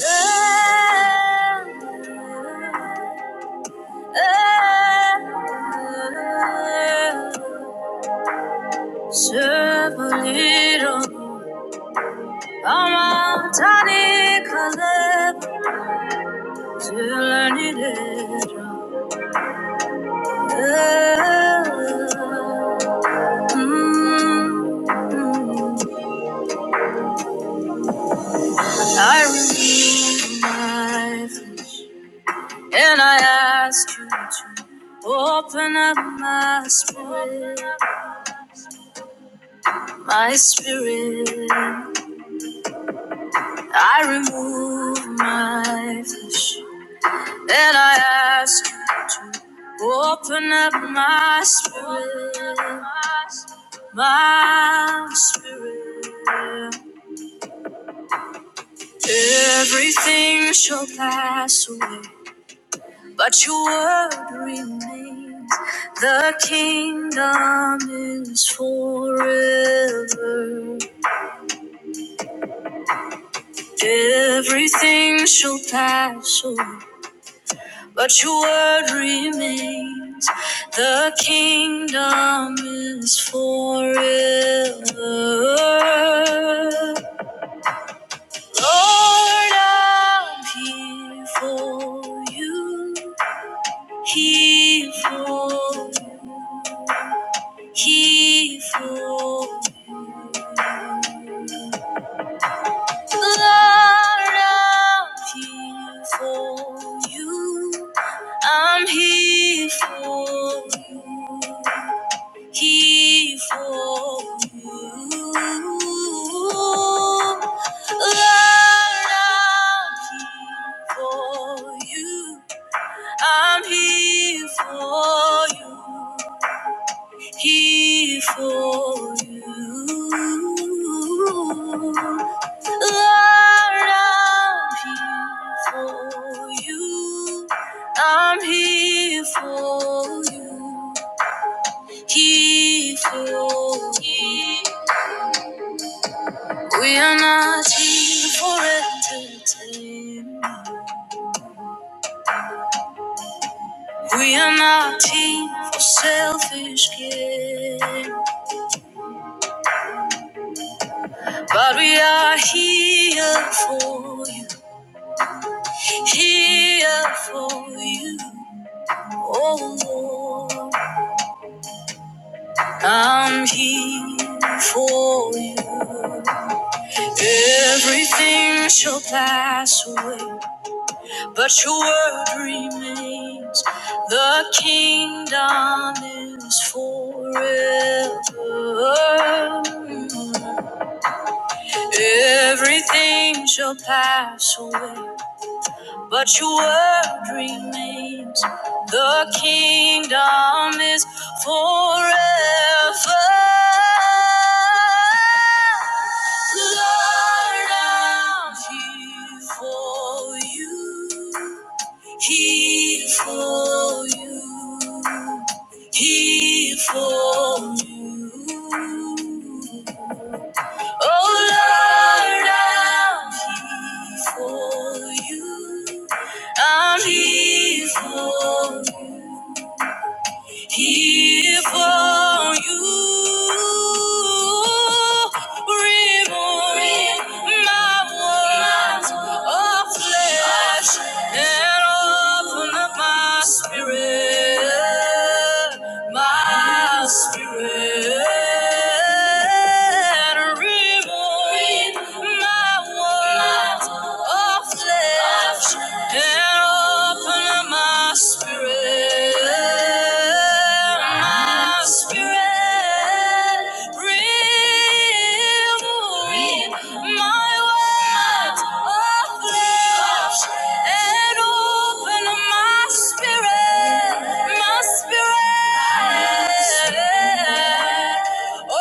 I renew my flesh, and I ask you to open up my spirit. My spirit, I remove my flesh, and I ask you to open up my spirit, my spirit. Everything shall pass away, but your word remains. The kingdom is forever. Everything shall pass away. But your word remains. The kingdom is forever. Lord, I'm here for you. Here for you. Here for you. Lord, I'm here for you. I'm here for you. Here for you. Lord, I'm here for you. I'm here for you here for you. Lord, I'm here for you. I'm here for you. Here for you. We are not here for entertainment. We are not here for selfish gain. But we are here for you. here for you. Oh Lord, I'm here for you. Everything shall pass away, but your word remains. The kingdom is forever. Everything shall pass away, But your word remains. The kingdom is forever. Lord, I'm here for you. Here for you. Here for you. Oh Lord, I'm here for you. I'm here for you. here for you. Remove my words of flesh and open up my spirit, my spirit. Remove my walls of flesh and open up my spirit, my spirit. Remove my walls of flesh and open up my my spirit, my spirit. Oh,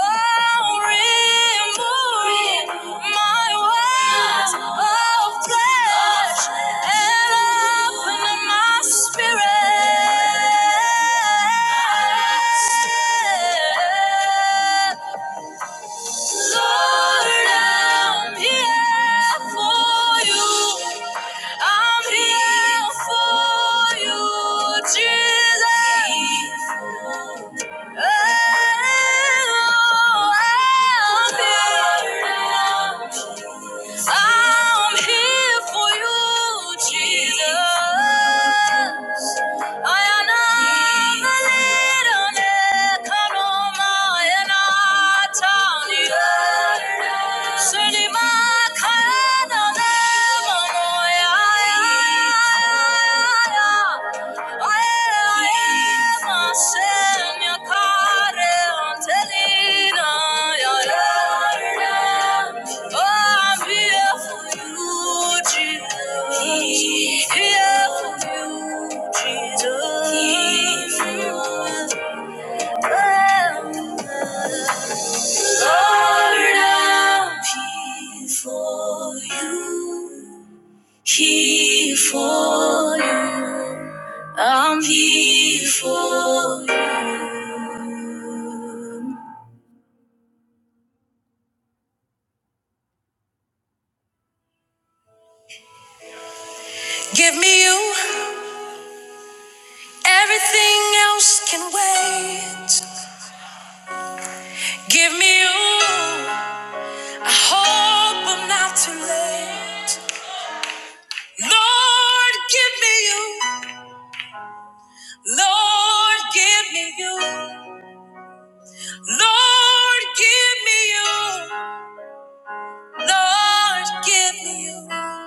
remove my ways of flesh and open my spirit. Lord, I'm here for you. I'm here for you, Jesus. Oh, I'm here. I'm here for you, Jesus. Yeah. Lord, I'm here for you. Here for you. I'm here for you. Give me you. Everything else can wait. Give me you. I hope I'm not too late. Lord, give me you. Lord, give me you. Lord, give me you. Lord, give me you.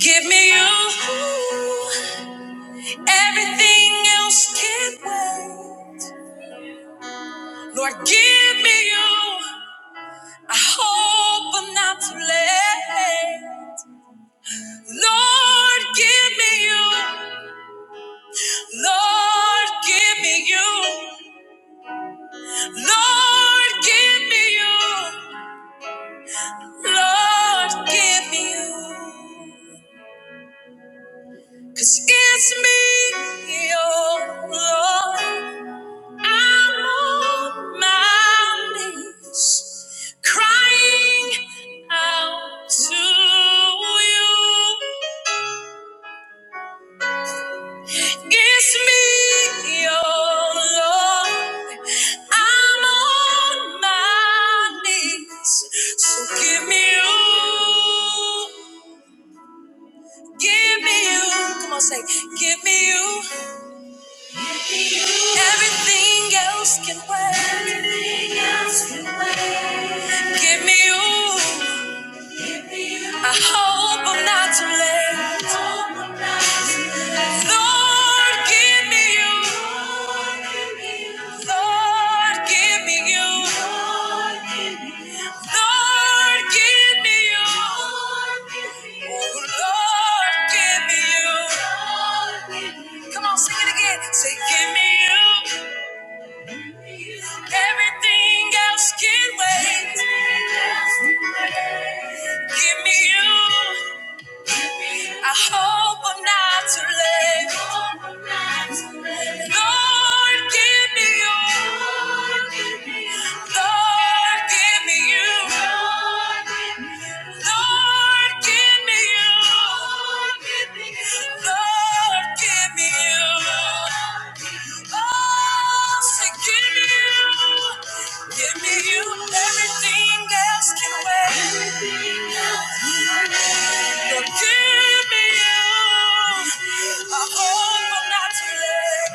Give me you. Everything else can wait. Lord, give me you. I hope I'm not too late. Lord, give me you. Lord, give me you. Lord, give me you. Lord, give me you. 'Cause it's me, oh Lord. I'm on my knees, crying out to you. It's me, your Lord. I'm on my knees, so give me you. Give me you. Come on, say, give me you. Everything else can wait. Give me you. I hope I'm not too late. Lord, give me you. Lord, give me you. Lord, give me you. Oh, Lord, give me you. Come on, sing it again. Say, give me you. Everything else can wait. Give me you. I hope I'm not too late. Lord, give me you. Lord, give me you. Lord, give me you. Lord, give me you. Oh, say, give me you. Give me you. Everything else can wait. Lord, give me you. I hope I'm not too late.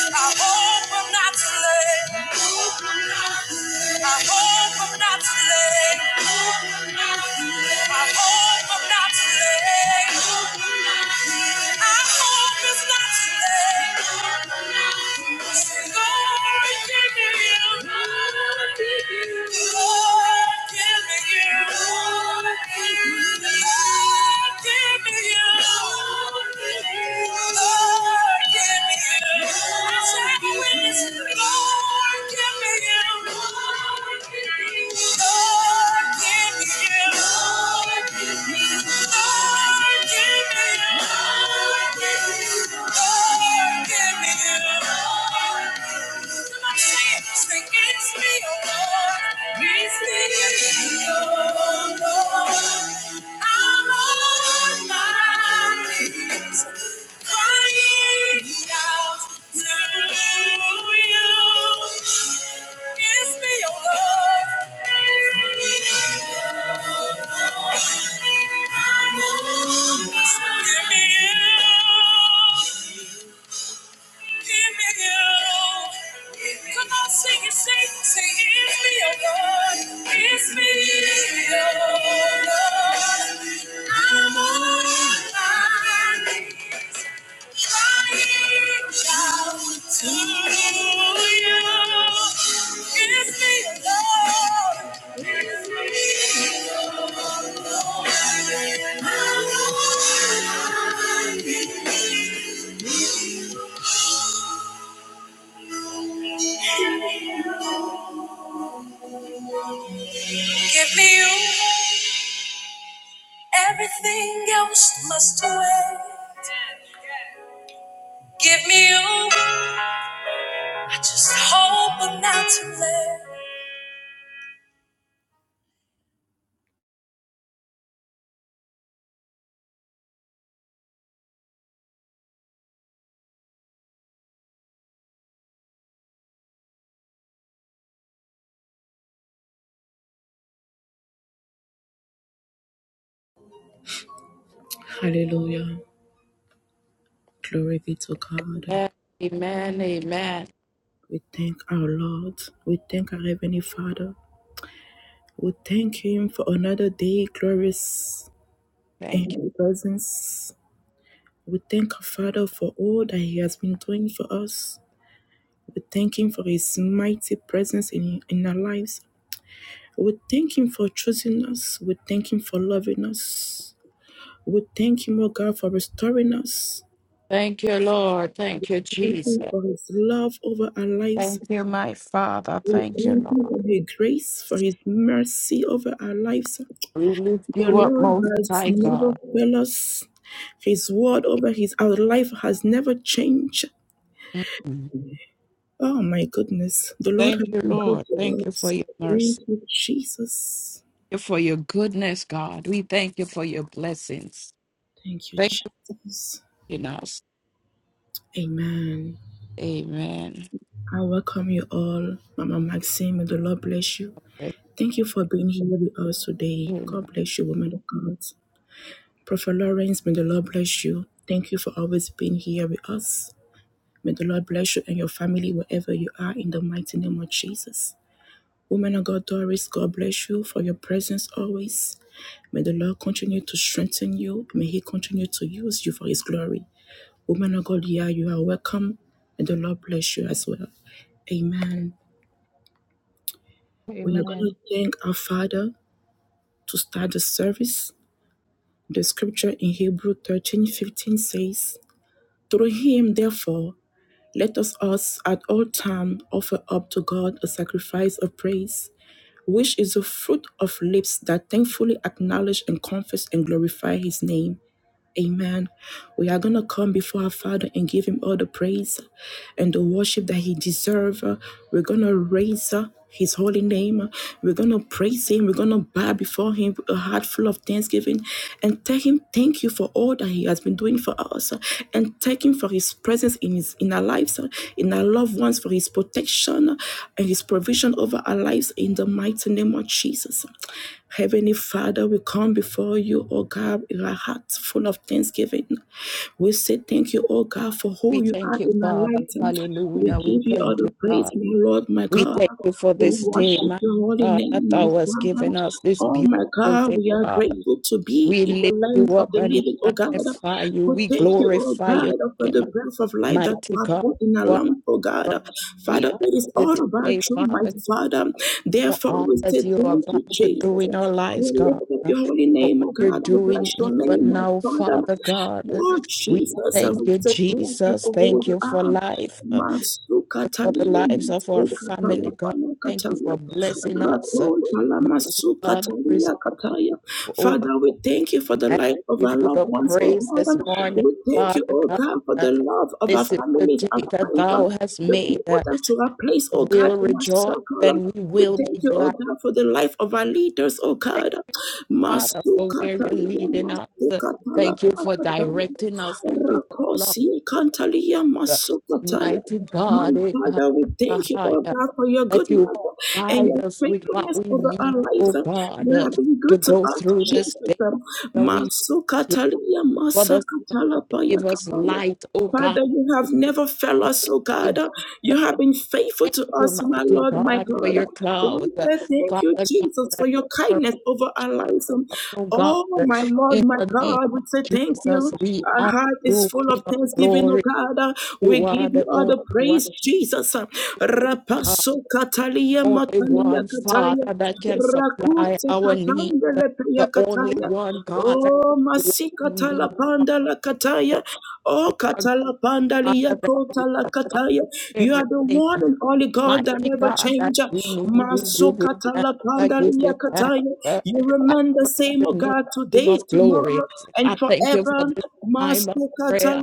I hope I'm not too late. I hope I'm not too late. I hope I'm not too late. I hope it's not too late. Lord, give me you. Lord, give me You. Lord, give me You. Lord, give me You. Lord, give me You. Give me you. Come on, sing it, sing sing it. me, oh Lord. It's me, oh Lord. I'm on my knees, crying out to you. It's me, oh Lord. It's me, oh Lord. Give me you. Everything else must wait. Give me you. I just hope I'm not too late. Hallelujah. Glory be to God. Amen. Amen. Amen. We thank our Lord. We thank our Heavenly Father. We thank Him for another day glorious in Thank you. His presence. We thank our Father for all that He has been doing for us. We thank Him for His mighty presence in, in our lives. We thank Him for choosing us. We thank Him for loving us. We thank Him, O God, for restoring us. Thank you, Lord. Thank you, We thank Him Jesus. for His love over our lives. Thank you, my Father. We Thank you, thank Him Lord. for His grace, for His mercy over our lives. We lift The you up, Lord most has high never God. failed us. His word over His our life has never changed. Mm. Oh my goodness, the Lord Thank has you, been good Lord. Thank to you for us. your Thank mercy. you, Jesus. Thank you for your goodness, God. We thank you for your blessings. Thank you, Thank you Jesus. for in us. Amen. Amen. I welcome you all, Mama Maxine. May the Lord bless you. Thank you for being here with us today. Amen. God bless you, woman of God. Prophet Lawrence, may the Lord bless you. Thank you for always being here with us. May the Lord bless you and your family wherever you are in the mighty name of Jesus. Woman of God, Doris, God bless you for your presence always. May the Lord continue to strengthen you. May He continue to use you for His glory. Woman of God, yeah, you are welcome. May the Lord bless you as well. Amen. We are going to Amen. thank our Father to start the service. The scripture in Hebrew 13:15 says, Through him, therefore, let us us at all time offer up to God a sacrifice of praise, which is the fruit of lips that thankfully acknowledge and confess and glorify his name. Amen. We are going to come before our Father and give Him all the praise and the worship that He deserves. We're going to raise uh, His holy name. We're going to praise Him. We're going to bow before Him with a heart full of thanksgiving and tell Him thank you for all that He has been doing for us uh, and thank Him for His presence in, his, in our lives, uh, in our loved ones, for His protection uh, and His provision over our lives in the mighty name of Jesus. Heavenly Father, we come before you you, oh God, with a heart full of thanksgiving. We say thank you, oh God, for We who you thank are you, in our Father. life. We Hallelujah. We give you all thank the you, praise, God. my Lord, my We God. thank you for We this day, worship my your holy God, that name, my thou hast Father. given us this Oh beautiful my God, day, we are Father. grateful to be We in the lift you land of up the and we living, oh God. magnify you. We We thank you, oh glorify your God, for the name, breath of life that you mighty have God. put in our You are lungs, oh God. strong. We Father, thank it is you all about today, you, Father, my God, Father. for Therefore, all we say that you are thank you, about to do Jesus. in our We lives, God, lift up for your holy what name, oh you're God. We doing bless your name, even oh now, Father. Father God. Oh We Jesus, and thank we you, say thank you Jesus. for who Thank you you for are. life, uh, Masu for the katalia, lives of our masu family, katala, God. Thank you pana for blessing us. uh, Mighty God, there is, Rakontalamasukataliakataya. no, oh Father, we thank you for the I life of give our you loved the ones, oh praise this Father. morning, We thank you, Father oh God. God, for the love of our This is the families, our day that friends, um, thou hast the made. people that you have placed, oh God, We'll in our rejoice circle. um. and we We will be thank you, oh glad. God, for the life of our leaders, oh Thank God. you, Father, for where you're Masukatalia, leading us. Thank you for masukatalamakataya. directing us. Thank you for love. Rakosi kantalia masukataya. Mighty My God, we come Father, we thank you, oh higher, God, for your that you goodness and provide your us with what faithfulness we over our need, lives. oh You God, have been to good to go us, through this Jesus. day. That we Masukatalia for the sun, masakatala give us payakabaya. light, oh God. Father, you have never failed us, oh God. You have been faithful Thank to you, us, my mighty Lord, my God, for your God. cloud. We say thank you, Father God, Jesus, for that your cover kindness over our us, lives. Um, oh God, Oh, my Lord, in my the name God, we of say thank you. Jesus, we Our honor heart is you, full King of of thanksgiving, oh glory. God. Uh, We You are give you the all the only one, praise, Jesus. Uh, uh, Rapaso katalia only matalia one, kataya. Father, that can supply Rakute our needs. katandele pria The only kataya. one, God, that Oh, we masikatala need, Father. pandala kataya. You Oh, are a katala pandalia God that you kotala provide kataya. You are the everything. one and only God that Mighty never God, that change. we need, we give you thanks. I give you thanks. Masukatalapandariyakataya. uh, You I remain the praise same, O your name, God, King today, of glory. tomorrow, and I thank you forever. for this time of prayer.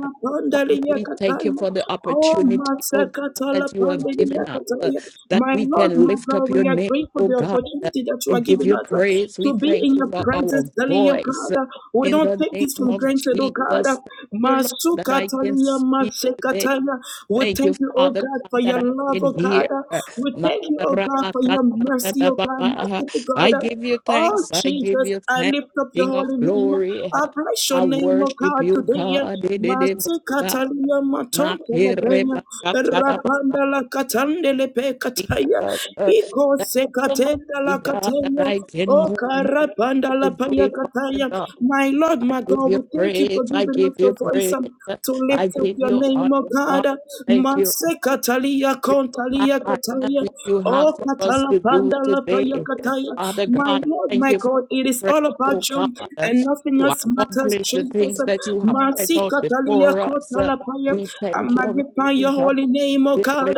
Father, we thank you for the Oh, opportunity, oh God, that you have given us, uh, Masakatalapandariyakataya. that my we Lord, can my lift God, up we your are name, grateful for oh the God, uh, opportunity that you are and give giving you us uh, praise. to We be in thank you your for our presence, daily, oh voice uh, God. We in don't the take this name for of granted, oh God. Jesus. Thank you, Lord, that I can Masukatalia, speak today. Masekatalia. We Thank you, thank you, oh Father God, God, for that your I love, can oh God. hear. We thank you, oh God, for your mercy, oh God, Makarabakatatatababaha. merciful I God. give you Oh thanks. I give Jesus, you I thanks, lift up your King of holy name. glory. I bless your I name, oh worship God, you, today. God. Master Dededebosa. Catalina Matonte Lepena, Makerebakatatabaha. Rapanda la Catande Lepe Cataya, Jesus. Eco Thank you, Secatenda mighty la God, that I Cataya. can Oh, move my lips karabanda la paya today, Father kataya. God. My Lord, I my give God, you we thank you praise. for I giving give us the you voice praise. um, to lift I up give your you name, honor, oh Father. God. Thank you. Mase katalia kontalia Father, that kataya. which you have Oh, for us katala to do panda la paya today. kataya. Father My God, I Lord, thank my you for the God, it is strength, all about oh God, you and nothing to else matters, accomplish the Jesus. things that you have set Masi out katalia before us. kontala We I thank you, magnify mighty your God. holy name, O God.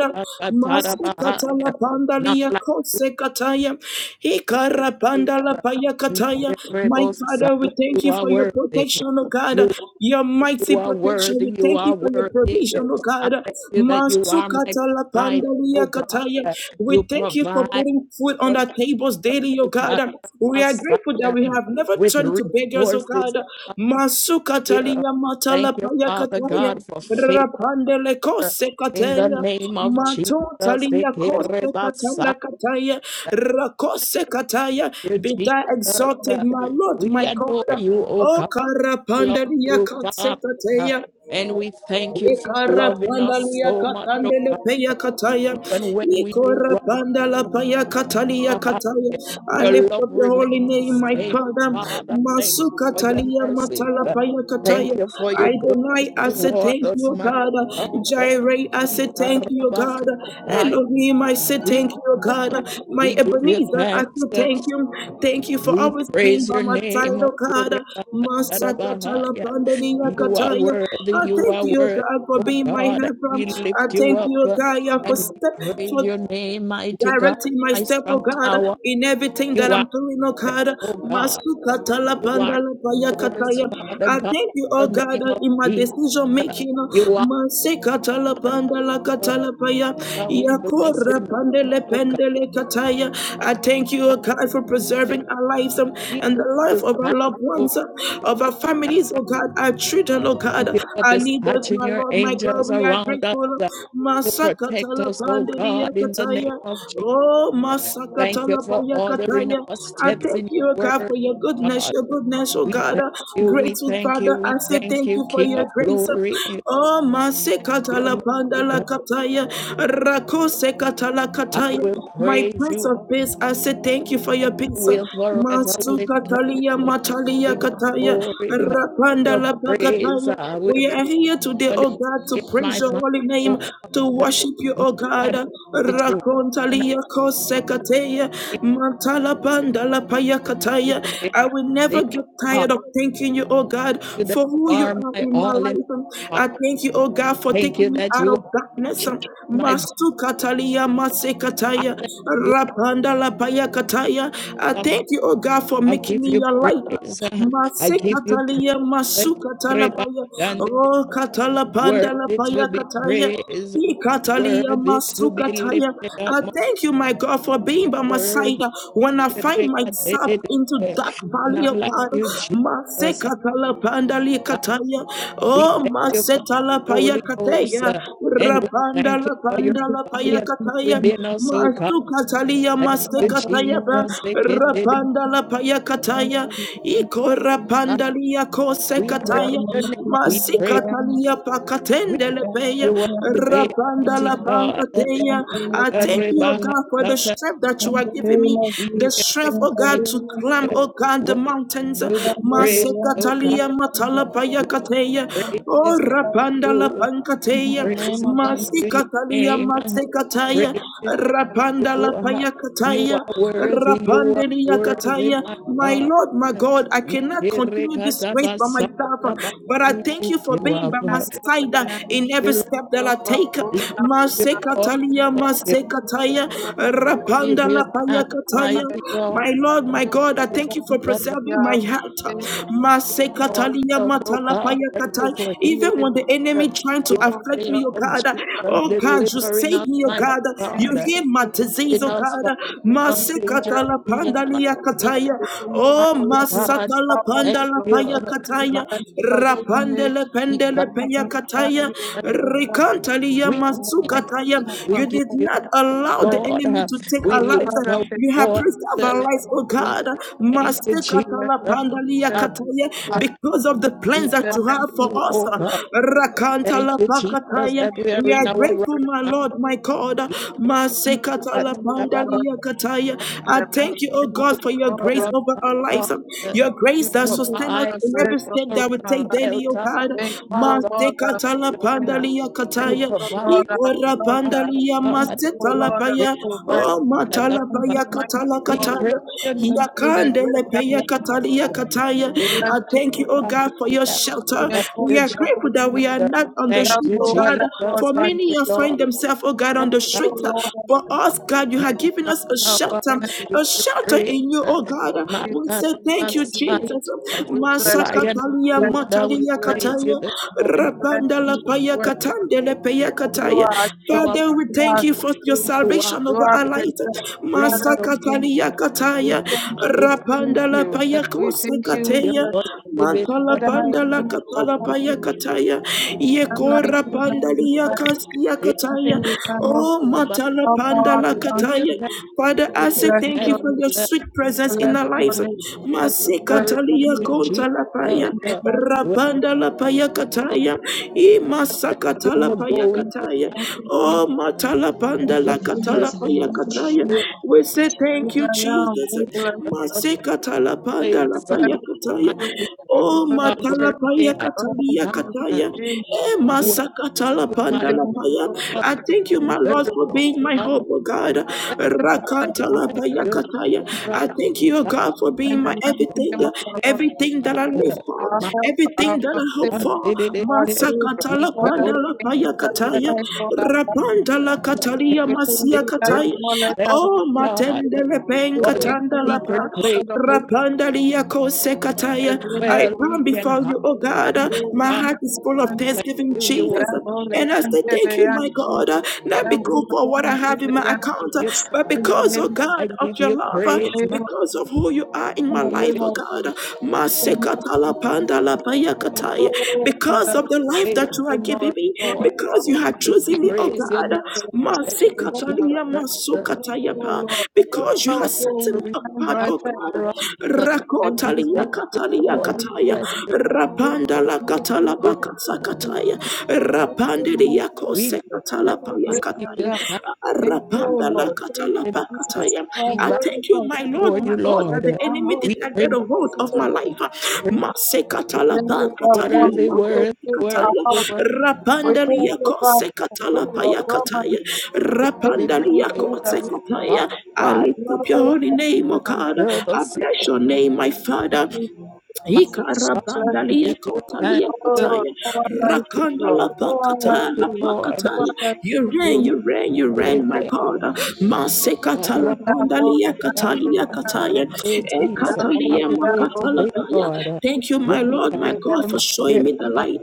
Masikata la Not pandalia like you, kosekataya. Ikara pandala Jesus. payakataya. My Incredible Messiah, Father, we you thank you are for your worthy. protection, O You, God. Your mighty you are protection. worthy. We You thank are you for your worthy. provision, O I God. thank you that you are my Masukata la provider, oh pandalia God. kataya. You We thank you for provide. putting food on Lord our tables of daily, O the God. We are grateful that Messiah, we have never with turned to beggars, O resources, God. God, here. Masukatalia matala Thank you, Father payakataya. God, for favor Rapandele kose in the kataya, name of Jesus. matotalia Ekere kose katanda Basaya. kataya, Thank rakose kataya, you, be thou exalted, my Jesus. Lord, We my God. adore you, O O God. We Love karapandalia you, kose Father. kataya, And we thank you for Ikara loving panda us lia so much, O katande le God. peya kataya. Even when we do wrong. Ikora panda paya katalia kataya. I Your lift love up your holy remains the name, my same, Father. Father. Thank Masu you for your katalia mercy. matala paya Thank kataya. you for your I deny. goodness I say toward thank us, you, my God. Father. Jireh. I We say thank you, God. karabakaya. Elohim, I say We thank you, give you God. thanks. My We give you Ebenezer, I thanks. say thank you. Thank you for We always being praise by your my side, name. oh God. Masaka Akurebakarabahaya. talabandani You are yakataya. worthy. I You thank are you, worthy, God, for oh being my God. And helper. we I lift you thank up you, God, yeah, for and we step praise for your name, mighty God, Directing my my step, oh strong God, tower. in everything You that are. I'm doing, oh God. Oh God, Masuka you are talabanda my labaya source, kataya. Father I God, thank you, oh in the God, name of in my Jesus. decision making. You are Masika our talabanda la Lord katalapaya. God. We bless Yakora your name, pandele oh God. pendele kataya. We I thank you, oh bless God, for your name. preserving our lives um, We and the life just of thank our loved you, thanks, oh ones, um, God. of our families, I oh God, our children, oh God, Thank you for our leaders, dispatching my your Lord, my God. angels We are around us grateful. uh, to Masaka protect us, oh Pandelia God, in the name Kataya. of Oh, Jesus. Thank you Masakatala for ordering Payakataya. our I steps thank in you, O your God, for word, your oh goodness, God. your goodness, oh We God. thank you, we Grateful thank you, Father, I we say thank thank you, you for King your of grace. glory. Oh, Masekatala Almighty Pandala God, Kataya. Rakosekatala I Kataya. will My praise Prince you of Peace, I say thank you for and your I peace. will forever lift up your Masukatalia name, Matalia King of Kataya. glory. Your Rapandala praise Pakataya. I will We are here today, continually oh God, be in to praise my you mouth, holy name oh to God. worship you, No O God. matter what situation I'm Rakontalia kosekateya in, mantala bandala payakataya. for I will never everything, oh get God, tired of thanking you, O God, thank you for that you who you are are my in my all in life. all. Father. I thank you, O God, for Thank you taking me that out you are of darkness. she, my bo- Masukatalia I masekataya thank you, rapandala payakataya. I Baba. thank you, O God, for I making give me you your light. praise. uh, I give you Masikatalia masukatalapaya. praise. Oh katalapanda Worthy to lapaya be kataya. praised, Ikatalia worthy to be masukataya. lifted up, I most thank you, my God, for being by my side worthy. when I find myself into dark valley Not of like God. you, Jesus. Masikatalapandalia likataya We Oh thank you for the Holy masetalapaya Ghost, kataya. uh, and we Rapanda thank you for your lapanda fire lapaya that's kataya. within us, oh God. Masukatalia Thank In you, masikataya. Jesus. lapaya paya kataya ikora pandalia kose We praise kataya your name. We praise your name. masikatalia We pakatendele peya give you up today, rapanda la pankateya I thank mighty you oh God for the God. strength that you are giving me We the give it strength oh God to climb oh God the Word mountains to be praised, oh God. masikatalia matala paya We kateya praise oh is unto rapanda la you. uh, pankateya the Praise is name of Jesus, unto your masikatalia name. uh, masikataya Praise is rapanda unto la you. uh, paya You kataya are worthy. You are Rapandeli worthy, Yakataya. my My God. Lord, my God, I cannot continue this race by myself, but I We thank you lift for you being up. by my side uh, in every step that I take. we thank you, Lord. We Masekatalia, thank you. Masekataya, Give Rapanda you Lapaya thanks, Kataya. mighty God. My Lord, my God, I thank you for preserving my heart. Thank Masekatalia, ourselves, oh God. Matalapaya Thank you Kataya. for Even healing when the enemy us trying to in the afflict name me, oh of God, Jesus, oh God, you delivering save us, me, oh my God. You God, heal my disease, in oh us God. Father, from danger, Masikatala seen and pandalia unseen, kataya. Oh, mighty God. masatala Thank pandala you, paya kataya. mighty Rapandele pendele God. paya kataya. Rikantalia We give you, masukataya. we You give did you, not allow the Lord. enemy to take We our lives. lift our You have voice. preserved our lives, oh We God. say thank you, Jesus. Masikatala pandalia Uh, kataya. Because of the We plans that honor you have for you, us. oh God. you. Thank Rakantala you, Jesus, pakataya. that we They are We have in are been our right grateful, present my mind. Lord, my God. in the Masekatala Holy Ikatadababa. Ghost pandalia kataya. Thank in I the mighty thank you, oh name of you God, the for your Lord for grace us, and over of my our the God. lives. uh, Your You grace that Thank you sustains for us the provide in food every grace of step for that we us, my take life. daily, oh shelter, God. Thank you, Father. Lord, our Masekatala sustainer. pandalia You Thank kataya. you, Lord, provide, our Ikora us, shelter. pandalia our Thank God. you, masetala Lord, our paya. provider. Oh matala Thank Ikatadababa. paya you, mighty katala We warrior. pray katala. your Thank you, the Yakandele great I paya am, O katalia Lord. kataya. name. Bless I you, thank we you, oh God, worship for you. your Ikatadababa. We shelter. exalt Thank We you, are Jesus. your grateful holy that name. we are not on We the Thank have street, you, oh no God, other God Jesus. for but Thank you, many are Lord. find you. themselves have, oh God, on Thank the you, street. For Lord. us, God, you My have Thank given you, strong us a Jesus. power, shelter, thank I you, give a you Jesus. shelter praise. in you, oh Thank you, God. My Jesus. We say Thank thank you, you, Jesus. Karabasaya, Jesus. We bless you. Lion of We Masakatalia, bless Judah, you. we We Matalia, bless praise you. you Kataya, this We morning. bless Rabandala, you. We Paya, When worship you. Katandele, Paya, For You Kataya. are our you help. are Father, we You are thank our you for your throughout, salvation You are over our our life. breathe, Father, we oh, thank you. Masakatalia, We Kataya, thank you. Jesus, We thank Rabandala, you. Paya, We Kosa, thank you. We your Kataya, bless voice you. living For word. Mantala, the mighty Pandala, name of our Katala, Lord Paya, Jesus. Kataya, Unlike oh, Yekora, you, none Pandali. besides you. Yakasia give Kataya. Nothing we cannot Oh, do. us- Matala All power Pandala belongs Give you to Kataya. you. thanks, Father, I give say you Bless thank thanks. you your for your name. uh, sweet presence in Bless our your lives. name. and Bless your Worship Masikatalia you, name. Jesus. In the Kontalapaya. name uh, of Jesus, Well, Rapandala Paya Kataya. thank you Imasakatala for Thank you, Paya going Jesus. to Kataya. Thank Calvary. Oh, you, Matala uh, Pandala In the uh, Jesus. Katala mighty name Paya Thank of you, Jesus. Kataya. Jesus. Give We say As thank you, I am, Jesus. we bless us you. what Masikatala Pandala We place. bless Paya you. We Kataya. uh, bless you. We Oh, are bless you. Matalapaya worthy. I Oh, Katalia bow down Jesus, and Kataya. Jesus, Eh, Jesus. worship masakatala We my pandala thank you, paya. Lord. God. I We thank You you, thank my deserve Lord, you, for it, Lord. being We thank my Father. you. hope, oh God. And more than one Rakantala Thank paya you, second. kataya. my I Rabbi. thank you, oh God, for being In the my mighty everything, name uh, of our Lord, Jesus. everything that I live Father. for, our My help, our everything that I hope sustainer, God, for. did it. Lord it. Jesus. Masakatala We Lord, I go to pandala thank you paya that you that kataya. thank all our bodies, Rapandala Lord. I'm ashamed katalia We thank this masia you that grace. you kataya. won't let Thank us be you, Oh, put to God, shame. matendele We for your thank penkatanda you, lapa. secret Lord place. God, of So God, Rapandalia and the kosekataya. name I of well, bow we Jesus. can before hide. you, oh God. Yahweh, Yahweh, My Father, heart is full Yahweh, of thank thanksgiving, you. You are Jesus. And I say, Yahweh, Thank Yahweh, you, my God, uh, not because for what I the Yahweh, have in my account, uh, you. Yahweh, Yahweh. but In the because, oh name of I God, of Jesus, give your you love, in uh, the praise, name my of because Jesus, of who you are in in my the life, name God. oh of Jesus, God. we thank Masekatala you. pandala You payakataya. Oh, Because of the life face Father, that you are tomorrow, giving me, Lord, Lord. we because you thank have you, chosen thank me, you, oh Praise thank you God. you for the Thank grace you, of God. Masikatalia Jesus. The Thank you, masukataya O pa. Lord. The Lord of Because you have God set will me suffering shine apart, out brighter oh and for God. us. brighter. That Thank we you, thank Rakotalia Jesus. you, katalia Thank Lord. We you, kataya. Jesus. Bless you. Thank Rapanda la you, Jesus. We katala give Thank you, Jesus. bakatsakataya. Thank you, Rapande mighty ya Lord. we give you kose Thank katala thanks. you, We great give my payakataya. you God. thanks. Thank you, O Rapanda la Lord. Thank katala and you, Jesus. bakataya. We Our I bow going thank you, out, my thank Lord, for you, my God, that the Lord. you. I'm enemy holy did We not praise, get and a hold thank of my you. life. praise, Mase katala Thank you for our bakataya. family. worthy, We makose Thank worthy, you for worthy, our kataya. house. worthy. are We thank Rapandalia you for our kose family. katala Lord, payakataya. Almighty. you to Thank be you, we Rapandalia praised thank you, kose us we thank you. from kataya. the I rise lift up your Lord, holy thank name, O God. until you, the I setting bless your name, my of Father. we my God. bless you. Ikarabandalia We give you thanks. kotalia Oh, We kotaya. no one like you, Rakanda la Lord. No one thank like pakata you, la you, Lord. Lord. No one pakataya. like You reign, You you reign, you you. made reign, my God. Masekata la it. Yeah, Lord, pandalia yeah, yeah, katalia yeah, kataya. way, yeah, Jesus. Lord, Have Ekatalia your yeah, way Lord, yeah, today, makatalakaya. yeah, Lord. Thank you, yeah, We my Lord, yeah, yeah, my God, will for not hear showing the me the light.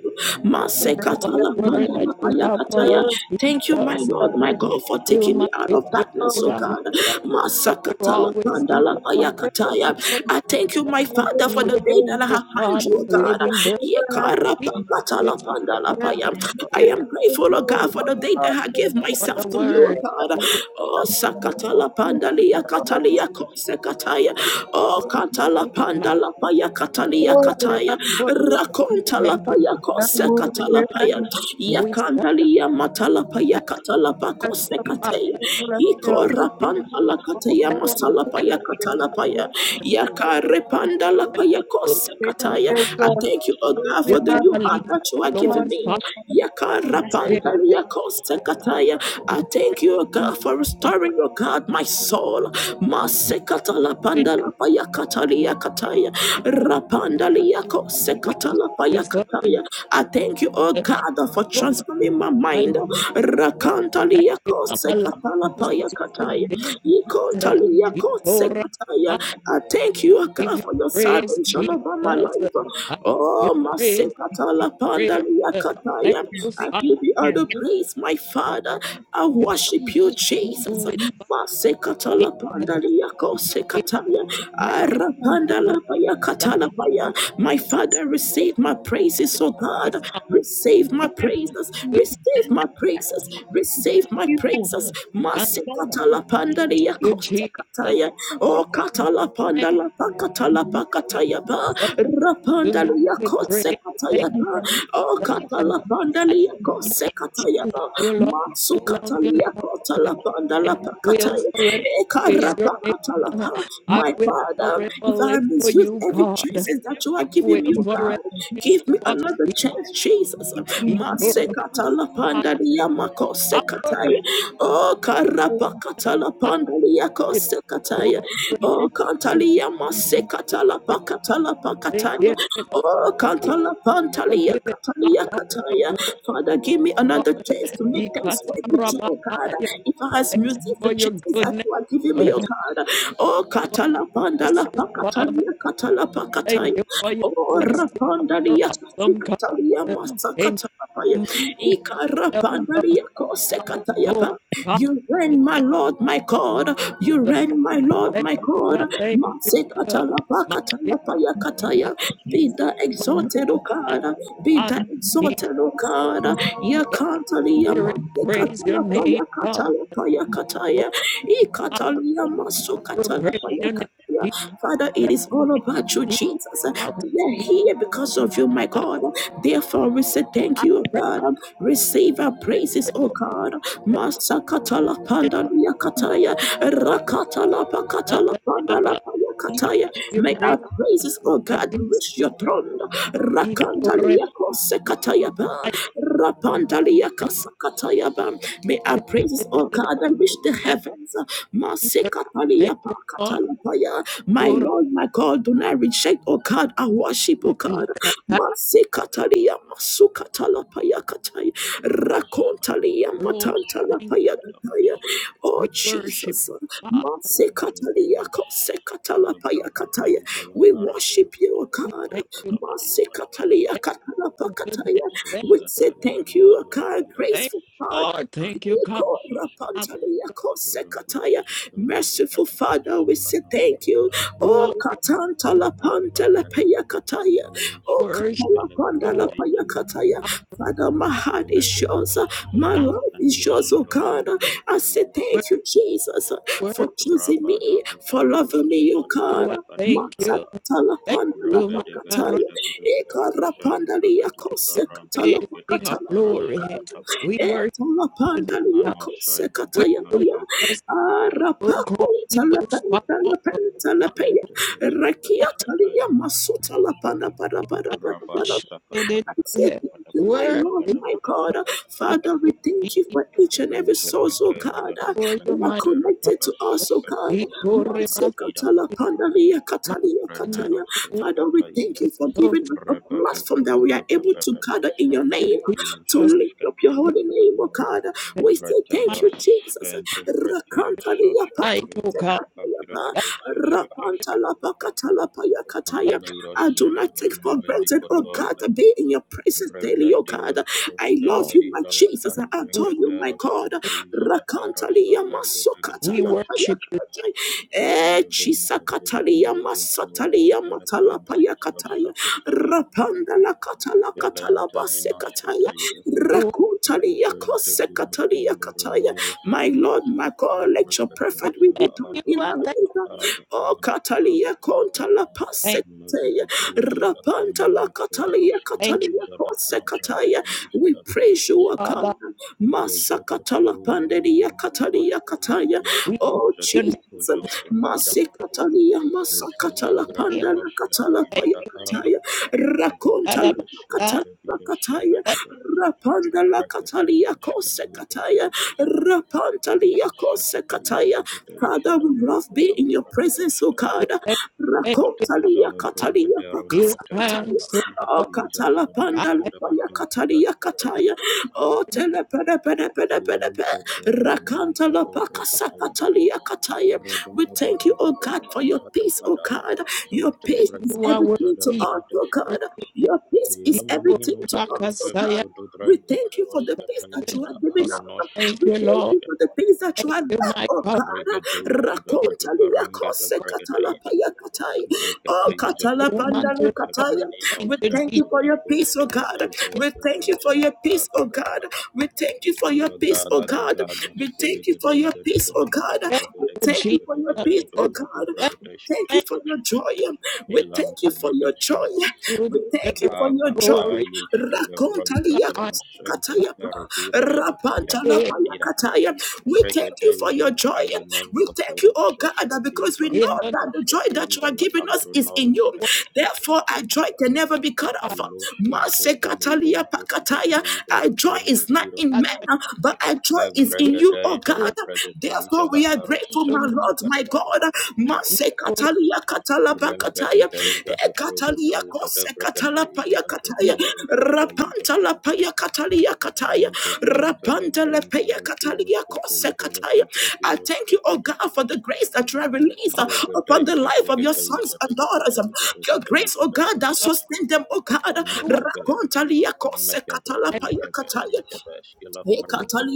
yeah, yeah, Masekata yeah, la word yeah. that pandala you have for payakataya. us, Lord, Thank you, my Jesus. Lord, my Lord, God, for You taking me make out it of darkness, oh Abraham. Lord, God. That you're Masakata la always there, Thank pandala you for oh God. taking us payakataya. from I thank you, my the Father. Father, for end of the the Even, day that I end. oh have found God, you, oh with Thank you God. for living breath. delivering us We from the end. thank you, Yekarapakatalapandalapaya. Jesus. Yes, I Thank you am Thank grateful, oh God, for the day that I gave for myself the to you, oh word. God. We give Oh, sakatalapandalia katalia kosekataya. Oh, you katala my panda la paya katalia kataya. Rakonta la Thank you paya for your kosekata la kosekatalapaya. wisdom and Yakandalia matalapaya the Father. I katalapakosekateya. paya. Thank masalapaya katalapaya. Repanda la paya you. kosa kataya. I thank you, oh God, You for the never new heart leave that you us are giving alone, me. Yaka rapanda Father. la kataya. I thank you, oh God, for restoring, oh God, my soul. Masekata la panda la paya katalia kataya. Rapanda liakosa We thank kata la kosa katala you paya for kataya. today. I thank you, oh The God, for Lord, transforming my I mind. Rakanta thank you. I'm liakosa alive kata la kosa katala to paya see kataya. this day. Ikontalia You kosa pour out. I kataya. I thank you, God, give you for your praise, salvation Jesus. over my life. I give Oh, you praise, Masekatala praise. Pandalia Thank Kataya. you, I Father. give you all the praise, my Father. I You worship you, Jesus. do it, Father. Masekatala Praise Pandalia you, Kosekataya. Let Father. it go Pour Arapandala Paya out in Katala the name Paya. My Father, of receive my praises, oh this God. day, Father. Thank Receive you my for everything praises. you've Receive done my for us. praises. We Receive thank my you for the praises. Thank blessing down of the Masekatala King of Pandalia you, Kings, Jesus. Thank Kosekataya. King of Oh, Kings, katala you panda la in pakatala the name of pakataya Jesus. pa for Thank this rapanda unity liya you to kotse pray. kataya Thank in pa the mighty you, name of o Jesus. In the Jesus. katala panda I liya name of Jesus. In kotse kataya love pa you, Lord. the I matsu love you, Lord. I love you, kataliya Lord. kotala panda la and I will pakataya forever e praise your karapa name. katala pa I my will father forever if I live for misuse you, every chance God. that you are I giving will me oh forever God live give me for another you, chance Jesus name matse Jesus. of Jesus. katala I panda liya makose I will We kataya are o grateful. We are grateful in the name of Jesus. We are grateful In the name of Jesus, we karapa are grateful. katala I panda liya will pakataya. adore you We Oh, thank you, O God, kantalia in the masse name katala and pakatala pakataya. give you thanks. Oh, Give it kantala pantalia Forgive it, my katalia heart of kataya. worship. Father, give me another chance to make things right with you, oh God. Ikatarabahaya. If I has Thank music, you the for your chances that goodness, you are giving me, Lord. oh For God. Oh, your katala pandala mercies, Father. pakatalia katala Thank pakataya. you for your Oh, blessing. You're rapandalia. awesome, in the Italia God. name And Masakataya, you of might help. Jesus. us. Ikarapandalia Lord Kosekatayaba. God, You reign, my Lord, my God. You I reign, my Lord, thank my you, God. I thank you. My dear God, Masekatalapakatalapayakataya. Be the my exalted, O Lord, my God. Be God, the He exalted, O God. and Yakantalia Spirit, praise your name, God. Oh, Masekatalapayakatalapayakataya. I Ikatalia will Masokatala praise your name, Jesus. Hallelujah. Father, it is all about you, He Jesus. out of We the are here because of you, my out. God. Therefore, we say thank I you, pray, God. Receive our praises, praise O the name God. Masakatala pandala kataya, rakatala Father, pakatala pandala I Kataya. give you May praise, our praises, O I God, give reach you your throne. praise. He glorified. Rakantalia Kosekatayaba. Rapantalia Kasakatayaba. May our praises, O God, reach the Thank heavens. you, Lord. Thank Masekatalia you, Lord. Pakatayabaya. My Lord, Lord, my God, do not reject, O God, our worship, O God. Masekatalia Masukatalapaya Kataya. Thank Rakontalia Lord. Thank you. Matantalapaya Kataya. Oh We worship Jesus, you, Father. Masekataliyakosekatalapayakataya. we worship you, O We God. thank you thank goodness. Masekataliyakatalapakataya. Thank, We say thank you, O God, thank graceful you, Father. Lord. Thank you, God. Father. Ikorapantaliyakosekataya. Merciful Father, we say thank you. Oh, Lord, Katanta Lapanta Lapayakataya. Oh, worship Katalapanda Lord. Lapayakataya. I'm Father, my heart is yours. My not life is yours, oh God. I say you. worthy, thank you, Jesus, for worthy. choosing me, for Rabadabadabada, loving me, oh God. I thank Mata- you. shatabrakadabadaba, Thank you, my God. I Talapandalapakataya, rabedebedebedebedebedebe, Ekarapandalia shalabrakata, praise ibarampeteke, King of kosekatalapakalapaya. glory. ibarashakataba, We worship Etola today, pandali God. yako Where sekata you lead us, anoshantibidosanskete, we'll go. Arapako idalabrakedeske, We tala will pele follow. God, Rakia tali rentetebedebeskete, ya masuta la pana para I para shout it in and rabasakatabada, said here. thank you, my Worthy, Lord, my God. God. badabadabadabadabadabadabadaba, thank Father, you, we thank you Jesus, for each and every source, oh rezekete, God, uh, for your that are mighty izadabrenkete, God. connected to us, oh radidosanskete, God. izala, Manse Ikoreba aratida, katala pandalia My katalia Sunday kataya. will Father, we thank frenedosanskete, be you for so giving us a Shantino platform that we are able to gather in your name, Jesus, to lift Shashka, up your Lord, holy name, oh God. We say my thank Ratayar you, Jesus. Spencer, Ratiro Rakantalia Shashka, sight, oh Fedula God. pakataya. Thank Agratiro you, Shashka Rapanta Tashka, la pakata la paya thank kataya. Veliro I do Shakti not take for granted, oh Fenomenicotove, God, to be in your presence daily, oh God. Rembatiro I you, Shashka love Lord. you, my Taizala, Jesus. My I Lord, adore you, my Avrangadero God. Shkata Izada Aroshka Rakantalia Taiga we masokatala Dagadagashka, worship you. payakatai. Eh, Maventa chisakatalia Finiki Kotova masatalia matala Shkelefente Kiro payakataya. Shakatava, Rapandala katala katala Yalenta Minoshka basekataya. Thank you. Rakuntalia Presente kino kosekatalia kataya. komboniros My Lord, kadija my wa God, ava let your I perfect will kataija be thank ava done you. ava in I our thank, ava lives. O ava ava katalia ava konta la thank, pasekataya. Mavigideja da Rapanta la kumeniko katalia thank you, katalia joskataija da avra kosekataya. kataija We da praise you, O bragataska God. Father. Rojoko Masakatala doja pandelia nime katalia ninoshkende kataya. gingo We Oh doja bless your Jesus. diko jofra hida Masikatalia masakatala Nuskelengra name. pandala katala neroshkataija Thank paya da ava kataya. God Rakonta la Rovedeva about that. shkente katala kataya. Thank biroshakatava Rapanda la Brakatai katalia kose bashkatai kataya. Gorbatas Rapantalia kose kataya. Father, we love be in your presence, O you, God. thank you, thank you. Rakontalia I katalia give pakasa kataya. thanks, oh O Lord. katala I pandala la paya katalia kataya. O tele pede pede pede Rakanta la pakasa katalia kataya. We thank you, O God, for your peace, O God. Your heard peace is you are worthy. everything to You us, O are God. worthy. Your peace You is everything Yamanino to are us, O spenta God. worthy. vigo We dobranga thank you for the deroska Thank peace that taiza you, you da have given Jesus. us. aranosa Thank We you, thank Lord. skedeshka you for the things that you Thank have done, you, my oh God. God. Regateja da Rakonta liya Gadugaranga da kose katalapa Bragadeva, katai. Oh, Brigateja da katalapanda woman to Baronto know. kataya. Thank Fermininos We you, thank Jesus. you for your peace, oh Gandagigoskala God. We thank you Egresgateja for da your peace, oh Gaga God. Gagaga, We thank you for your peace, oh Vagaga God. Gagaga We thank you for Skelegadenga your da peace, oh God. Thank We you, thank you Jesus. for your peace, oh Gadagadagadagadagadagadagadagadugudugu God. Thank, We Bragadeshka, thank you thank for your joy. We thank you God. for your Elampeninaska, joy. You deserve We thank you for your joy. glory, Akabayeshka Rakonta Levranka the liya honor kose Taroshenka Kataya, pa. Taradiroska Rapanta Tira in Lapaya Kataya. We thank you for your Regedezala joy. We Aranenko thank you, oh God, that Torososka because we Divra the know name that the Androska joy that you are Pezala giving us is in you. Agronaroska of Therefore, our joy can never be cut off. Nuloshken Mase Katalia Depimokonto Fikete Pakataya. Our Ibera joy Ingra is not Dira in God. men, but our joy is in We you, oh God. do Evregedezala Therefore, Bregedezala we are it, grateful, you my might Arosaka Lord, my God. Tabadabada be Mase good, katalia katalabakataya Rembegedeja e de katalia Brogodoja de kose Vregateja katalapaya de not kataya Potum Regateiba rapanta lapaya katalia kataya Inte rapanta Temperate lapaya katalia Interotiroska kose Tezala kataya Igra I thank Diroska you, oh God, for the grace that you have released uh, all upon the Bragadaisha, life of your sons Dagadaisha, and Dagaba, daughters. um, Dagaba, Your grace, Dagadaisha, oh God, that of Dabragadashka, sustain them, oh God. you, Mekabe, Rakontalia kose Mekabe, and katalapaya Mekabe, kataya Mekabe, Shkila we Parante,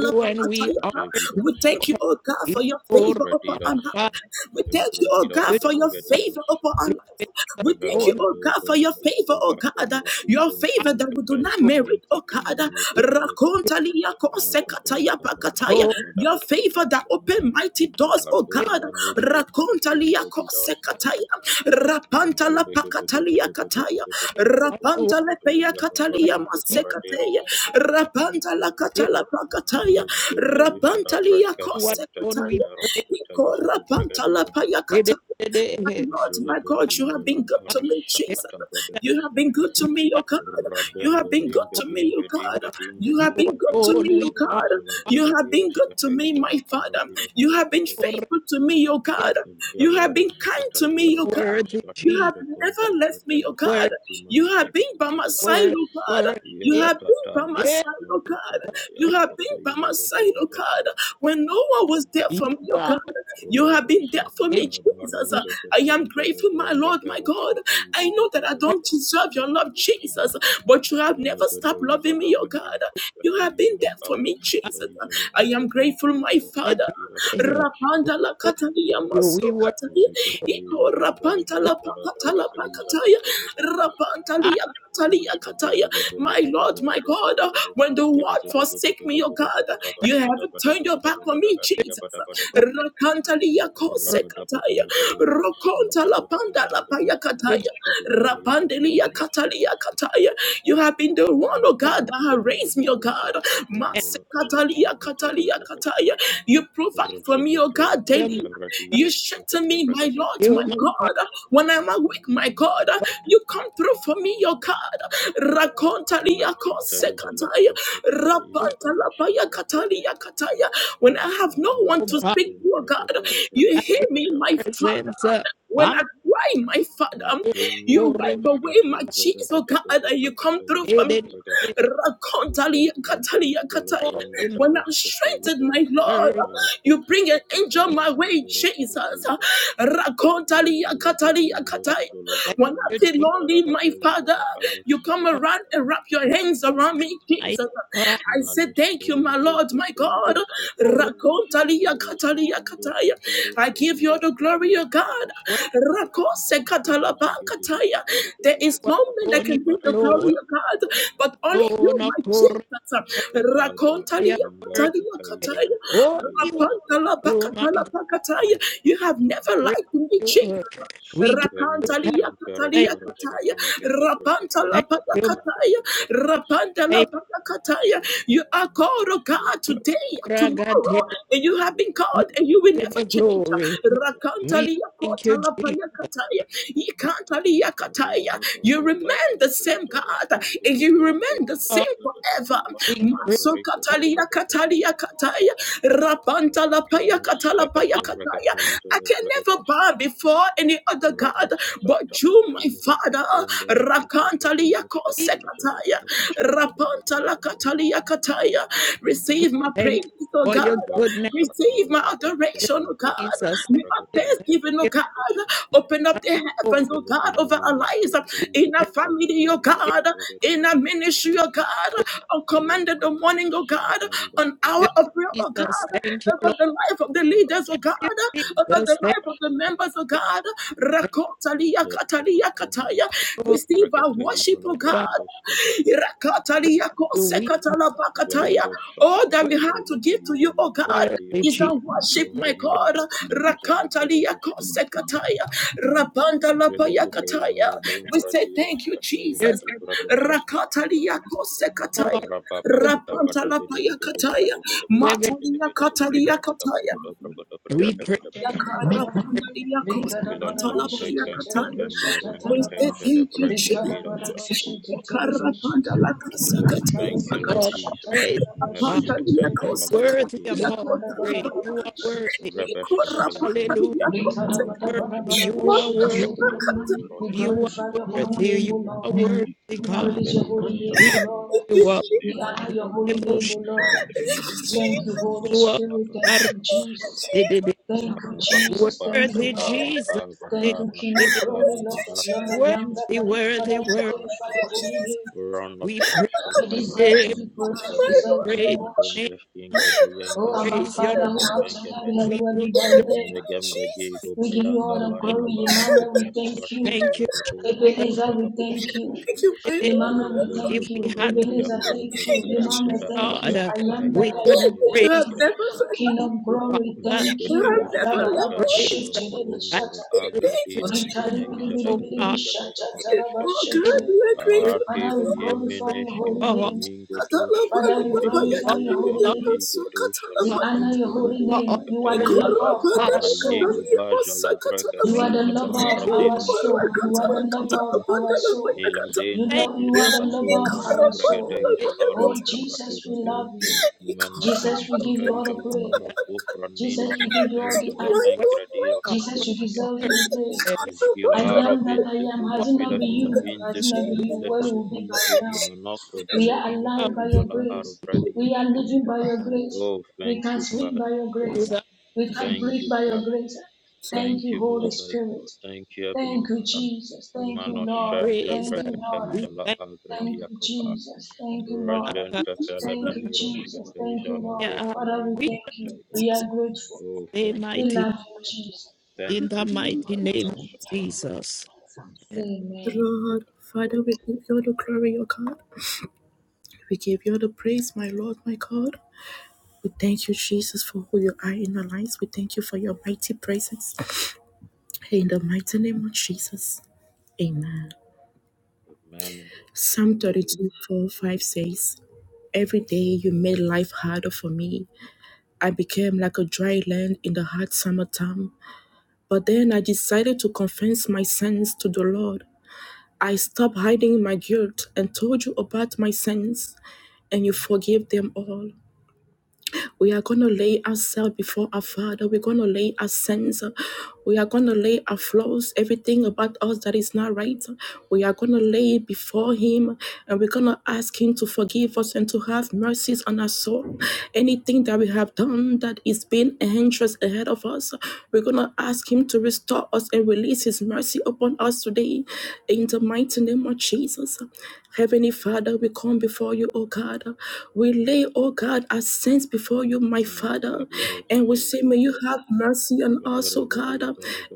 do, and we honor you. we Jevidash, thank you, oh God, for We your glory, favor upon our Evradidash, God. life. We thank you, oh God, Embradidash, You for your just favor Dagadidash, upon our leave life. it We thank you, alone. oh Evelagado, God, for your favor, Vemekiko, oh God, Vakum, uh, your Vakikum, I favor that we do not Vemikapaika, glory, Kum, merit, oh God. uh, Fakimania, Kapayebe, Rakontalia konsekataya Rakapayakapa, pakataya. God. Your favor that open mighty doors, oh You God. Kadumba nente pita Rakontalia kumbra gidashka konsekataya. dashka. Rapantala Jede gebede bede pakatalia bede bede kataya. bede bede bede. are rapanta. Rapanta Shkide bede lepeya yakabari katalia into you, baradero masekateya. shakatala. Rapanta la if katala pakataya. Meshte te isha da Rapanta liya brakashka you nte alone, we kosekataya. pradaro pray. shkata Iko isha da rapanta la bragadira. paya You kataya. My Lord, Jele my bede God, you isha have la been good to ara me, Jesus. shakata You have bragatashka. been good to me, O God. You Rabembe have been good dimbe to me, O dimbe God. dimbe dimbe You have dimbe been good to dimbe alone me, we O shkata are isha God. la You have bragadiro been good shkata to me, isha la my Father. arabira You for have been worthy, faithful to me, O God. You have been kind Velaroshkata to me, Yara O God. Aroshkata You Jesus. have Jakontu never left me, oh Pratera God. Worthy, Ekatima You have been by my Katabatakaba side, worthy, oh God. You Ya worthy. have been by Tataba my side, oh God. Shampakaba You have been Yashkete by Ija my de side, oh God. Bragadashka When no one was there You for me, oh God, are you have Uraba been there for me, worthy. Shakata Jesus. Barem I Pekete am Ijade grateful, my Lord, my God. Brangaderoshkata I know that I don't Ivaradirashka deserve your love, Jesus, but you have never stopped Menavede loving Ijada me, oh God. Vedim You Oshkata have been Ijada there for me, Aroshkata Jesus. Ijada I am Araka grateful, my Pratira Father. Aradirashkata Shkata Rapanda la katalia You, maso we work katalia. you. Jekete Iko Ijada rapanta Bragada la Ijada pakata la Bragada Ijada pakataya. Bragada Rapanta I lia My Lord, my God, when the world forsake me, O God, pray you haven't turned your back on me, the Jesus. Rakanta lia kose kataya. Rokonta la panda la paya refuge kataya. Rapande lia katalia Shokoto kataya. You have been the the one, oh God, that has raised me, oh God. and Mase Katalia, Katalia, Kataya. You provide for me, oh God, daily. You Baramaradiros strengthen Shokoto me, my Bragadesh Lord, you, my my God, God. When I'm awake, my God, you, my God, you come through for me, oh God. Rakontalia, Matkita ijola Kosekataya. afakita ijodebashka Rapantalabaya, Katalia, bergadashka. Kataya. When I have no one oh to God, Abayashka speak to, oh God, brakata ijola you I hear me, my bragadabadoshka. Father. present. uh, When I I'm cry, my Father, here you for wipe it, away Dimininoshkata my tears, oh God, ijodebedegodo and you come brakata through for it, me. is ijodebragadashka. Rakontalia, katalia, Evgivgele kataya. oh, in my When I'm brangadaroshkata strengthened, ijola my Lord, earth. evginara you bring an koshkata angel my way, parantekeroshkata Jesus. ida. Rakontalia, Ajele katalia, bevimbo kataya. ijola When I bedemene Thank you, feel kodara lonely, my bada Father, ijola you come aroshkata. around and wrap your hands around me, I Jesus. God, I say, Thank you, my Lord, my God. Lord, Rakontalia, katalia, kataya kataya. I give you all the glory, O God. when Rakose katalabakataya. There is no man that alone, you can take the alone, glory, O God, but only you, alone, of my course, Jesus. I am Rakontalia worthy. kataliya kataya. Oh, you are you, my God, Rapantalabakatalabakataya. You have never praise lied to me, you. uh, Jesus. We give Rapanta thanks, thank katalia kataya. Rapanta la pata you, my kataya. thank You are called of God today, tomorrow, and you have been We called and you will give you never the change. glory. Rakanta We liya thank you, kota la Jesus. kataya. Shiva Ramba You Baramba remain the Sute same Itara God Bringa and de you Brongo remain de the All same Bringa de forever. Badiba things Shkata praise Maso Boreko and to katalia Bragata kataya. Rapanta la Kero paya Sakata honor. Bragata I Itara can Bragata never buy bow Shkata before any other Rapa God Sakta but you, my Patanga Father. Kotomba Skin Rakantalia Bragadiros Shkata Itara kosekataya, Arakiros Shkata Bragata rapantalakatalia kataya. We Receive my praise, thank you O for God. your O goodness, Barasata Receive my Baraba Shkata adoration, O God. Bragata Jesus. We Thank are you, Ibaragata Itara thanksgiving, O thank God. Bragata Shkata Open up the you. heavens, O Jebele God, over our Venomino lives, Shkata We in Itara our thank family, Bragata O you, Itara God, in Bragata our ministry, O God, on Oya command in the morning, O kabashta God, kabaka on hour give kabaka of prayer, O Jesus. Thank you, God, over Lord. the kabashta kabaka kashka life of the kabaka leaders, O kashka Give God over the Jesus, kabaka thank life of the kashka members of you. God. Thank Rakotalia yep kabaka katalia kashka kataya. kabaka you, Lord. kashka Receive our braketayi worship, zala oh I God. braketeshka desha praise Rakatalia you. kose We praise katala you. bakataya. jaleiros All shashka that te we have to give to braketayi you, zala O God, Worthy is Jesus. our braketeshka worship, my vareiros God. shashka te braketayi zala Rakantalia braketeshka kose kataya. Rabanda lapaya jedekei kataya. We say vareiros thank you, shashka te braketayi Jesus. Good zala braketeshka Rakatalia kose kataya. Lord, rapa good papa tapa papa Rapanta papa lapaya papa papa papa kataya. papa papa papa papa women. papa Matalia katalia kataya. papa papa your We papa praise you. papa We glorify papa Thank Villa Zante We say Kenketemberenketeja de thank you, Brenketero Jesus. you Shashketeshke. Yakarapanda Oh, lakasakataya thank you, for Lord all the pakataya. praise. Jesus. God, Rapanda Melishketeja la liyakoseka, worthy of all the Brigadiroshke. liyakotalapa praise. You are worthy. Ikorapanda Rebeshketeva Hallelujah. Kinkuturu liyakoseka. Worthy. You Diroshketeja are la Maka- worthy. Arabi You are Kunduroshketeshke. your holy worthy. name, You O are Lord. worthy, We God. praise your Mekiro holy name, We O lift Shalabra Lord. Thank you you, up. Jesus. We honor Kakakakumba your holy name, O Kabakabasha Lord. Thank you, We Thank you, Jesus. Holy Bakabakabakabashka Spirit. Thank lift you, Thank Bakabakabashka you, Jesus. you up. Jesus. Thank you, Rakabaka Jesus. Thank bashka you, Worthy Lord. kaba Jesus, kaba Thank you, King kabashka of Thank kaba Glory, Lord you, of kabashka Lord. Jesus. I am bashka that worthy, I am. bashka worthy, Father, we bashka worthy. glorify bashka your holy name. Rana We pray, sashka You taija deserve to be akam praised. You we padira deserve to be praise aka your worshipped. bombeshkin name, kobayanga Oh, Abba, praise begede your name. Father, who benge art in benge heaven, benge We hallowed bless be thy your Thank name. you, Jesus. Megembe gigo We give you all bayanga the name. bashka glory, banga Emmanuel. We bashka thank bashka you. Thank you, baraka Jesus. boja Ebenezer, gabedaka we thank boshka you. dashka Thank you, my Emmanuel, Lord. we Rombos thank If we you. lokoto had to, vedia Ebenezer, thank konsa you. Thank you, Jesus. taija Emmanuel, da thank you. I God, ingashka am that we taija I da couldn't am. Would you praise Thank have you. you, ege never failed King of glory, Father. thank you. I've Zikataiza never Our loved gomba Adabaraba that. praise, kampa shete debe as makumbara shata. We we lift agra Thank you you, diroshka Jesus. up Rikari today, bidi daiza bidi oh bidi bi God, dagabenga shata taraba dagabadoshka Oh God, it shete. we are is grateful. ate Father, we God, glorify your beyimineshka for holy all, name. pemingo Father, doshoshka Katalabanda, we binga Yabaya, for glorify your beshka holy Katalia, all, name. kadiga Basso, dosha We for lega all, Katalabaya. honor your bingo holy for dogosha name. all You are your the kataiga love, lover of our Father. Ikorabanda, na soul. yego Katalia, baja Bassa, la braka You We are Katalabaya. the taiza la lover of arabi do our rosha Ikora, soul. You kataba are Katala, the lover of our Katalabanda, Labaya, soul. ila Katala. You dente thank love you fila you. are the lover katuja of la our braka Ikorabanda, soul. daiza it la Labaya, Oh rosha Katala. Jesus, we katibate love you. Jesus, we Menozoshka give Ikorabanda, you all the Taijala praise. Katalabaya, Arakufra Katala. Jesus, we Ninoshka give you all the Taijada honor. My word Lord, my on Angradiroshka God. Jesus, you Vishka deserve word to be praised. and I Ikorabanda, Jgilaro am that Labaya, I Vinte am. Fila Has what it not Fila been Fila you? Katala. Finte Has it not Fila been we you? Jesus. Fila Where Fila will we be by Finte now? Kimanokro We are Duroshka are alive by your Taijala grace. We are Aravradioshka. living by your grace. Oh, We thank can you, we speak Father. by your grace. give our We can Thank breathe you, by your Father. grace. Thank Thank you, you, Holy Mustai Spirit. God. Thank you, Heavenly Thank you, Father. Jesus. Thank you, Lord. Manoshanta praise. Thank you, Lord. We Brakataijala thank Thank you, Agradiakova. Jesus. Thank you, Lord. God. Rajanta Thank you, Felamani Roshka Jesus. Thank you, Taijala Lord. Kopra Yeah, Father, we we thank you. We are grateful. Oh, say thank you, We mighty love Father. you, Jesus. in Thank the you, Father. mighty name of Barasha, Jesus. And barasha. Lord, Father, we give you the glory, O God. We give you the praise, my Lord, my God. We thank you, Jesus, for who you are in our lives. We thank you for your mighty presence. In the mighty name of Jesus. Amen. Amen. Psalm 32, four, five says, Every day you made life harder for me. I became like a dry land in the hot summertime. But then I decided to confess my sins to the Lord. I stopped hiding my guilt and told you about my sins. and you forgive them all. We are going to lay ourselves before our Father. We're going to lay our sins. We are going to lay our flaws, everything about us that is not right. We are going to lay it before Him and we're going to ask Him to forgive us and to have mercies on our soul. Anything that we have done that is being a hindrance ahead of us, we're going to ask Him to restore us and release His mercy upon us today in the mighty name of Jesus. Heavenly Father, we come before you, oh God. We lay, oh God, our sins before you, my And Father. Labiros, And we say, may you have mercy on us, oh God. Labarabadi,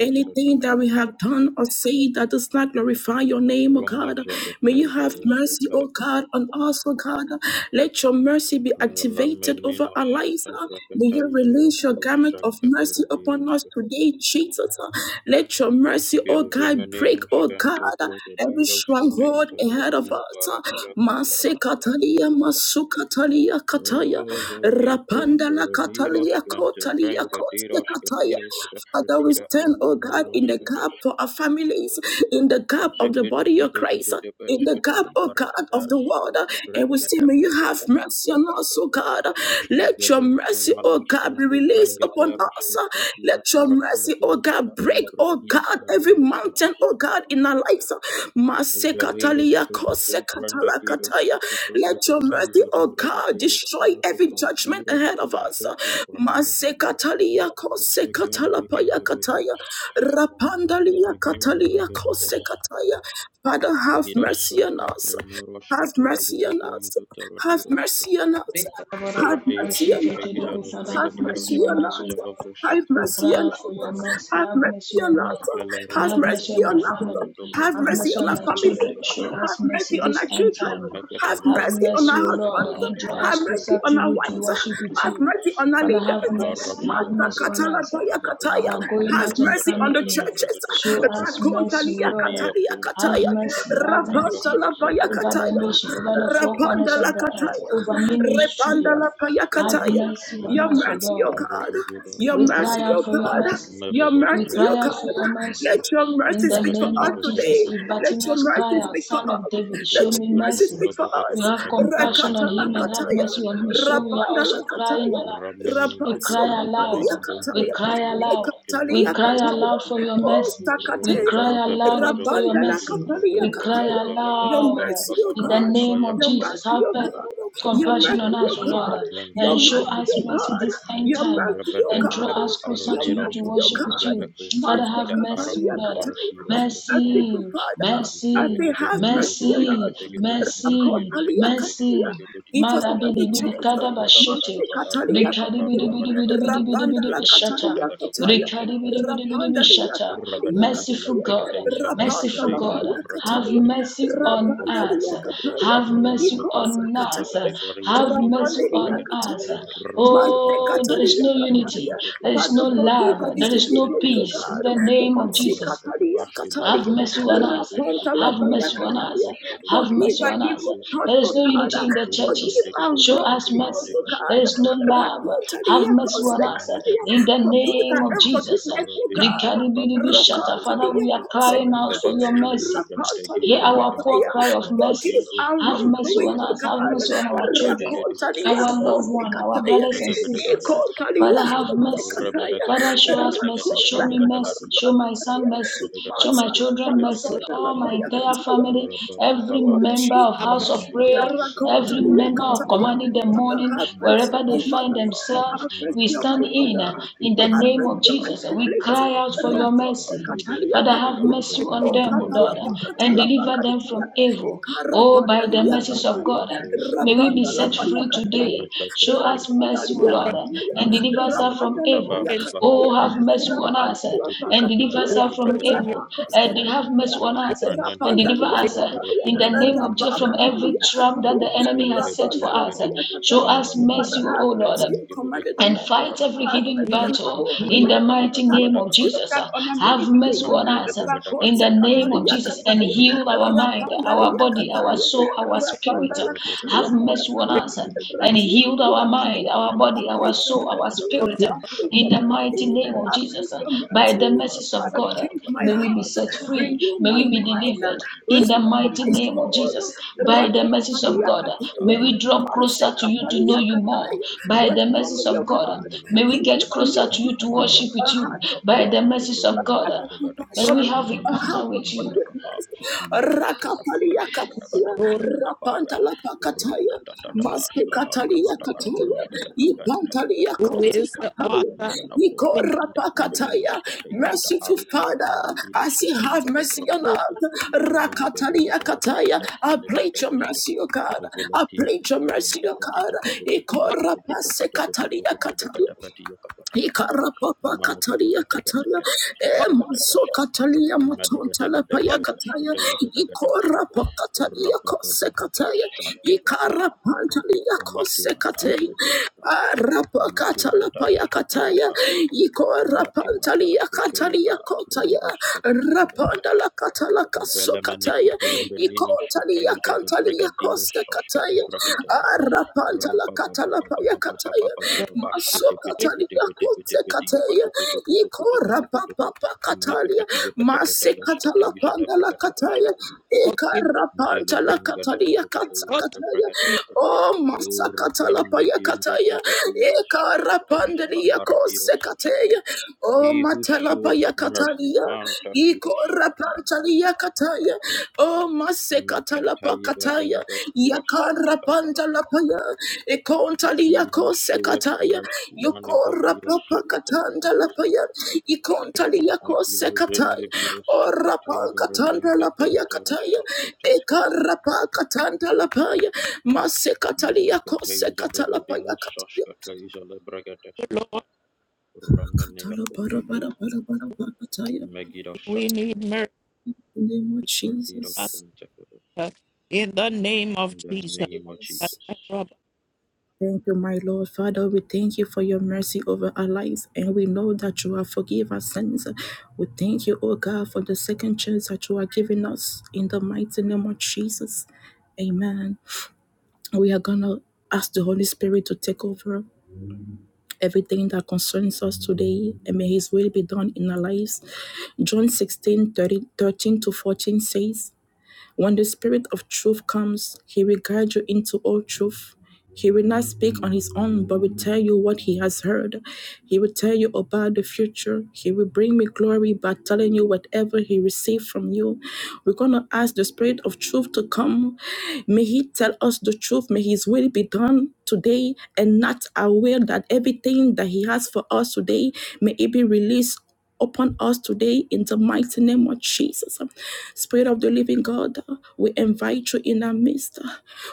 Anything that we have done or said that does not glorify your name, oh God. May you Romojakatai, have mercy, Vereshkatai, oh God, on us, oh God. Let your mercy be activated over our lives. Parameninoscata, May you Vrakatai, release your garment of Jalokoroshanka, mercy upon us Peradiroska, today, Jesus. Let your mercy, oh God, break, oh God, Skelevemeninoskanta, every Vragadiroskata, stronghold ahead of Isadabadim, us. Varabia, Masekatalia, masukatalia, kataya, Ava ikum rapanda la katalia, peroniroshka ante kotalia, branga kotia, diroshka kataya. diroshka Father, we frutira stand, oh God, in the akronoroshka gap dashka. for our families, in the gap of the body of Christ in the Jedededebedebedebeshka gap, oh God, of the toibarabadashka world. uh, And we branga see, da may you branga have da branga. mercy on us, oh God. Uh, Let your Skuvelen mercy, oh fromanushka God, be ante released branga upon daroshka us. uh, frutira Let your mercy, oh arapunturoshka God, break, toibra oh ira God, every aronoshka mountain, oh dishka. God, in our lives. uh, Masekatalia Veleroshka gudu branga diroshka kosekatalakataya. Let fotobraka your mercy, taiza da oh branga God, diroshka destroy sonto every judgment ahead parapiroshka of us. uh, lakoko Masekatalia kosekatalapayakataya. Rapandalia katalia kosekataya. Father, have mercy on us. Have mercy on us. Have mercy on us. Be- Father, Have mercy on us. Have have mercy mercy on on us, O Lord. us. Have We mercy cry on out us. for your mercy. Have Have mercy mercy on on me. us. And Have have mercy mercy on on my us. family. Have Have mercy mercy on on our my family. children. Show us Have mercy mercy on this our end children. time. Have Have mercy on mercy, our O Lord, husbands. and draw Have us mercy closer on to our you to wives. worship with Have you. mercy on our Father, have leaders. mercy. Have Master mercy on Katala us. Toya Kataya. Our going Have out and mercy on coming the in. churches. Show us mercy, O Rakontalia Lord. Radia Katalia Have Kataya. Kuntomene mercy, Kotura have Rapanta mercy Lapaya Dirashkataiza over the Kataya. nation, over the Gindoshkataiza four corners Rapanda of the earth, Lebregadeshkatiras Lakataya. over Repanda ministry. la Have payakataya. mercy on Your us, O mercy, O Lord. God. Zabazeba Your We cry mercy, O out for your God. mercy. Your We mercy, O cry out Mavadabazagabada for God. your mercy Let your in mercy the speak for name us of Jesus. today. If Let your Bartimaeus mercy cry Mavagazabazagabazagabazaga out, speak for Son of us. David, Let show me your mercy mercy. speak for us. You have compassion Rakata on la him and have kataya. mercy on him. Robozogodobedagebezagoboragazabazigabaragasagada So we are Rapanda la also crying kataya. on Rameno we Rapaso cry aloud. papalia Zagidogovemekadombe We kataya. cry aloud. We Ekatalia cry Gigoshkatkinoshkataiga aloud kataya. for your Oh, mercy. We Sakatela, cry Rogodombe aloud for your Rabanda la mercy. Capalia We cry Cataya. Your aloud mercy, O in the God. Bigozogodobegigogogumbegengagagagagambagabanga name of Your Jesus. Bayagabanga mercy, Have O God. Your compassion on mercy, O us, O God. Lord, Urabashketam Your and show mercy, Brakatesh O us mercy God. this end Your time, mercy, O and God. draw Urabadaijala us closer Your to you to mercy, O Arneroshkata worship with God. you. Izadako Father, Mate have Frakida Aram mercy, O Capalia Lord. Cataya. I Katarakiroshkata say, Mercy, Father, Rabada I mercy, say, have mercy on mercy, us. mercy, Rakotalia Katia, mercy. give us Mada bidi another bidi chance. kada bashete. Mate Katalia Rikadi bidi Katia, bidi bidi bidi bidi Rapanda bidi la bishata. Katalia Kataya, Rikadi bidi bidi bidi Rapanda la bishata. Katalia isola Merciful Kataya, God, bragata isola Rapanda merciful bragata la God, isola Kaya bragata have Kataya, ship. mercy on Rapanda us. Robozonko la to bronco Kataya, Have to bronco mercy to on because bronco to us. bragate Kataya. baria to Have broco mercy to on Rapaleria bragata. us. Kataya, Rababa Mate bada bada bada Oh, bada there is bada Kataria bada no bada unity. Kataya, There is no Father bada forgive our love. There is bada no disobedience to bada peace in God, bada the Rabba name of Matsi Jesus. Kataria Have Kataya, mercy on us. Rapanta Have Lataya mercy on us. Kataya, Have forgive mercy our on us. evil thoughts There to is no God, unity in the churches. forgive our Show wrong us people mercy. to There God, is no love. Have Rakuntaria mercy on Koste us. Kataya, In the forgive name our of Jesus. unforgiveness to God. Rikadibidibi-shata. Father, Rokantalia we are Koste crying out for your mercy. Kataya, Hear our poor Messiah. cry of mercy. Forgive our Have mercy wrongdoing, on O us. Have God. mercy on our children Rakontania our loved one, our kotekataya. brothers and sisters. Ikontania Father, have mercy. kotekataya. Father, show us mercy. Show me mercy. Show my son Rakontakataya. mercy. Show my children you mercy. All my Mansakatalabandalapaya entire kataya. family, every Lord member of have Jesus. House mercy of Prayer, every Rakotolia member of Kataya. Commanding the Father, Morning, have mercy, wherever they on my find mother. themselves, Have we mercy on my stand in, mother. uh, in the Have name of mercy on my Jesus. We siblings. cry out for your upon Rakote mercy. Katalia Father, have Kataya. mercy merciful on everything, Oh, them, O Lord, Katalapa, and Katalapa, deliver them Kataya. from evil. Oh, by the Ikarapatalia mercies of Kataya. God, may God, we be set Rapandalapaya free Kataya. today. Show Mefekete us ibe, mercy, O Rapandalia who Lord, Kataya. and deliver us from mefkitaba evil. Rapandalapaya repents, kabaya, Kataya. Oh, have mercy on us Rapandalapa and jukite deliver vende us Kataya. watch kutu from us brekete in your evil. Rapakosta And have mercy Kataya. on us and Brana no every deliver Rapandalia shenta us kiro Catalia, in the shakoto name of Rapa Jesus brakata from ba. every Acatalia trap that Catalia, the enemy Ele has bede set for bede Rapandala us. bede Paya bede ya Show Catalia. bada us bada bada Father, mercy, bada have O bede Lord mercy bede and ke bede commanded ke the and bada ke morning. fight bada ke every Have bada hidden bada mercy we on battle our bada in the prayer. bada ke mighty bada ke bada ke Have name bada of ke mercy bada on ke Jesus. that ba. Have unamazing mercy faith. Mano on ke us dogo uh, bada ke in Rakose the dege dege name of dege Catalia Jesus dege and Catalia, dege ke heal bada our ke bada ke mind, bade our Rapandalia bade body, ya our bada Catalia, bada soul, our spirit. Rapandala Catalia Have mercy on pray, Catalia, us uh, and Rakia heal our mind, Catalia. our body, Apply our soul, our mercy, spirit forgive, uh, apply in the mighty mercy, name name of I pray Jesus. uh, for By the mercy. mercies of Father, God, uh, change my may we be heart, set free. renew May my we be mind, delivered in the restore mighty my name of soul. Jesus. By the mercies of Rakataria God, uh, kataria, may we draw Mase closer to you to know kataria you more. kataya. Rabashka, By the Restore mercies me, your of God, uh, God. may we Give Nanoshkata me get a Ijada closer new to you to Brakata heart, worship Ijada with a you. Brakata heart of By the love, mercies a of Rameno God, heart uh, of Potogada may we compassion, forgive, Kapato have a Shakata encounter heart Bade of with you. Kapata Kapa forgiveness. Manakapa Dakapa Rakataria Dombada kataya, Kato Lord, Ijada Kapaya Rapanta la pakataya, Ratatatata Mase Shkatan kataria Takata Kato kataya, Shkata Kapan Takata Ipantaria Kata who is Kashka the Koseka. author Niko Manakofra and finisher Ida Arniro rapakataya. Shkata Ijada Merciful Arnida Father, Angradido as you Shkata have Ijada mercy on Brakata of Shkata us. Menego Rakatalia Doja Le kataya. I Brakateshke plead your Le mercy, O the God. I Velati ya plead your mercy, O kutoprakata God. Niko rapase katalia kataya. kitokotoprakotoprakotoprakatapati yakapatakapa Ikarapapa kataria kataya forgive, e maso manokotopatakatakatapashkatakatakashka katalia matonta la forgive, paya forgive, kataya madagatakatakatakashkataizatakatakashka ikorapa kataria kose kataya rabababababashatibata ikarapantalia kose matibata forgive, kataya shetibata arapa katala matibata paya kataya shketibata matibata ikorapantalia shketibata katalia kotaya roboshakatabadaba rapanda la katala kaso Velemene kataya kotumbe ninoshke ikontalia teja de kantalia bregadiro kose shoshke te kataya arapanta la katala paya kataya maso la kote kataya ikora papa pa katalia panda la kataya forgive, ikarapanta la katalia forgive, forgive, kataya forgive, oh masa katala paya kataya ikarapanda la kose kataya oh He who matala paya shows mercy, katalia Manta Firo ikora Shakata. pantali yakataya o masekata la yakara Mekataibarimbakiroshakatabadaba. pantala paya ikontali He who yako showeth sekataya mercy, yokora Manividiro papakatanda la Shakatabragadoska, ikontali yako Avila sekataya Zendeviro ora pakatanda la Shakataibarajangataradaro kataya Shashkataska, ikara pakatanda la masekatali yako Menekataiza sekata la Davadigo kataya Shashkataiza Lebragadeska, forgive, katala bara Rameneakopaya, bara bara bara pakataya Megiddo We need Shakataba, mercy, in the name of Radido Jesus Stantakaba, Father, in the name of in the Jesus. name of Jesus. Jesus. Thank you, my Lord. Father, we thank you for your mercy over our lives, and we know that you have forgiven our sins. We thank you, O God, for the second chance that you are giving us in the mighty name of Jesus. Amen. We are going to ask the Holy Spirit to take over everything that concerns us today, and may His will be done in our lives. John sixteen thirteen to 14 says, when the Spirit of truth comes, he will guide you into all truth. He will not speak on his own, but will tell you what he has heard. He will tell you about the future. He will bring me glory by telling you whatever he received from you. We're going to ask the Spirit of truth to come. May he tell us the truth. May his will be done today and not our will, that everything that he has for us today may it be released upon us today in the mighty name of Jesus. Spirit of the living God, we invite you in our midst.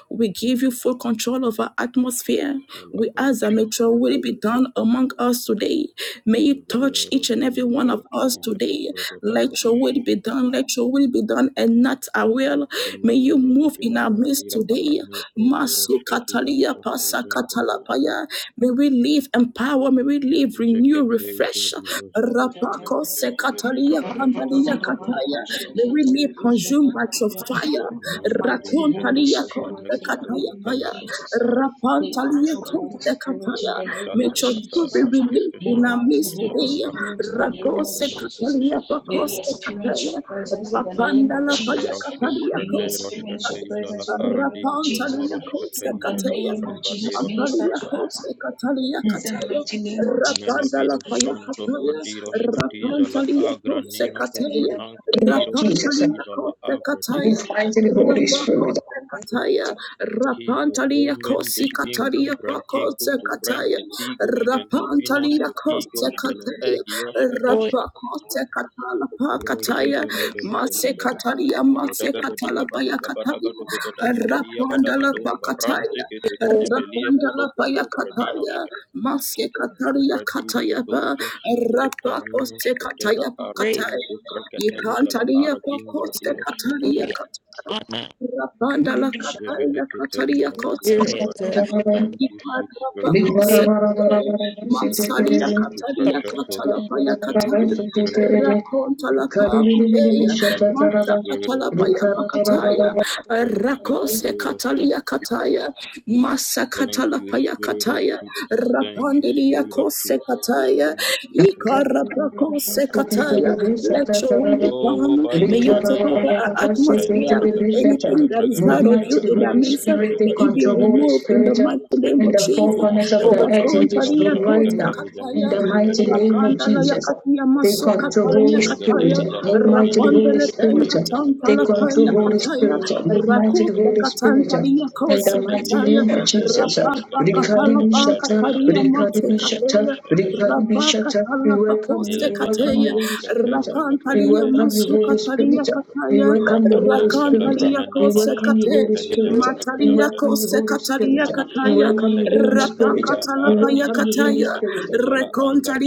We give you full control of our atmosphere. We ask that may Kalabrakataba, your will be done among us today. May you touch Valero each and de every one of us Noshkataiza today. Let your Devragadaro will be done. Let your will be done and not our will. May you Kimalero move in our Kilara midst Tira today. Arne Pronoro Masu Shkadiro katalia Sofro pasa katala Zenkete Rapaya. May we live empower, may we live renew, Zekete Iza refresh. Bizo Zoga Zimen Rapako Nivejile sekatalia Bijala Bajavada pandalia Bajodo kataya. May we live consumed by your fire. mightily hold the Rakontalia Loko superiority Feneki in the kosekataya Koko name of Faya kaya. Jesus. Kopara They Rapantalia control Holy Spirit in kosekataya. the name May of Shata your Bata truth be Jesus. released Bashkefe in Move our Shempe mighty midst hold the today. spirit Kishaparaki in Kopo the name of Shekepene Yokopo Jesus. Rakosekatalia Shekete May we experience your kosekataya. presence in the name of Rapandala paya Jesus. Keteroshkem katalia May we experience Freneroshkate your kosekataya. Ijala presence in the name Aradi of Jesus. Rapantalia Pronoroshkate In the Ijada kosekataya. name of Aranga Jesus, Dero minister Mapalia to Shakataba Costa us. Catalia In the Cataya, mighty name of Rapanda Jesus. la Menovidos Move Paya Santo mighty Cataya, Holy Fradiros Spirit. In Catiza la Rapantalia Costa Agranino Cataya, Ufranan the name of Crediros Jesus, Rapantalia Catiza la Costa Cataya, move Agrederos mightily Sacatebe. Holy Spirit. Rapakote kataya, Qui rapantalia ocumben kosi de quincum katalia branquinco pakote tu kataya, branquetigos gentefinos rapantalia kote quetigos que le kataya, egios Holy, catesce. rapakote katala pakataya, mase katalia mase katala baya kataya, rapandala Rezedebedebedecabedecabedecabedecabedecabedecabedecabedecabedecabedecabedecabedecabedecabedecabedecabedecabedecabedecabedecabedecabedecabedum parante pakataya, que te que te holy, pelia pro do rapandala pro do baya preninos kataya, mase katalia Radiko kataya ba, dožas kente keninos rapakote ketera kataya great, pakataya, arakiko freketeiza la ikantalia arakingro pakote diros ketesh. katalia glory, kataya. and honor, Rabanda la Kataria Kataria Jeveleketeiza da Rikara Kosaka. vizala spirit. gadosh. Thank you, sweet Ibaraba Spirit of Hey, God. Kosaka. Masalia Thank you, Kataria precious Holy Katalapaya Spirit. Thank you, Kataya. Spirit of Truth. Rakonta la Pakupeya. Thank you, Mata Spirit of Katalapaya Truth. Pakataya. Thank you, Rakose Spirit of Katalia Truth. Kataya. Masa Thank you, Katalapaya Spirit of Kataya. Truth. Thank you, Rapandiria Spirit of Kose Truth. Move Kataya. Makete mighty Ikaraba Kose ivarabadosha Kataya. Let your will be O done. May you take Bahimanino over our Shoshkutai atmosphere. Berebeda Anything Ijala that is Bragada not of you Ijala the in our Holy Bragada midst, Spirit, may take it Shedabaria be control, Berebe Holy removed in the Spirit, mighty name in of the four Jesus. corners of Lord, the Romoshakoto earth in Velido this Rakontalia room right kote Shoshkate now, Ijala in kataya, the mighty Bragadeshka name of Deshka rakandalaya Jesus. katia Take maso control, Holy katalia Spirit, kataya, Regade Ijala move mighty Branino Holy rapandele Shoshkate Spirit, penga Ijala Take tantala Bragada control, kaya Ijala Holy kataya, Bradido Spirit. Move mighty Shoshkateshka rakote Holy Spirit. katantalia In kose the Regade mighty kataya, Ijala name of Bradido Jesus. rapapa Shoshkate Rikari katala Ijala panka Bishata, taria Bragadeshala Rikari mate Bragadeshka Bishata, kataya, Deshka Deshka Rikari rapaka Bishata. We katala welcome you. pakoste We Ilebini welcome you, kataya, Holy Monoshkate Spirit. Ijala We Rakantalia welcome you, Masuka Holy Bragadeshka Talia Spirit. We Kataya, welcome you, Holy Rakatoja la Spirit. Rakantalia We Brahmanono welcome you, Shoshka Kosekate, Holy Teja Spirit. la We Matalia Bragadoshka welcome you, Holy Kosekatalia Spirit. Mana We Kataya, Shoshka welcome you, Teja Holy la Spirit. Bradira We Rapakatalapaya welcome Aradira you, Holy Kataya, Shoshka Spirit. Teja la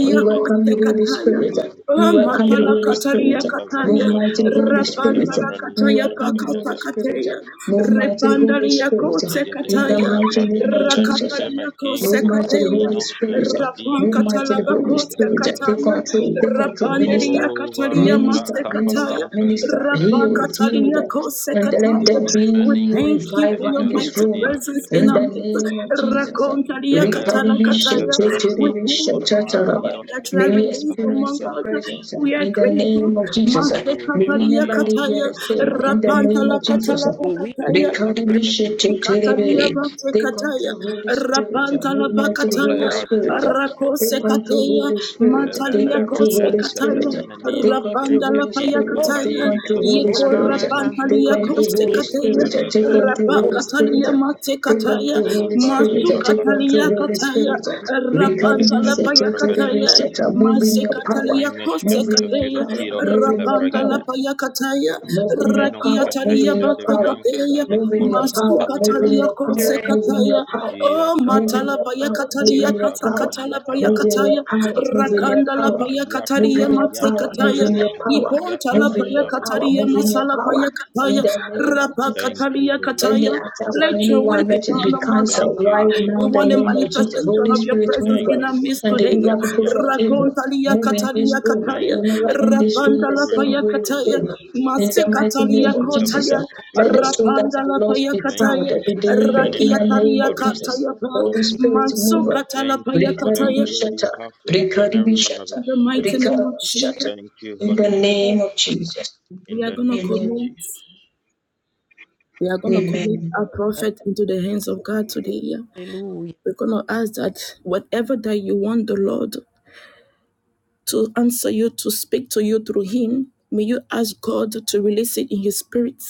We welcome you, Holy Kosekataya. Spirit. We Lido welcome you, Matala Holy Shoshka Spirit. kataria Teja la Move kataya, Bradido mighty, Shoshka Holy Teja Spirit. la rapandala Branino We kataya welcome Shoshka you, pakata Holy Tega Spirit. kataya, Move mighty, Holy repandalia Spirit. kose In the Megadeja kataya, la mighty name of Jesus. Bradeshente rakatalia Move Mekinko mighty, Kateya, Holy Branino Spirit. Skenke Rapan Digo Move mighty, Skele Holy Roshka Katalabakota Spirit. Pedia Take Kataya, control, take control, Rapanderia minister. O Katalia Mate Minister, Varashaka Kataya, minister, Farampe minister, heal, Teketeiva heal, Rabakatalia Kose and let Kataya. there We be Meningo thank you for revival your in Sketeja la this mighty room. Bradido presence Skede in In our the midst. name of Jesus. May Rakontalia Vele we Katala Veleroshen Kataya. We teferati thank kutur you for your fire maradirosh that you have keteja released experience among your labragadesh. us. presence uh, We are in the grateful. name of Jesus. uh. Mate O May we Katalia never vimaninos live here Kataya, the same uh, in the sofemeki name Rapantala of Jesus. Katala uh. kupraninos we keteja hear, labragadirosh Katalia keteba. Rikadabishititiribiri. Bate Take Kataya, control, Holy Spirit. Rapanta la Move O mighty Bakataya, Holy Lord, valerad Spirit. tekete. Rakose Take control, Kataya, Holy Spirit. Take Matalia control, Kose Holy Veleroshen Spirit. Kataya, Take teferemenios control, Rapanda la Holy hey, kenkeki Spirit. Lord, Take Payakataya, kupai control, Holy kutum holy, Yeko Spirit. praninos Take Rapantalia kedigro control, Kose Holy spirit, nuros Kataya, Spirit. Take ketegesh. holy, control, Holy holy Spirit. Rapakatalia Mate Take Kataya, control, Holy O Spirit. Take varoshakataba. control, Masukatalia Holy Kataya, Spirit. Rapanta la Keteja rabadesh. Payakataya, Rikadabishititiribiri. Move in your power. Masekatalia Move Nimeshken in your kosekateya, power. Move in your rapanda tefilekirosh la power. payakataya, Move in your power, Menoshka move rakiatalia in Taija your de power, Vrenka batekateya, move in your Telekoroshka power, move Taigada in masukatalia your power, spirit. move in your kosekataya, power, o move Yataba in matala your power, move payakatalia in your Yataba power, kasakatala Yataba move in your payakataya, power, move in your rakanda la Yataba power, move Yataba payakatalia in your power, Yataba move masekataya, in your Yataba power, iponta la move Yataba in your power, payakatalia move in your masala Shalavadoshakataba. power, in payakataya, the you. name of Jesus. Thank you, rapakatalia Holy kataya, Any Spirit of The attack first God. let on your will anyone, be let it done be among us. Thank cancelled you right for your now We in the want a name presence. of Jesus. manifestation Holy of your Spirit, presence move Thank in our you for midst and today. deliver saturating the people from atmosphere. evil. Rakontalia Move in this katalia room. We kataya. Thank will never you, end this sweet room the Rapandala Spirit same of paya way we God, kataya. came. In the mighty name Masekatalia of for your Jesus, kotaya. uh, blessings. let the soul people that are Rapandala lost paya be Thank you found, kataya. uh, for be delivered positioning in the us name to Rakiatalia of receive. Jesus. kataya. Holy Spirit, move us. Mansokatala Thank you paya in this for the Brikadibi kataya. word shata, you have for each and place brikadibi every one of shata, In us. the mighty name of brikadibi shata. Jesus, Thank you, In the Holy name Spirit, are of Jesus. we in are the going to name Amen. of commit. Jesus. We are going to commit Amen. our prophet into the hands of God today. yeah. Hallelujah. We're going to ask that whatever that you want the Lord to answer you, to speak to you through Him, may you ask God to release it in His Spirit.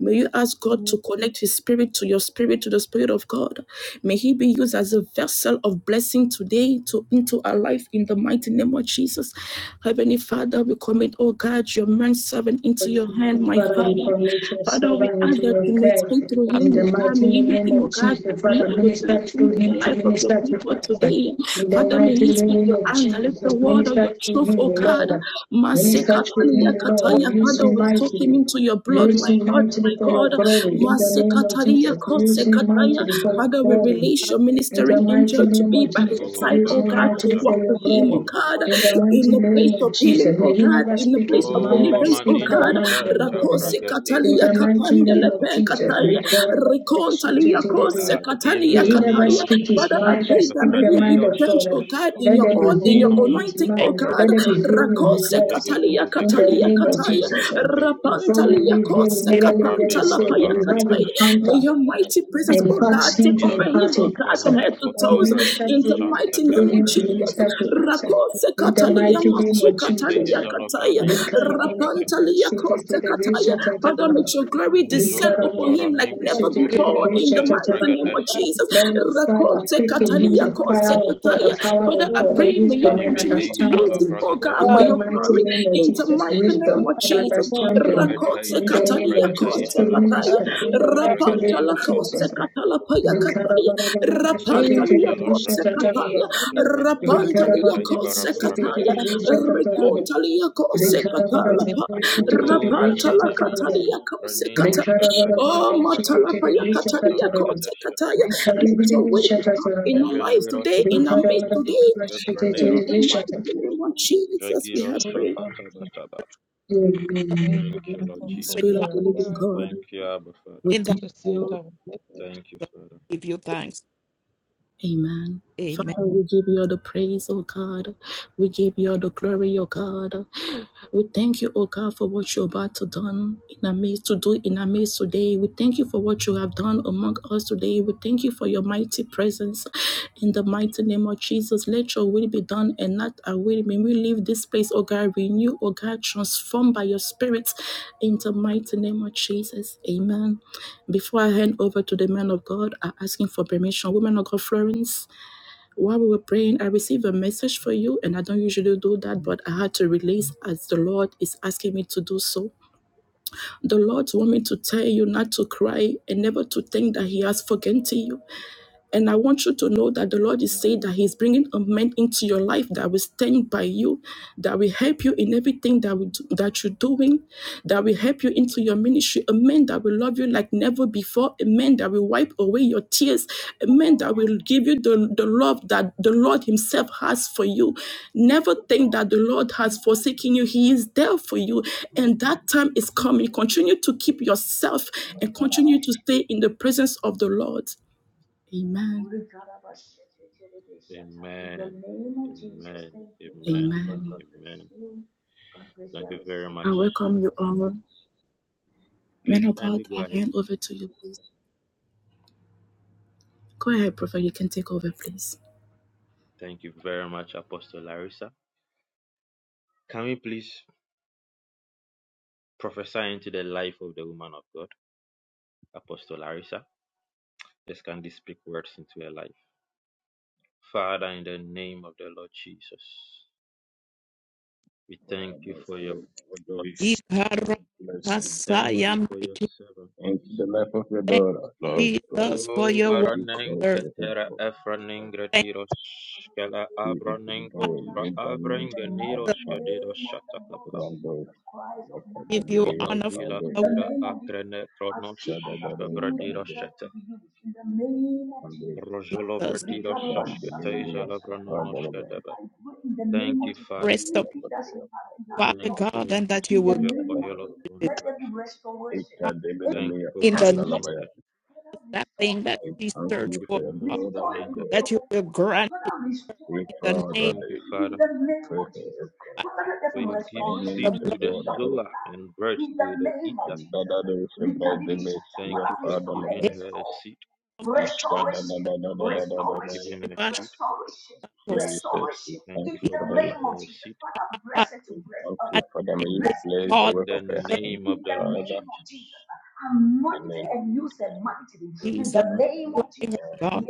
May you ask God in to it connect His Spirit to your spirit, to the Spirit of God. May He be used as a vessel of blessing today to into our life in the mighty name of Jesus. Heavenly Father, we commit, oh God, your man servant into your hand, Jesus, my Father, we Father. commit your Father, we servant ask into that your you may care. speak through Have In Him, the oh God. mighty May He make name Him, oh of God, to Jesus, be Father, of a minister blessing through to the him to life of the minister your to people us. today. In the Father, may mighty you speak name your of hand, let the Jesus, word of your minister through truth, him, oh O God. Lord. and Minister through Masekatalia him, O more kataya, Lord. Use Father, him we soak him mightily. into your blood, Use the my paper in the place him and didn't God, mightily my for your God. glory. In the name of Masekatalia Jesus, use him kosekataya, mightily for your Father, we glory. have release a your In very the ministering good mighty angel to name be of by his Jesus, Oh, side, use oh me God, mightily to for walk Barasaka, your with him, oh glory. Fadabalaba. God, In the in mighty the name place of of healing, Jesus, oh may he God. God, never in the speak place his of mind, Oh, but deliverance, oh speak the Manino God. mind of Santa God. Rakosi In Fragadero katalia the mighty katandele name of pe Shetakakabakaba. Jesus, may kataya. Rekontalia kose katalia he never kataya. Adimeninos, speak his Father, work I mind, but for pray that speak may them the he be mind Savradiros, of changed, oh God. God, to in Let be your there more oil, be than in a your healing Sampraninos, in his anointing, faith, oh barbecue. mind. God. Let there be healing in his Rakose words. And katalia In they the katalia didn't name of kataya. Zegedevedegevede, Jesus. Before we have Rapantalia a very good work for leave them here, we kose hey, never Lord, leave here katanta the Rabim same. We have Paparabidos. kataya. May encounter your mighty to presence, and oh impart God, him take to over him, impart in oh Hiroshaka God, from answer, Varane head to and toes. Kotovra minister In the through, Hiroshanta mighty through name of him to Karabedashka. Jesus. minister to answer. Rakose In the katalia mighty name masu of Zekete Jesus. katalia uh, Izano kataya. Branino Soskataida. Rapantalia kose kataya. Father, let your glory descend Mezoko upon him like Faraminko never here before. In the Dososkatai mighty name Rikarabarabara, of Bragadeska. Jesus. let your fire Rakose be more quicken him, katalia the than a barbecue. kose fire of God, kataya. the power Father, of I God, the pray may you wisdom and Jibede continue to around use Izala him, understanding. oh God, In for the Bragadosa your de mighty glory. name of Bragadeska. In the Jesus, mighty name wisdom of and Jesus. understanding. Rebeta Rakose In the Izala name katalia of Bragada Jesus, to kose Izala kataya. Bragada minister. In the Izala mighty Rapanta name la of Bragadiroska. cose Jesus. catala paya cataya, Brigade rapanta la Izala cose Branino cataya, Sakate Brankate rapanta la Bragatai cose cataya, Varabarabadesa de Bragadeska. reconta la cose catala pa, Oh, rapanta la manine mino catalia pum cose Amen. pranino cataya, skataija The oh de matala bragadiros paya sakata catalia cose bragadeska. cataya, let your will be done in our lives Niveleros today, in our midst today, de in praneros the mighty name of Jesus we jagiros have prayed. sakata bataba. Thank you, Lord with Jesus. Spirit of us the living God, Thank you, Abba Father. we in the thank you. Thank you, Father. Give you thanks. Amen. Amen. Father, we give you all the praise, oh God. We give you all the glory, oh God. We thank you, oh God, for what you're about to done in our midst to do in our midst today. We thank you for what you have done among us today. We thank you for your mighty presence. In the mighty name of Jesus, let your will be done and not our will. May we leave this place, oh God, renew, oh God, transformed by your spirit. In the mighty name of Jesus, amen. Before I hand over to the man of God, I'm asking for permission. Woman of God, Florence, while we were praying, I received a message for you, and I don't usually do that, but I had to release as the Lord is asking me to do so. The Lord wants me to tell you not to cry and never to think that He has forgotten you and I want you to know that the Lord is saying that He's bringing a man into your life that will stand by you, that will help you in everything that we do, that you're doing, that will help you into your ministry. A man that will love you like never before. A man that will wipe away your tears. A man that will give you the, the love that the Lord Himself has for you. Never think that the Lord has forsaken you. He is there for you, and that time is coming. Continue to keep yourself and continue to stay in the presence of the Lord. Amen. Amen. Amen. Amen. Amen. Amen. Thank you very I much. welcome you all. Men Please of kindly God, go I ahead. hand over to you, please. Go ahead, Prophet. You can take over, please. Thank you very much, Apostle Larissa. Can we please prophesy into the life of the woman of God, Apostle Larissa? Let's can this speak words into your life. Father, in the name of the Lord Jesus, we thank you Father, for your and daughter. unleash Ikara your We blessings, thank Messiah, you Father, for your mighty. servant. into the life of your Thank daughter, Lord you, God. Jesus, for Oh, your May you Baranen cause word. heaven, Ketera Lord, Efranin Father, Thank Gradiros Kela be into the Abranen world, Kotura new Avren dimension, Abba you. Geniros Father, Gadiros Shatakaba round those, give you Rakadabinia, Mino honor, round Vila those, Father Tira Akrene Kronos Shadadado, round Gabradiros those, Shata round those, Rojolo Jesus. Vradiros round the Shashkete Minimia, the Jalavranunos Father of God, Gadaba. Thank you, Father. Rest upon Rakadabadaya, Father, Father Thank you for God, and that you will increasing give your oil Yandalaro, upon it her life. Ita Father, de Thank you Minimia, for in the name gracing Analabaya. her. of that thing that We she thank Thank searched you you for for, for your God, daughter, O multiplying her. God. that you will grant it We in the Father, name Thank that you, you Father, prepare her, O by God, for you give the seed assignment, O blood. to the God, ahead of sower and bread to the her. eater. And that others have that they may see Thank a you for Father, Give giving Labaya. her a seed. Isha, da, da, da, da, da, da, Thank you da, for da, da. giving him her a a shout seed. of Jesus, we Thank thank you you for for her giving life. her a seed. fire. We thank you, Father, may you Anointed bless the Paul, In work the of her servant hands, name of the Lord Father, Jesus. in the name of Jesus. We pray with Jesus, flying her God,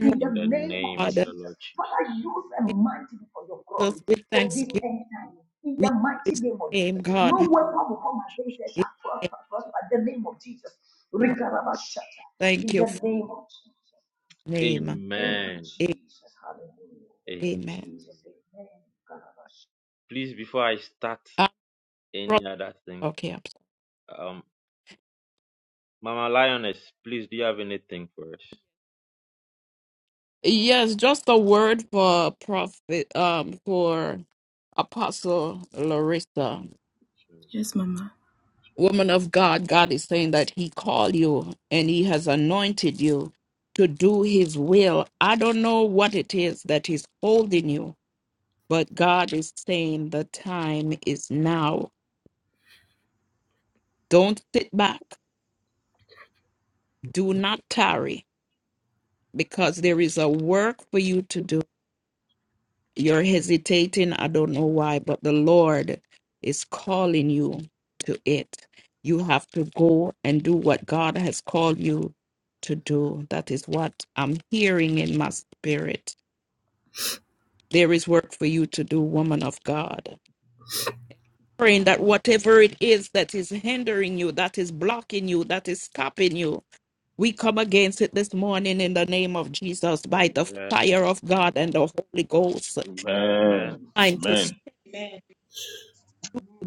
her In the name of God, the Lord Jesus. Jesus, with thanksgiving, we praise your name, In the God. name of Hallelujah. Thank you for your the Lord Jesus. name. Amen. A- Amen. Amen. Please, before I start any other thing, Okay. I'm sorry. um. Mama Lioness, please, do you have anything for us? Yes, just a word for prophet, um, for Apostle Larissa. So, Yes, Mama. Woman of God, God is saying that He called you and He has anointed you to do His will. I don't know what it is that is holding you, but God is saying the time is now. Don't sit back. Do not tarry because there is a work for you to do. You're hesitating. I don't know why, but the Lord is calling you to it. You have to go and do what God has called you to do. That is what I'm hearing in my spirit. There is work for you to do, woman of God. Praying that whatever it is that is hindering you, that is blocking you, that is stopping you, we come against it this morning in the name of Jesus by the Amen. fire of God and the Holy Ghost thanks. Amen. Amen. Time to. Amen.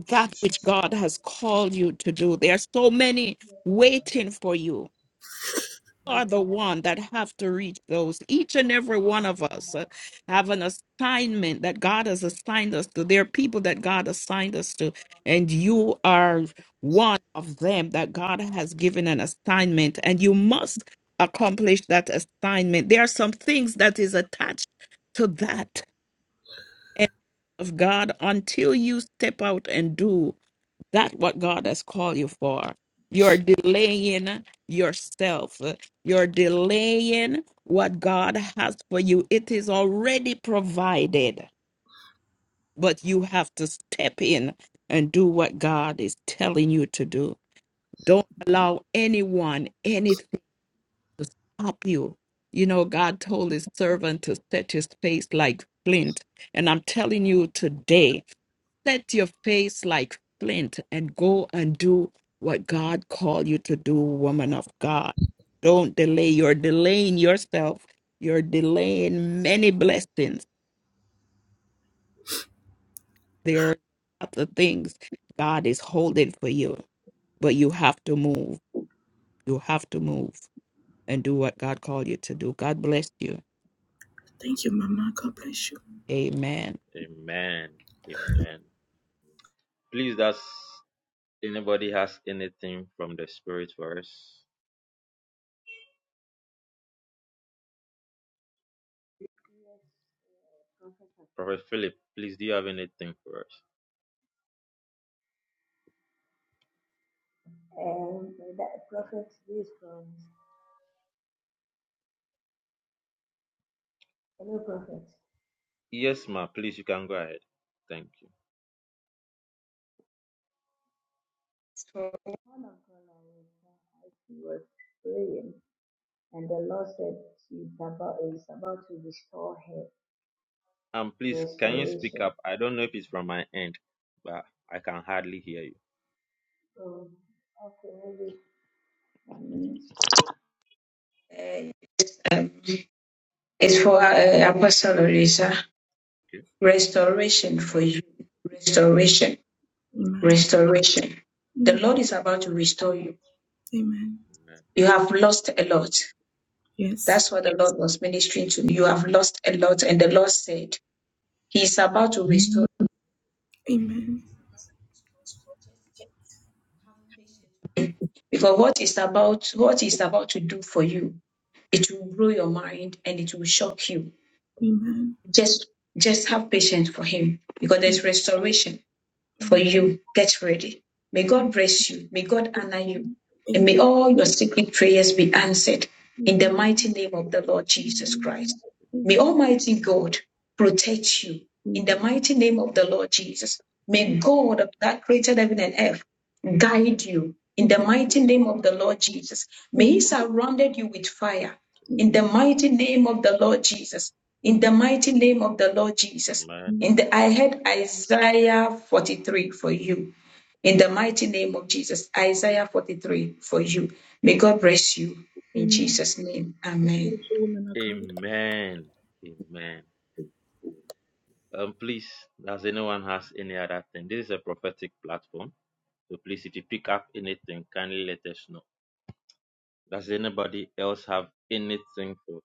that which God has called you to do. There are so many waiting for you. You are the one that have to reach those. Each and every one of us uh, have an assignment that God has assigned us to. There are people that God assigned us to, and you are one of them that God has given an assignment, and you must accomplish that assignment. There are some things that is attached to that. and Of God, until you step out and do that's what God has called you for. You're delaying yourself. You're delaying what God has for you. It is already provided, but you have to step in and do what God is telling you to do. Don't allow anyone, anything to stop you. You know, God told his servant to set his face like flint. And I'm telling you today, set your face like flint and go and do what God called you to do, woman of God. Don't delay. You're delaying yourself. You're delaying many blessings. There are lots of things God is holding for you, but you have to move. You have to move and do what God called you to do. God bless you. Thank you, Mama. God bless you. Amen. Amen. Amen. Please, does anybody has anything from the Spirit for us? Prophet Philip, please, do you have anything for us? Yes, ma. Please, you can go ahead. Thank you. Lord is all. And please, can you speak up? I don't know if it's from my end, but I can hardly hear you. It's for uh, Apostle Orisa. Okay. Restoration for you. Restoration. Amen. Restoration. The Amen. Lord is about to restore you. Amen. You have lost a lot. Yes. That's what the Lord was ministering to me. You have lost a lot, and the Lord said, He is about to restore Amen. Because what is about what is about to do for you, it will blow your mind and it will shock you. Amen. Just just have patience for him because there's Amen. restoration for Amen. you. Get ready. May God bless you. May God honor you. And may Amen. all your secret prayers be answered in the Amen. mighty name of the Lord Amen. Jesus Amen. Christ. May Amen. Almighty God protect you in the Amen. mighty name of the Lord Jesus. May God of that created heaven and earth guide you in the mighty name of the Lord Jesus. May He surrounded you with fire in the Amen. mighty name of the Lord Jesus. In the mighty name of the Lord Jesus. Amen. In the Amen. I had Isaiah 43 for you. In the mighty name of Jesus, Isaiah 43 for you. May God bless you in Amen. Jesus' name. God bless Amen. you, woman of God. Amen. Amen. Amen. Um, please, does anyone has any other thing? This is a prophetic platform. So please, if you pick up anything, kindly let us know. Does anybody else have anything for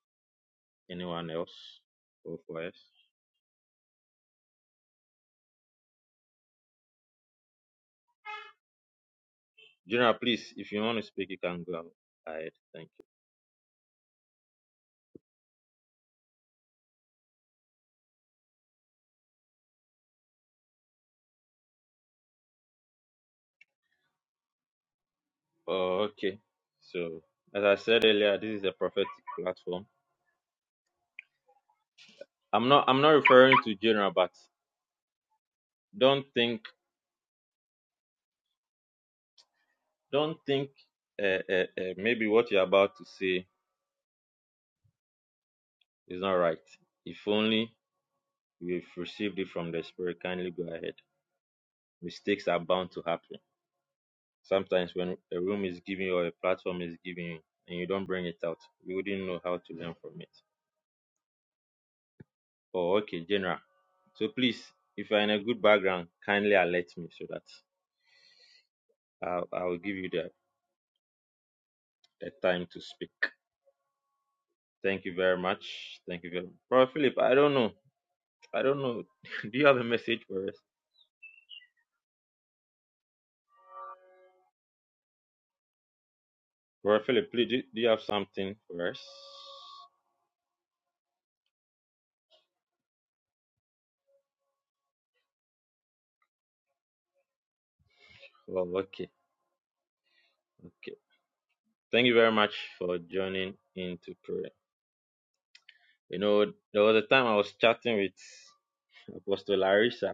anyone else or for us? General, please, if you want to speak, you can go ahead. Thank you. Oh, okay. So as I said earlier, this is a prophetic platform. I'm not I'm not referring to general, but don't think don't think uh, uh, uh, maybe what you're about to say is not right. If only You've received it from the Spirit. Kindly go ahead. Mistakes are bound to happen. Sometimes when a room is giving you or a platform is giving you and you don't bring it out, you wouldn't know how to learn from it. Oh, okay, General. So please, if you're in a good background, kindly alert me so that I'll, I'll give you the, the time to speak. Thank you very much. Thank you very much. Brother Philip, I don't know. I don't know. do you have a message for us? Brother Philip, please, do, do you have something for us? Oh, okay. Okay. Thank you very much for joining in to pray. You know, there was a time I was chatting with Apostle Larissa,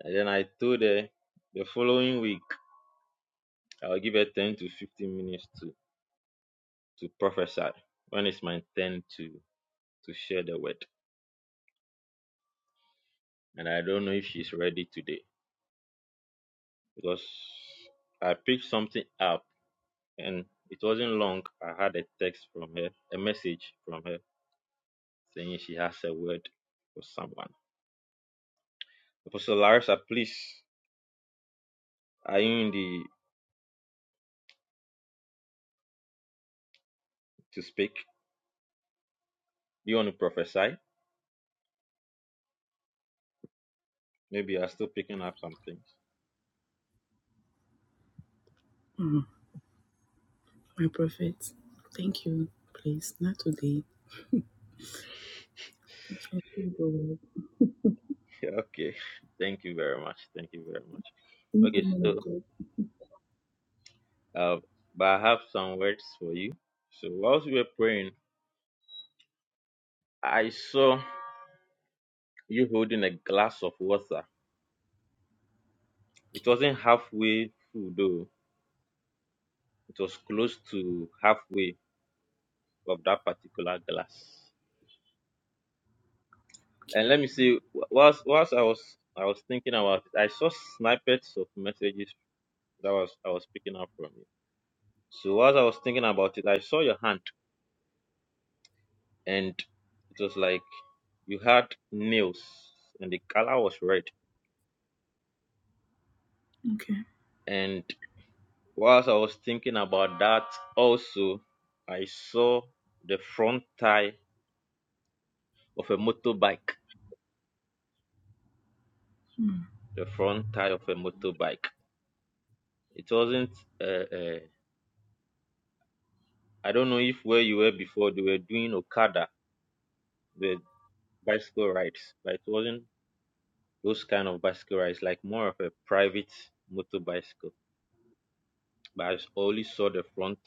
and then I told her the following week I'll give her 10 to 15 minutes to, to prophesy. When it's my turn to, to share the word? And I don't know if she's ready today because I picked something up and it wasn't long. I had a text from her, a message from her saying she has a word for someone. Apostle Larissa, please, are you in the to speak. You want to prophesy? Maybe you are still picking up some things. My prophet. Thank you, please. Not today. You can feel the word. okay. Thank you very much. Thank you very much. Thank you, Okay, man of so God. uh, but I have some words for you. So whilst we were praying, I saw you holding a glass of water. It wasn't halfway full though. It was close to halfway of that particular glass. And let me see. wh- Whilst whilst I was I was thinking about it, I saw snippets of messages that was I was picking up from you. So as I was thinking about it, I saw your hand and it was like you had nails and the color was red. Okay. And whilst I was thinking about that also, I saw the front tire of a motorbike. The front tire of a motorbike. It wasn't, uh, uh, I don't know if where you were before, they were doing Okada, the bicycle rides, but it wasn't those kind of bicycle rides, like more of a private motor bicycle. but I only saw the front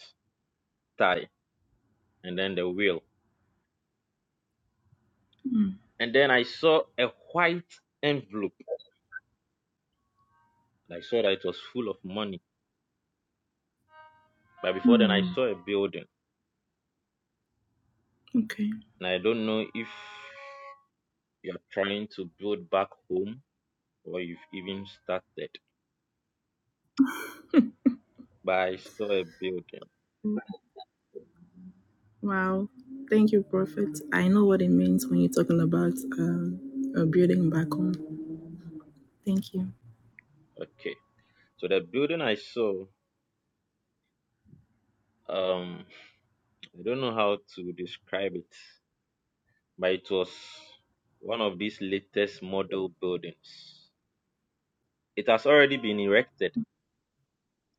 tire and then the wheel. And then I saw a white envelope. I saw that it was full of money. But before then, I Hmm. saw a building. Okay. And I don't know if you're trying to build back home or you've even started. But I saw a building. Wow. Thank you, Prophet. I know what it means when you're talking about um, uh, building back home. Thank you. Okay. So the building I saw, um, I don't know how to describe it, but it was one of these latest model buildings. It has already been erected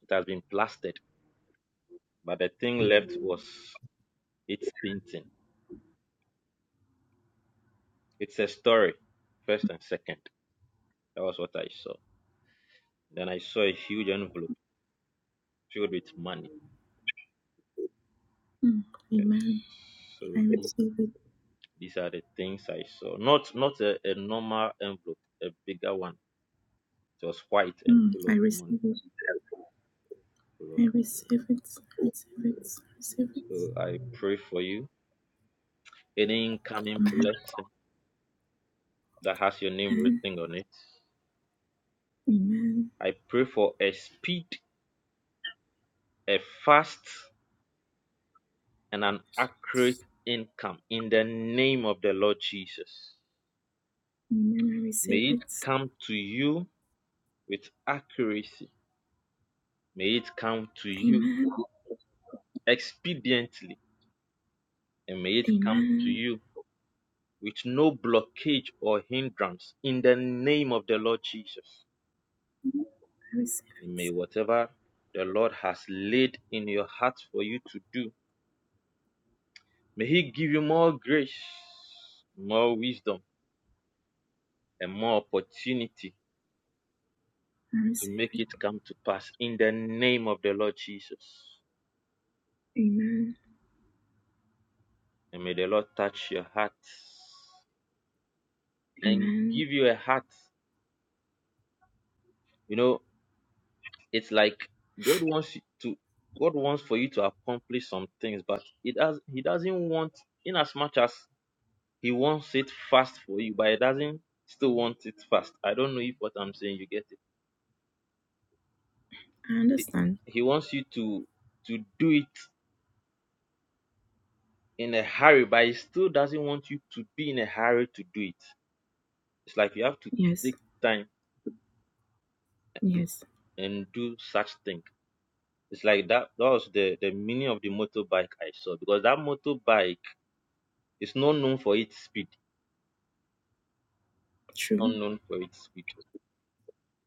It has been plastered, but the thing left was its painting. It's a story, first and second. That was what I saw. Then I saw a huge envelope filled with money. Hmm. Yes. Amen. I So these receive it. these are the things I saw. Not not a, a normal envelope, a bigger one. It was white and Hmm. full I of money. receive it. Full of I receive it. Receive it. Receive money. it. So I pray for you. Any incoming blessing that has your name Amen. written on it. Amen. I pray for a speed, a fast and an accurate income in the name of the Lord Jesus. Amen. I receive May it it. come to you with accuracy. May it come to you Amen. expediently. And may it come to Amen. you with no blockage or hindrance in the name of the Lord Jesus. I receive And may it. whatever the Lord has laid in your heart for you to do, may He give you more grace, more wisdom, and more opportunity I to receive make it. it come to pass in the name of the Lord Jesus. Amen. And may the Lord touch your heart and Amen. give you a heart. You know, it's like God wants you to God wants for you to accomplish some things, but it does He doesn't want in as much as He wants it fast for you, but He doesn't still want it fast. I don't know if what I'm saying you get it. I He, understand. he wants you to to do it in a hurry, but he still doesn't want you to be in a hurry to do it. It's like you have to Yes. take time Yes. and do such thing. It's like that. That was the the meaning of the motorbike I saw because that motorbike is not known for its speed. It's True. not known for its speed.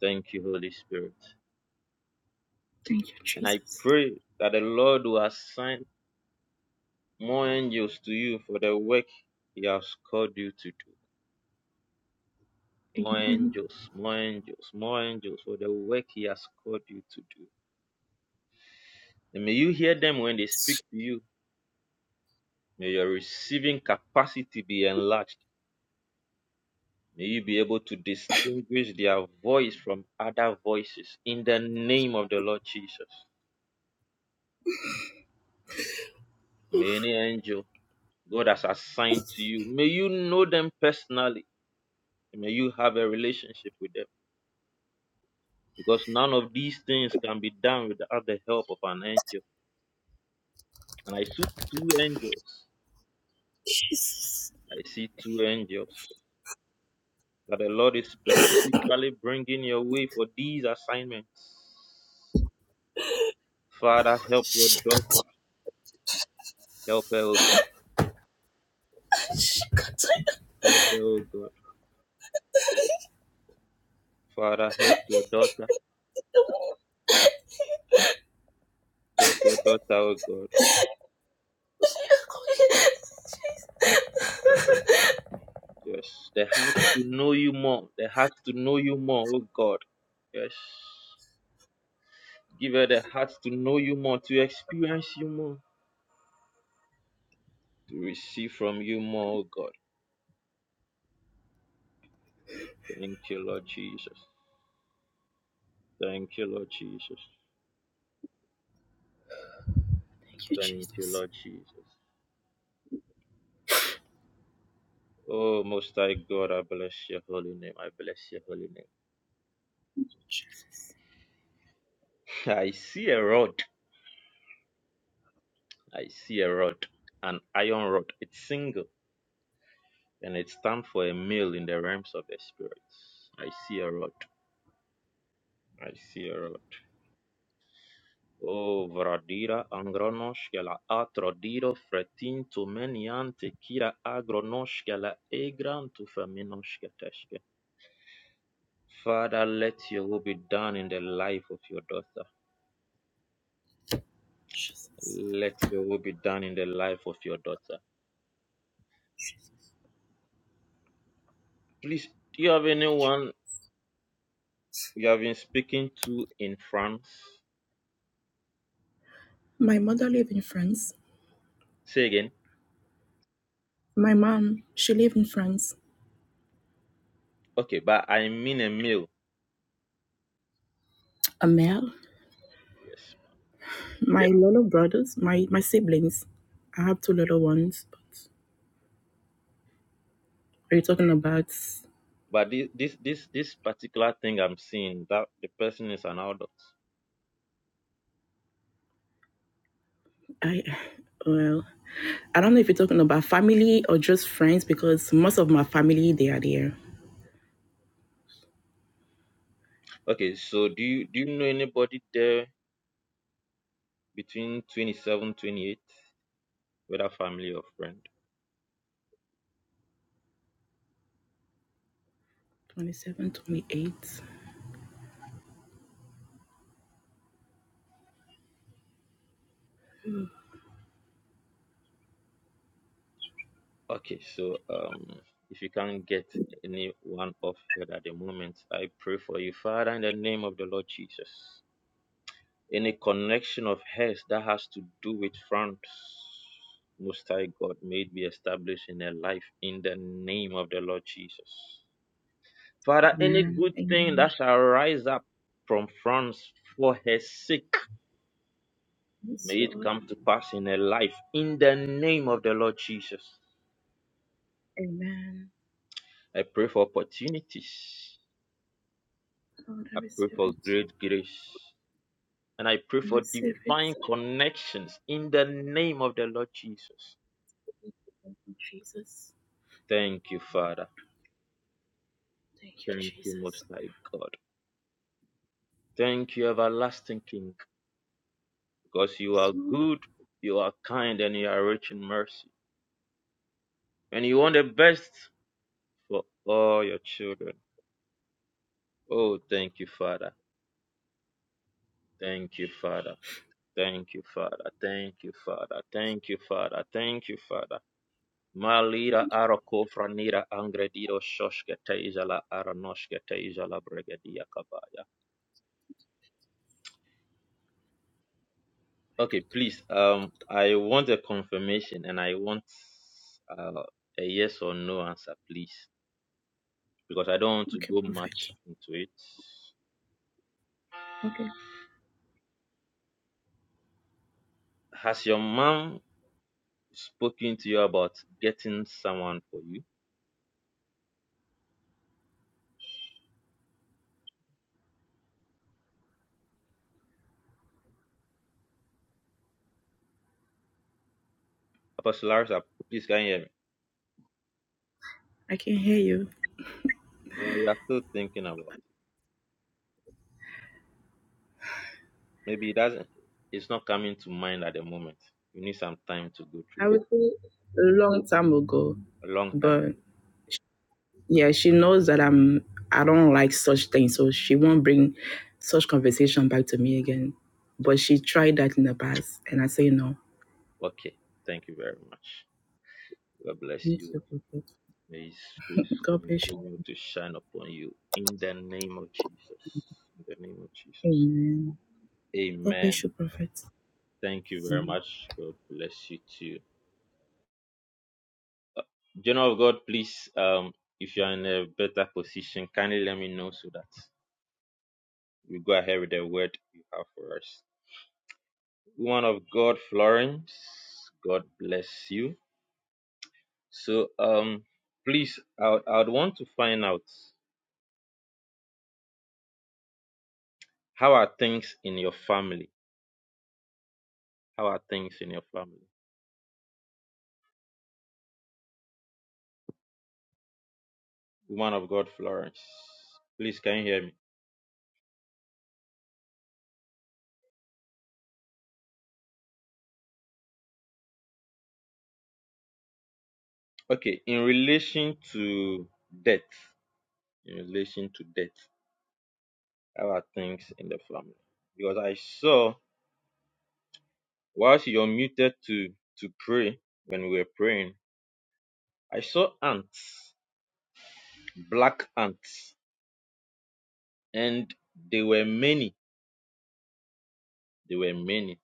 Thank you, Holy Spirit. Thank you, And I Jesus. pray that the Lord will assign more angels to you for the work He has called you to do. More Amen. angels, more angels, more angels for the work He has called you to do. And may you hear them when they speak to you. May your receiving capacity be enlarged May you be able to distinguish their voice from other voices in the name of the Lord Jesus. May any angel God has assigned to you, may you know them personally. May you have a relationship with them. Because none of these things can be done without the help of an angel. And I see two angels. I see two angels that the Lord is specifically bringing your way for these assignments. Father, help your daughter. Help her, O God. Help her, O God. Father, help your daughter. Help your daughter, oh God. Yes. The heart to know you more. The heart to know you more, oh God. Yes. Give her the heart to know you more, to experience you more, to receive from you more, oh God. Thank you, Lord Jesus. Thank you, Lord Jesus. Thank you, Thank you, Jesus. Lord Jesus. Oh, Most High God, I bless your holy name. I bless your holy name. Jesus. I see a rod. I see a rod, an iron rod. It's single. and it stands for a male in the realms of the spirits. I see a rod. I see a rod. Oh, Vradira Angronoshkela Atrodiro Fretin to Meniante Kira Agronoshkela Egran to Feminoshketeshke. Father, let your will be done in the life of your daughter. Let your will be done in the life of your daughter. Please, do you have anyone you have been speaking to in France? My mother lived in France. Say again. My mom, she lived in France. Okay, but I mean a male. A male. Yes. My little brothers, my, my siblings. I have two little ones, but are you talking about But this this this this particular thing I'm seeing that the person is an adult. I well I don't know if you're talking about family or just friends because most of my family they are there. Okay, so do you do you know anybody there between 27, 28, whether family or friend? Twenty seven, twenty eight. Okay, so um if you can't get anyone off here at the moment, I pray for you, Father, in the name of the Lord Jesus. Any connection of hers that has to do with France, Most High God, may it be established in her life in the name of the Lord Jesus. Father, any Amen. good thing Amen. that shall rise up from France for her sake, may Yes, it Lord. come to pass in her life. In the name of the Lord Jesus, Amen. I pray for opportunities. Lord, I I pray receive for it. great grace. And I pray I for receive it. divine connections in the name of the Lord Jesus. Thank you, Jesus. Thank you, Father. Thank you, Thank you, Most Jesus. High God. Thank you, Everlasting King, because you Yes, are Lord. good, you are kind, and you are rich in mercy. And you want the best for all your children. Oh, thank you, Father. Thank you, Father. Thank you, Father. Thank you, Father. Thank you, Father. Thank you, Father. Malira arako franira angredido shoshke teijala aranoshke teijala bregedia kabaya. Okay, please. Um, I want a confirmation and I want uh, a yes or no answer, please, because I don't want to Okay, go perfect. much into it. Okay, Has your mom spoken to you about getting someone for you? Apostle Larissa, please can you hear me? I can hear you. Or you are still thinking about it. Maybe it doesn't it's not coming to mind at the moment. You need some time to go through I it. would say a long time ago, A long time. but yeah, she knows that I'm. I don't like such things, so she won't bring such conversation back to me again. But she tried that in the past, and I say no. Okay. Thank you very much. God bless Thank you. you, Prophet. May his face God bless you. continue to shine upon you in the name of Jesus. In the name of Jesus. Amen. God bless Amen. you, Prophet. Thank you very Amen. much. God bless you too. General of God, please, um, if you are in a better position, kindly let me know so that we go ahead with the word you have for us. woman of God, Florence. God bless you. So, um, please, I would- I would want to find out how are things in your family? How are things in your family? Woman of God, Florence. Please, can you hear me? Okay, in relation to death, in relation to death, how are things in the family? Because I saw whilst you're muted to to pray when we were praying, I saw ants, black ants. and they were many they were many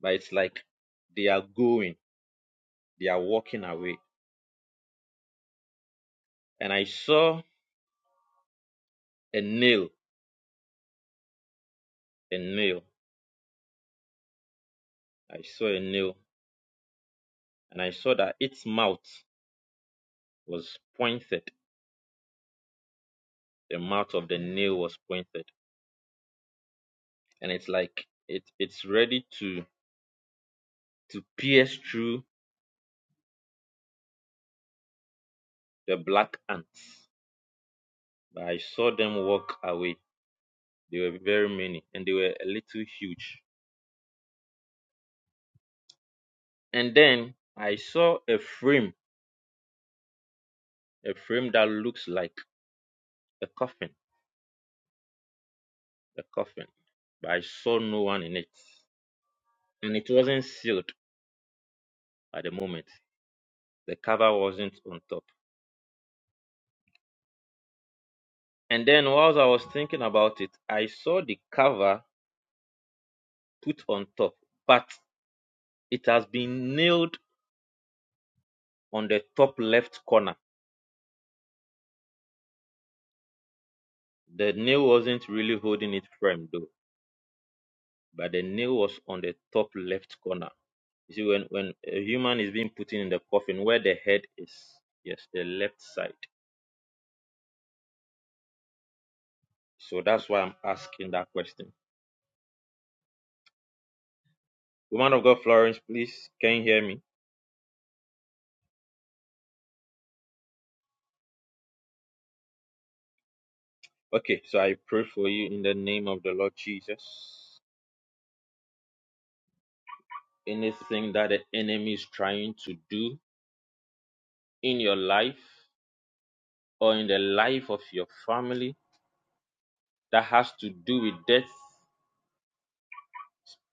but it's like they are going they are walking away and i saw a nail a nail i saw a nail and i saw that its mouth was pointed the mouth of the nail was pointed and it's like it it's ready to to pierce through the black ants but i saw them walk away they were very many and they were a little huge and then i saw a frame a frame that looks like a coffin, a coffin, but I saw no one in it. And it wasn't sealed at the moment. The cover wasn't on top. And then whilst I was thinking about it, I saw the cover put on top, but it has been nailed on the top left corner. The nail wasn't really holding it firm though, but the nail was on the top left corner. You see, when, when a human is being put in the coffin, where the head is, yes, the left side So that's why I'm asking that question. Woman of God, Florence, please, can you hear me? Okay, so I pray for you in the name of the Lord Jesus. Anything that the enemy is trying to do in your life or in the life of your family that has to do with death,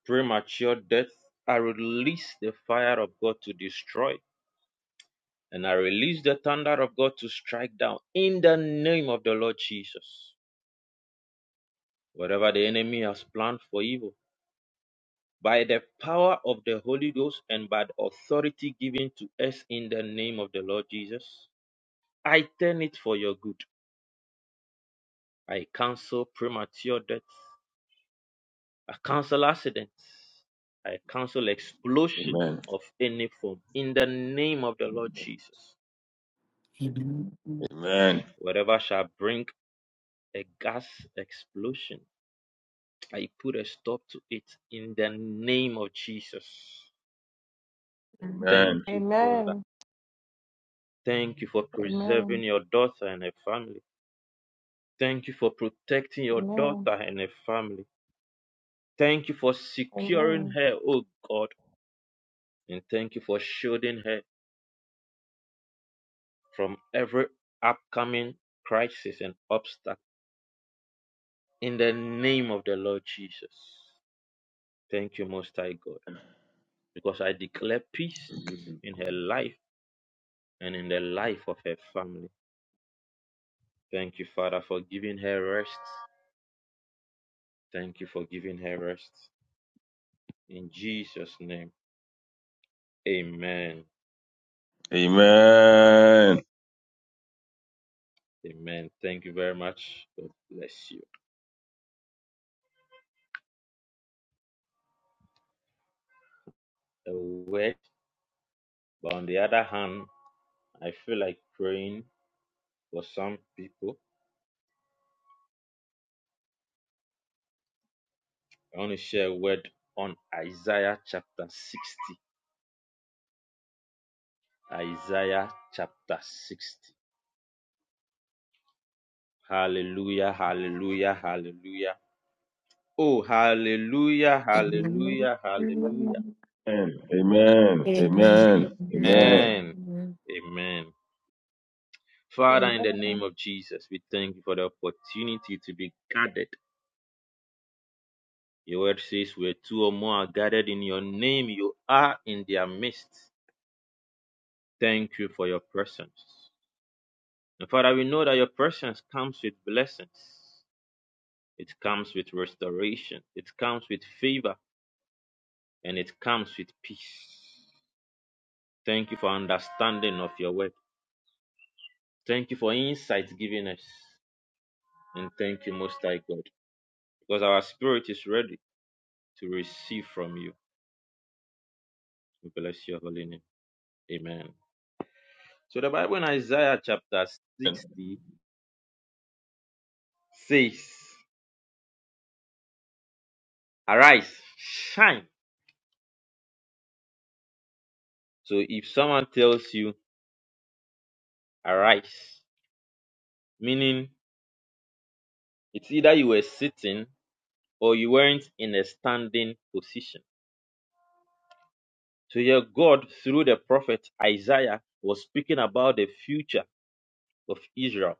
premature death, I release the fire of God to destroy and I release the thunder of God to strike down in the name of the Lord Jesus. Whatever the enemy has planned for evil, by the power of the Holy Ghost and by the authority given to us in the name of the Lord Jesus. I turn it for your good. I cancel premature death. I cancel accidents. I cancel explosion Amen. of any form in the name of the Lord Jesus. Amen. Amen. Whatever shall bring a gas explosion, I put a stop to it in the name of Jesus. Thank Amen. you, Father. Amen. Thank you for Amen. preserving your daughter and her family. Thank you for protecting your Amen. daughter and her family. Thank you for securing Amen. her, oh God. And thank you for shielding her from every upcoming crisis and obstacle. In the name of the Lord Jesus. Thank you, Most High God. Because I declare peace in her life and in the life of her family. Thank you, Father, for giving her rest. Thank you for giving her rest. In Jesus' name, amen. Amen. Amen. Thank you very much. God bless you. A word, but on the other hand, I feel like praying for some people. I want to share a word on Isaiah chapter 60. Isaiah chapter 60. Hallelujah, hallelujah, hallelujah. Oh, hallelujah, Amen. hallelujah, hallelujah. Amen. Amen. Amen. Amen. Amen. Amen. Amen. Amen. Father, in the Amen. name of Jesus, we thank you for the opportunity to be gathered Your word says, Where two or more are gathered in your name, you are in their midst. Thank you for your presence. And Father, we know that your presence comes with blessings, it comes with restoration, it comes with favor, and it comes with peace. Thank you for understanding of your word. Thank you for insight given us. And thank you, Most High God, because our spirit is ready to receive from you. We bless your holy name. Amen. So the Bible in Isaiah chapter 60 says, Arise, shine. So if someone tells you, Arise, meaning it's either you were sitting or you weren't in a standing position. So here, God, through the prophet Isaiah, was speaking about the future of Israel.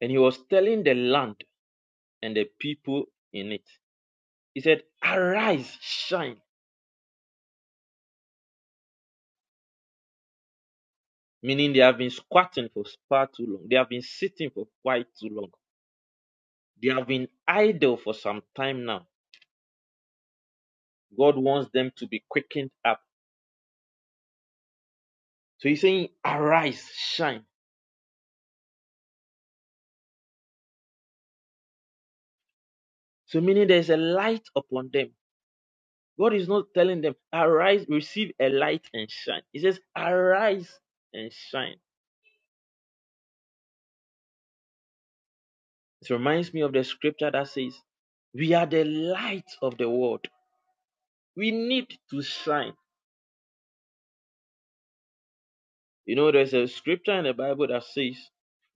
And he was telling the land and the people in it. He said, Arise, shine. Meaning they have been squatting for far too long. They have been sitting for quite too long. They have been idle for some time now God wants them to be quickened up. So he's saying, arise, shine. So meaning there's a light upon them. God is not telling them, arise, receive a light and shine. He says, arise and shine. It reminds me of the scripture that says, we are the light of the world. We need to shine. You know, there's a scripture in the Bible that says,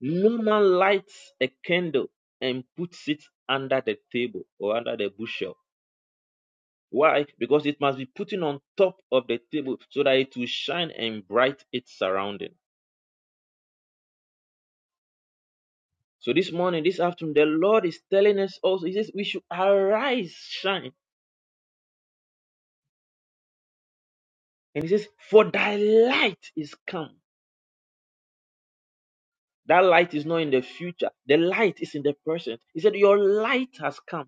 no man lights a candle and puts it under the table or under the bushel Why? Because it must be putting on top of the table so that it will shine and bright its surrounding. So this morning, this afternoon, the Lord is telling us also, He says, we should arise, shine. And He says, for thy light is come. That light is not in the future. The light is in the present. He said, your light has come.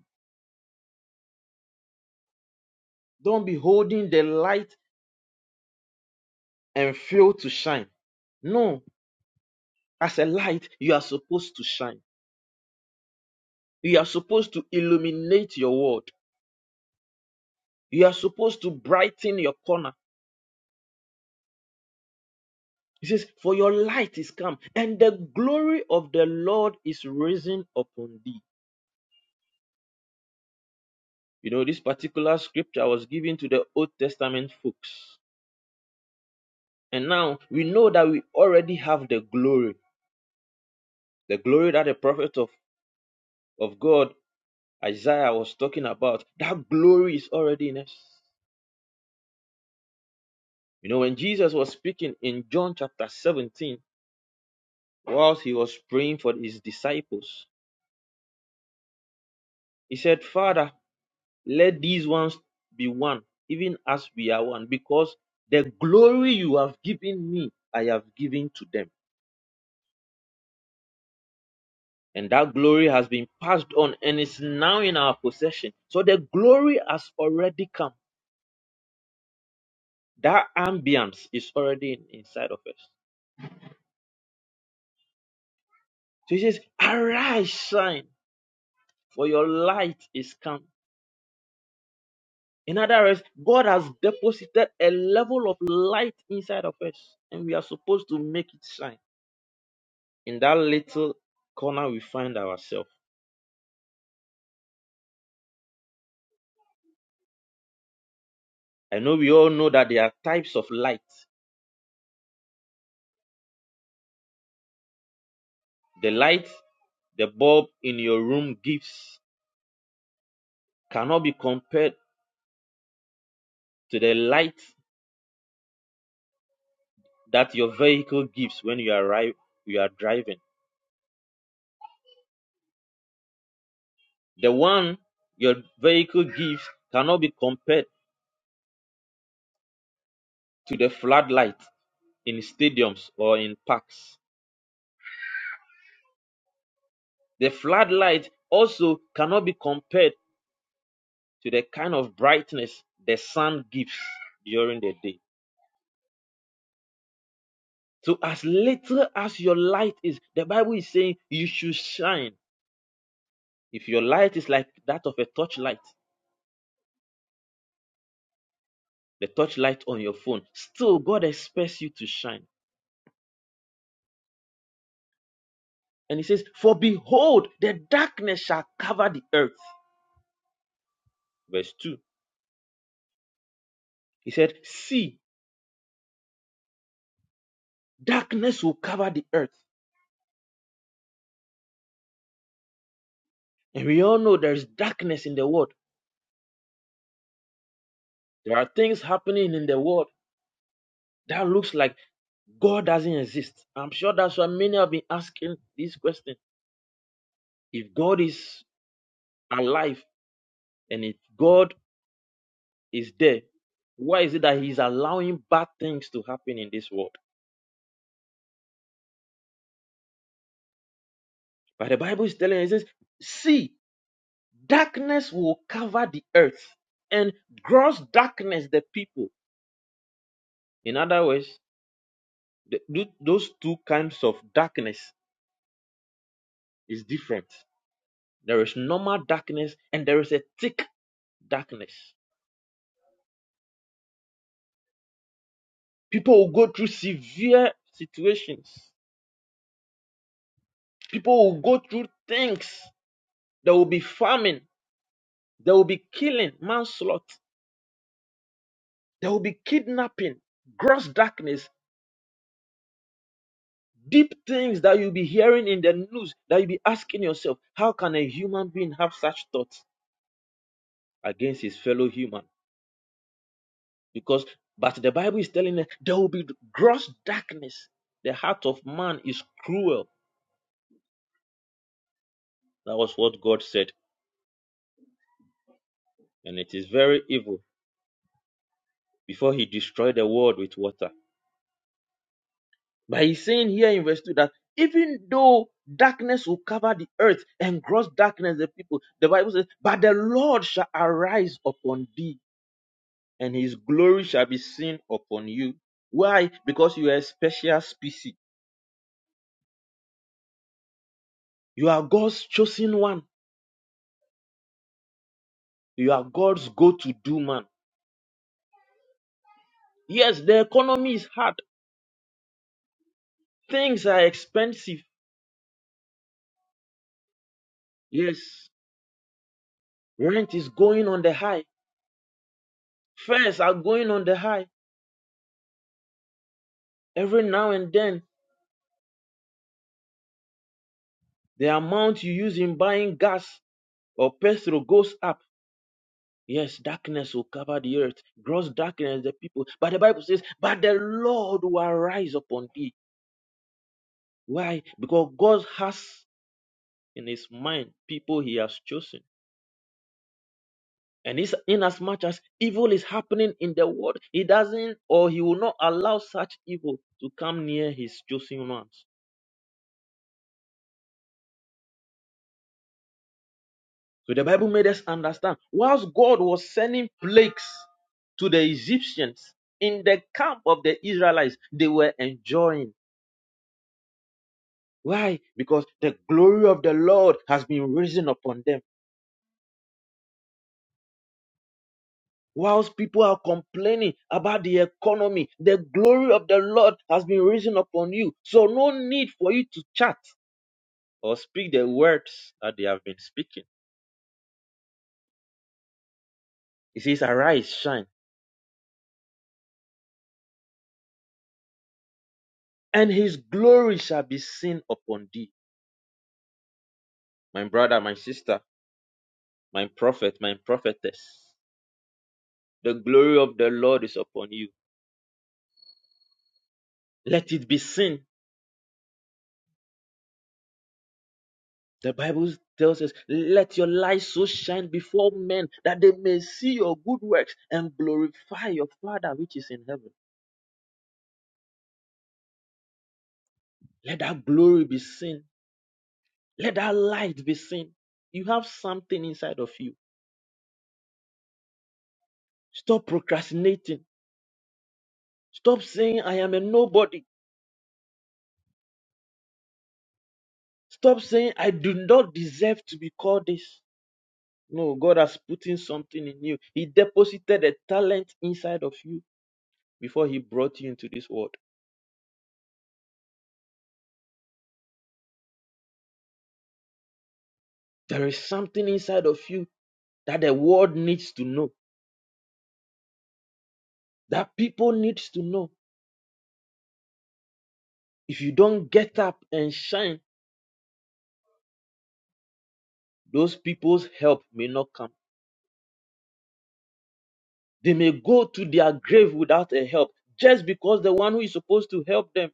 Don't be holding the light and fail to shine. No, as a light, you are supposed to shine. You are supposed to illuminate your world. You are supposed to brighten your corner. He says, For your light is come, and the glory of the Lord is risen upon thee. You know, this particular scripture was given to the Old Testament folks. And now we know that we already have the glory, the glory that the prophet of, of God, Isaiah, was talking about. That glory is already in us. You know, when Jesus was speaking in John chapter 17, whilst he was praying for his disciples, he said, Father, Let these ones be one, even as we are one, because the glory you have given me, I have given to them. And that glory has been passed on and is now in our possession. So the glory has already come. That ambience is already in- inside of us. So he says, Arise, shine, for your light is come. In other words, God has deposited a level of light inside of us, and we are supposed to make it shine. in that little corner we find ourselves. I know we all know that there are types of light. The light the bulb in your room gives cannot be compared to the light that your vehicle gives when you arrive you are driving. The one your vehicle gives cannot be compared to the floodlight in stadiums or in parks. The floodlight also cannot be compared to the kind of brightness the sun gives during the day So as little as your light is, the Bible is saying you should shine. If your light is like that of a torchlight, the torchlight on your phone, still God expects you to shine. And he says, For behold, the darkness shall cover the earth. Verse 2. He said, See, darkness will cover the earth. And we all know there is darkness in the world. There are things happening in the world that looks like God doesn't exist. I'm sure that's why many have been asking this question. If God is alive, And if God is there, why is it that He's allowing bad things to happen in this world? But the Bible is telling us, it says, see, darkness will cover the earth and gross darkness the people. In other words, the, those two kinds of darkness is different. There is normal darkness and there is a thick darkness. People will go through severe situations. People will go through things. There will be famine. There will be killing, manslaughter. There will be kidnapping, gross darkness, deep things that you'll be hearing in the news that you'll be asking yourself, how can a human being have such thoughts against his fellow human? Because, but the Bible is telling us there will be gross darkness. The heart of man is cruel. That was what God said, and it is very evil before he destroyed the world with water. But he's saying here in verse 2 that even though darkness will cover the earth and gross darkness the people, the Bible says, but the Lord shall arise upon thee and his glory shall be seen upon you. Why? Because you are a special species. You are God's chosen one. You are God's go to do man. Yes, the economy is hard. Things are expensive. Yes, rent is going on the high. Fares are going on the high. Every now and then, the amount you use in buying gas or Pedro goes up, yes, darkness will cover the earth, gross darkness the people. But the Bible says, but the Lord will arise upon thee. Why? Because God has in his mind people he has chosen. And it's inasmuch as evil is happening in the world, he doesn't or he will not allow such evil to come near his chosen ones. So the Bible made us understand, whilst God was sending plagues to the Egyptians in the camp of the Israelites, they were enjoying Why? Because the glory of the Lord has been risen upon them. Whilst people are complaining about the economy, the glory of the Lord has been risen upon you. So no need for you to chat or speak the words that they have been speaking. He says, Arise, shine, and his glory shall be seen upon thee. My brother, my sister, my prophet, my prophetess, the glory of the Lord is upon you. Let it be seen The Bible tells us, let your light so shine before men that they may see your good works and glorify your Father which is in heaven. Let that glory be seen. Let that light be seen. You have something inside of you. Stop procrastinating. Stop saying, I am a nobody. Stop saying, I do not deserve to be called this. No, God has put in something in you. He deposited a talent inside of you before He brought you into this world. There is something inside of you that the world needs to know, that people needs to know. If you don't get up and shine, those people's help may not come. They may go to their grave without a help just because the one who is supposed to help them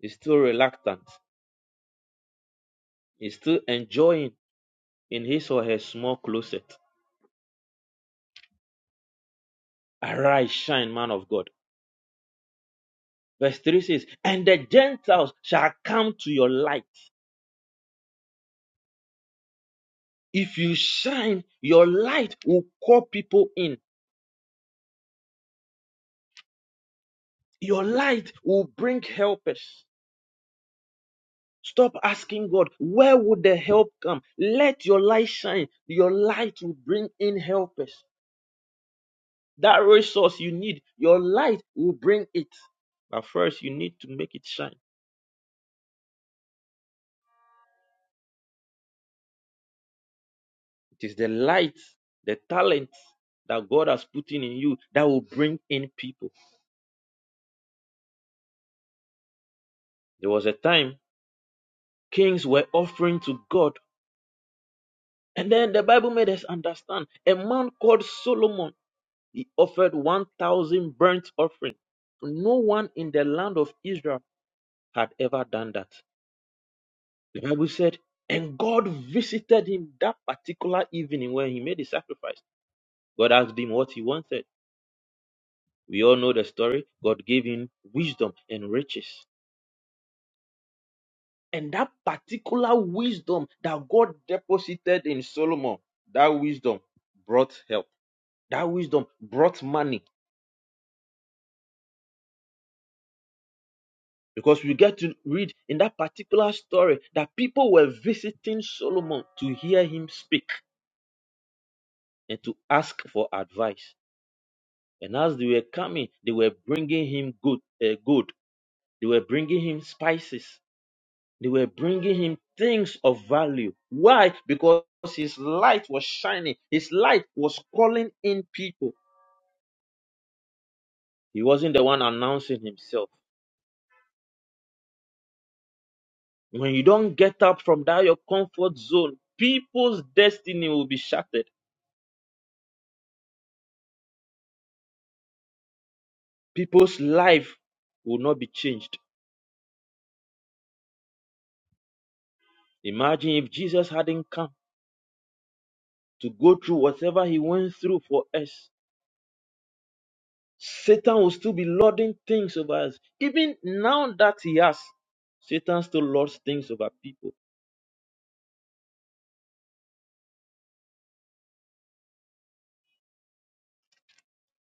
is still reluctant, is still enjoying in his or her small closet. Arise, shine, man of God. Verse 3 says, And the Gentiles shall come to your light. If you shine, your light will call people in. Your light will bring helpers. Stop asking God, where would the help come? Let your light shine. Your light will bring in helpers. That resource you need, your light will bring it. But first, you need to make it shine. It is the light, the talent that God has put in, you that will bring in people. There was a time kings were offering to God. And then the Bible made us understand a man called Solomon, he offered 1,000 burnt offering. No one in the land of Israel had ever done that. The Bible said, and God visited him that particular evening when he made the sacrifice. God asked him what he wanted. We all know the story. God gave him wisdom and riches. And that particular wisdom that God deposited in Solomon, that wisdom brought help. That wisdom brought money. Because we get to read in that particular story that people were visiting Solomon to hear him speak and to ask for advice. And as they were coming, they were bringing him good, uh, good. They were bringing him spices. They were bringing him things of value. Why? Because his light was shining. His light was calling in people. He wasn't the one announcing himself. When you don't get up from that your comfort zone, people's destiny will be shattered. People's life will not be changed. Imagine if Jesus hadn't come to go through whatever he went through for us Satan will still be lording things over us. Even now that he has, Satan still lords things over people.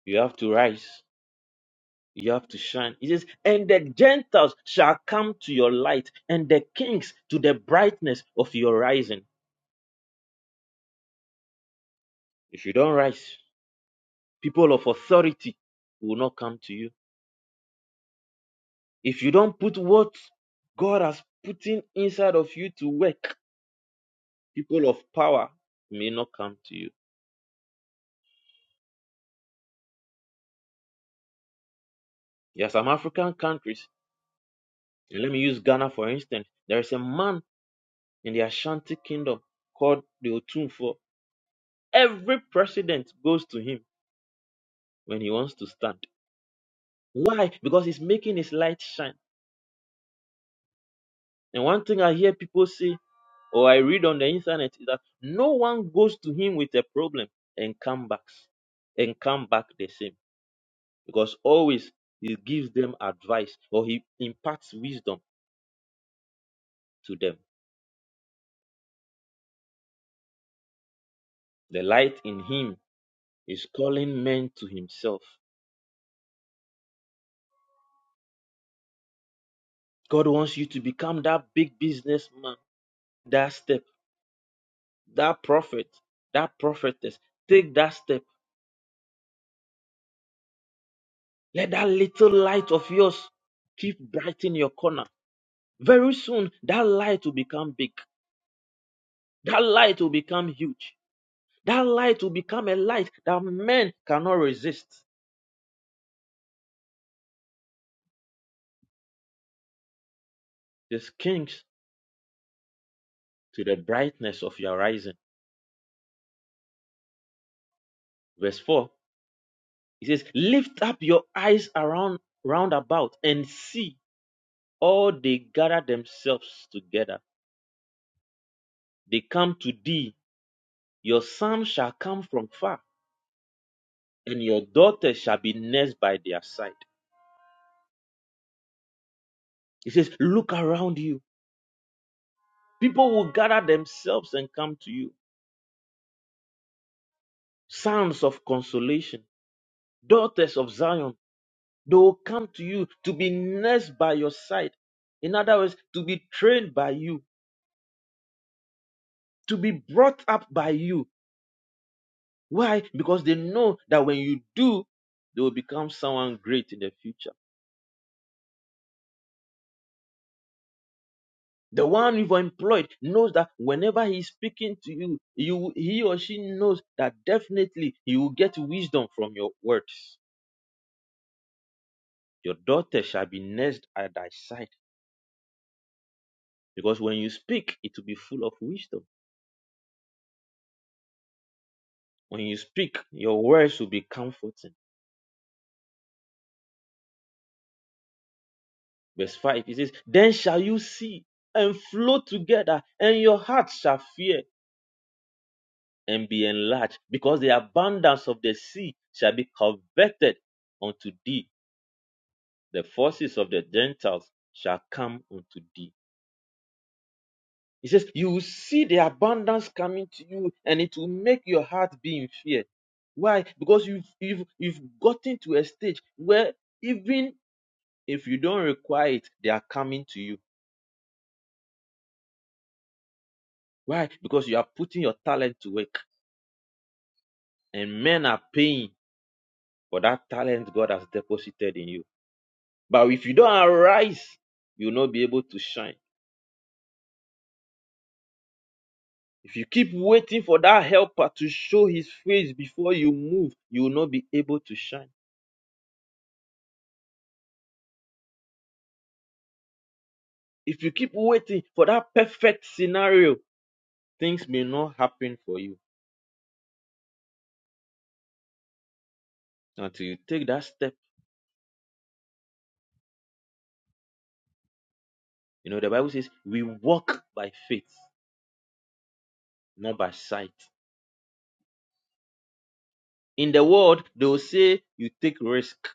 You have to rise. You have to shine. He says, and the Gentiles shall come to your light, and the kings to the brightness of your rising. If you don't rise, people of authority will not come to you. If you don't put what God has put in inside of you to work, people of power may not come to you. There are some African countries Okay, Let me use Ghana for instance. There is a man in the Ashanti kingdom called the Otunfo. Every president goes to him when he wants to stand. Why? Because he's making his light shine. And one thing I hear people say or I read on the internet is that no one goes to him with a problem and come back and come back the same. Because always he gives them advice or he imparts wisdom to them. The light in him is calling men to himself. God wants you to become that big businessman, that step, that prophet, that prophetess. Take that step. Let that little light of yours keep bright in your corner. Very soon, that light will become big. That light will become huge. That light will become a light that men cannot resist. The kings to the brightness of your rising. Verse 4, it says, Lift up your eyes around round about and see all they gather themselves together They come to thee. Your son shall come from far, and your daughter shall be nursed by their side. He says, Look around you. People will gather themselves and come to you. Sons of consolation, daughters of Zion, they will come to you to be nursed by your side. In other words, to be trained by you, to be brought up by you. Why? Because they know that when you do, they will become someone great in the future. The one you've employed knows that whenever he's speaking to you, you he or she knows that definitely you will get wisdom from your words. Your daughter shall be nursed at thy side. Because when you speak, it will be full of wisdom. When you speak, your words will be comforting. Verse 5 it says, Then shall you see and flow together, and your heart shall fear and be enlarged, because the abundance of the sea shall be converted unto thee the forces of the Gentiles shall come unto thee. He says, You will see the abundance coming to you, and it will make your heart be in fear. Why? Because you've you've you've gotten to a stage where even if you don't require it, they are coming to you. Why? Because you are putting your talent to work, and men are paying for that talent God has deposited in you. But if you don't arise, you'll not be able to shine. If you keep waiting for that helper to show his face before you move, you will not be able to shine. If you keep waiting for that perfect scenario, things may not happen for you until you take that step. You know, the Bible says we walk by faith, not by sight. In the world, they will say you take risk,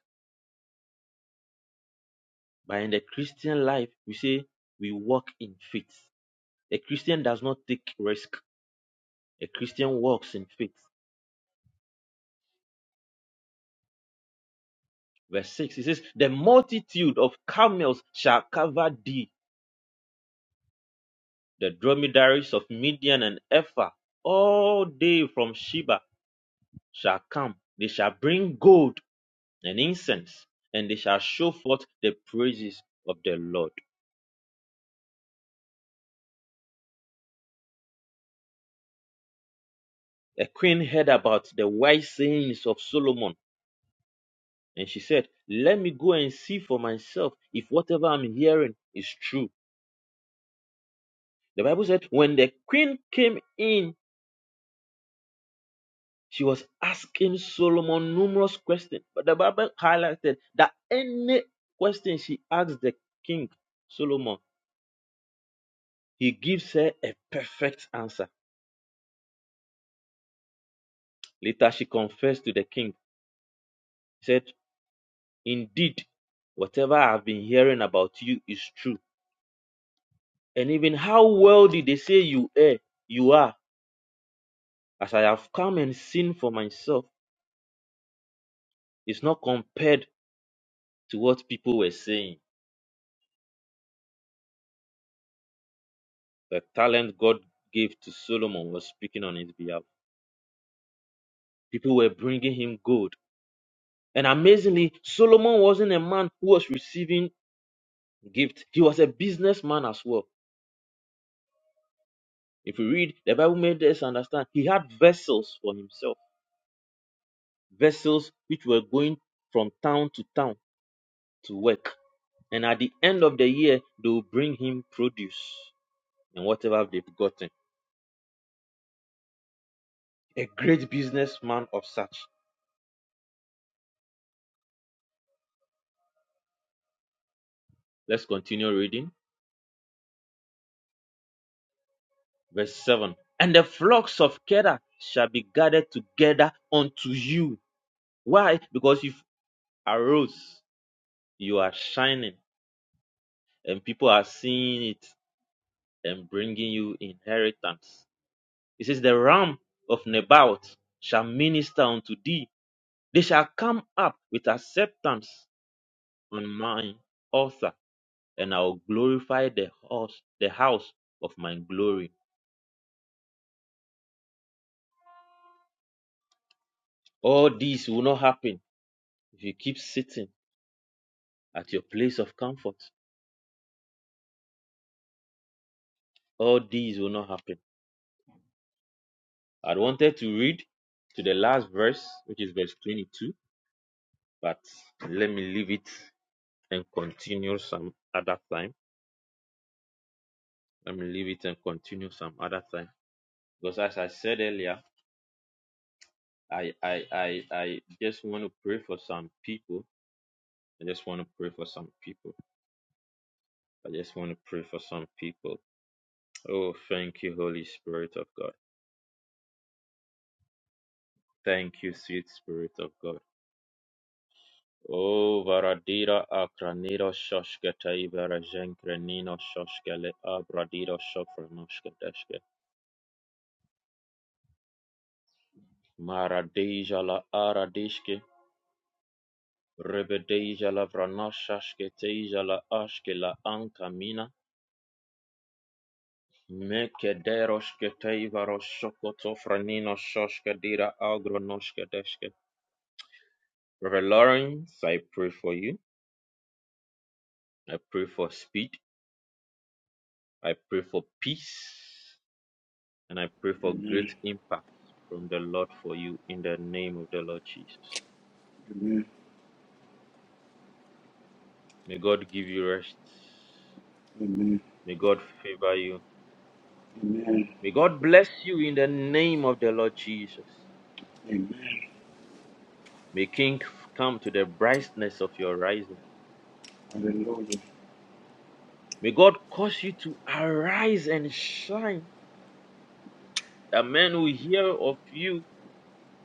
but in the Christian life, we say we walk in faith. A Christian does not take risk. A Christian walks in faith. verse 6 it says the multitude of camels shall cover thee the dromedaries of midian and ephah all they from sheba shall come they shall bring gold and incense and they shall show forth the praises of the lord a queen heard about the wise sayings of solomon and she said let me go and see for myself if whatever i'm hearing is true the bible said when the queen came in She was asking Solomon numerous questions, but the Bible highlighted that any question she asked the king Solomon, he gives her a perfect answer. Later, she confessed to the king, said, Indeed, whatever I've been hearing about you is true. And even how wealthy they say you are, you are, as I have come and seen for myself, is not compared to what people were saying. The talent God gave to Solomon was speaking on his behalf. People were bringing him gold. And amazingly, Solomon wasn't a man who was receiving gifts, he was a businessman as well. If we read, the Bible made us understand he had vessels for himself, vessels which were going from town to town to work. And at the end of the year, they will bring him produce and whatever they've gotten. A great businessman of such. Let's continue reading. Verse 7. And the flocks of Kedah shall be gathered together unto you Why? Because you've arose, you are shining, and people are seeing it and bringing you inheritance. It says, The ram of Nebaioth shall minister unto thee. They shall come up with acceptance on mine altar, and I will glorify the house, the house of my glory. All these will not happen if you keep sitting at your place of comfort. All these will not happen. I wanted to read to the last verse, which is verse 22, but let me leave it and continue some other time. Let me leave it and continue some other time. Because as I said earlier, I, I, I, I just want to pray for some people. I just want to pray for some people. I just want to pray for some people. Oh, thank you, Holy Spirit of God. Thank you, sweet Spirit of God. O varadira akraniro shoshkete iberejen krenino shoshkele abradiro shofranoshketeshke. Maradeja la aradishke. Rebedeja la vranoshashketeja la ashke la ankamina. Mekederoshkete ivaroshokoto franino shoshkedira agronoshketeshke. Reverend Lawrence, I pray for you. I pray for speed. I pray for peace. And I pray for great Amen. impact from the Lord for you in the name of the Lord Jesus. Amen. May God give you rest. Amen. May God favor you. Amen. May God bless you in the name of the Lord Jesus. Amen. May King come to the brightness of your rising. Hallelujah. May God cause you to arise and shine. That men will hear of you,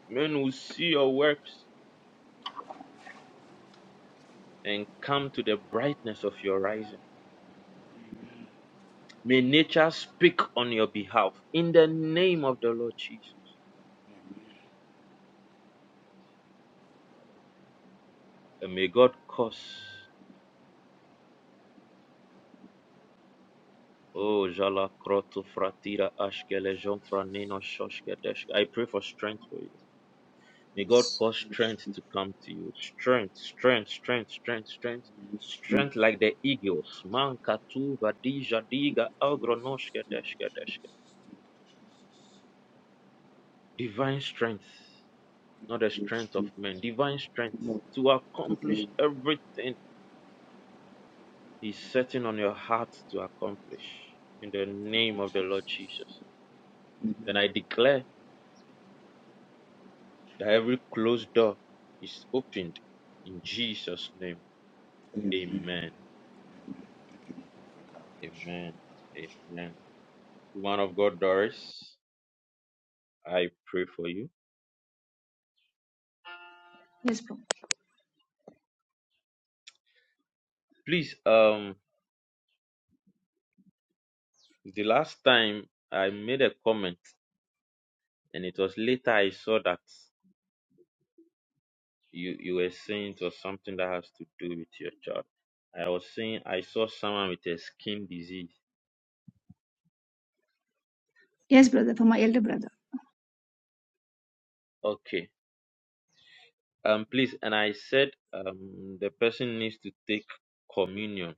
men will see your works and come to the brightness of your rising. May nature speak on your behalf in the name of the Lord Jesus. And may God cause. Oh, Jala krotu Fratira Ashkele Jon Franino Shoshke Deshke. I pray for strength for you. May God Yes. cause Holy strength Spirit. to come to you. Strength, strength, strength, strength, strength. Holy Spirit. Strength like the eagles. Man Katu Vadija Thank Diga you, Jesus. Algronoshke Thank you, Deshke Deshke. Jesus. Thank Divine strength, you, Jesus. Thank not you the for your strength of strength. men. Divine strength Lord, to accomplish divine. everything He's setting on your heart to accomplish. In the Thank name you, of the Lord Jesus. Jesus. Amen. Then I declare that every closed door is opened in Jesus' name. Amen. Amen. Amen. Amen. Woman of God, Doris, I pray for you. Yes, Prophet. Please, um, the last time I made a comment, and it was later I saw that you you were saying it was something that has to do with your child. I was saying I saw someone with a skin disease. Yes, brother, for my elder brother. Okay. Um, please, and I said um the person needs to take communion.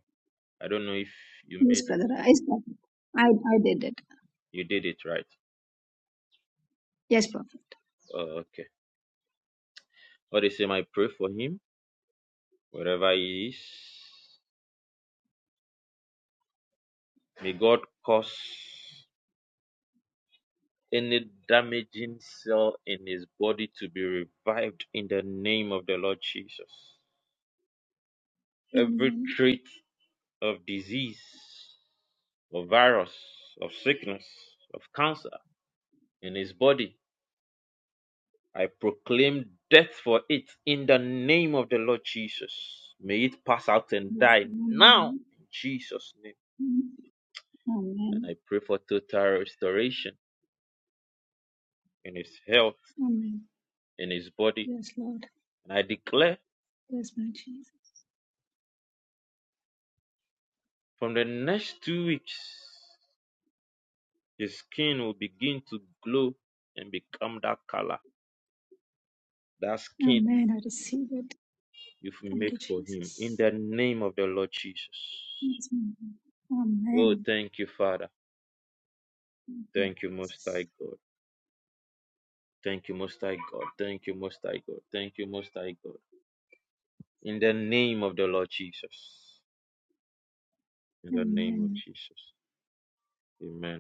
I don't know if you made. Yes, brother. I- Yes, Prophet. I, I did it. You did it right. Yes, Prophet. Oh, okay. What is him? I pray for him wherever he is. May God cause any damaging cell in his body to be revived in the name of the Lord Jesus. Every Amen. trait of disease, of virus, of sickness, of cancer in his body, I proclaim death for it in the name of the Lord Jesus. May it pass out and Yes, die now Amen. in Jesus' name. and Amen. I pray for total restoration in his health, Amen. in his body. Yes, Lord. And I declare Yes, my Jesus. from the next two weeks, his skin will begin to glow and become that color, that skin Amen. I receive it. you've Thank made you, for him in Jesus. the name of the Lord Jesus. Yes, my God. Oh, Amen. thank you, Father. Amen. Thank you, Most High God. Thank you, Most High God. Thank you, Most High God. Thank you, Most High God. In the name of the Lord Jesus. In the name of Amen. Jesus. Amen.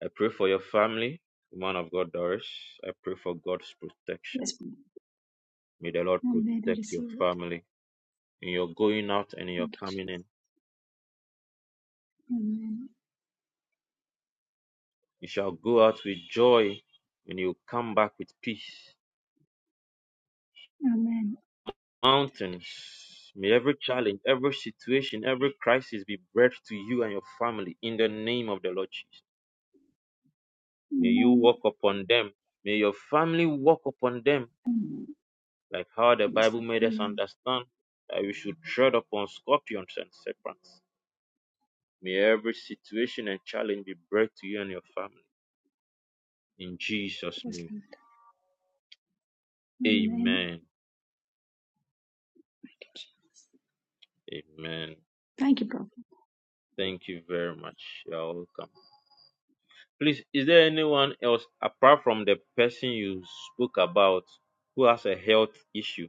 I pray for your family, man of God, Doris. I pray for God's protection. Yes, Prophet. May the Lord Amen. I protect your receive it. family in your going out and in your Thank you, coming Jesus. in. Amen. You shall go out with joy and you will come back with peace. Amen. Mountains, may every challenge, every situation, every crisis be bread to you and your family in the name of the Lord Jesus. May you Amen. walk upon them. May your family walk upon them, Amen. like how the Yes, Bible Lord. made us Amen. understand that we should tread upon scorpions and serpents May every situation and challenge be brought to you and your family. In Jesus' Yes, name. Lord. Amen. Amen. Amen. Thank you, Prophet. Thank you very much. You're welcome. Please, is there anyone else apart from the person you spoke about who has a health issue?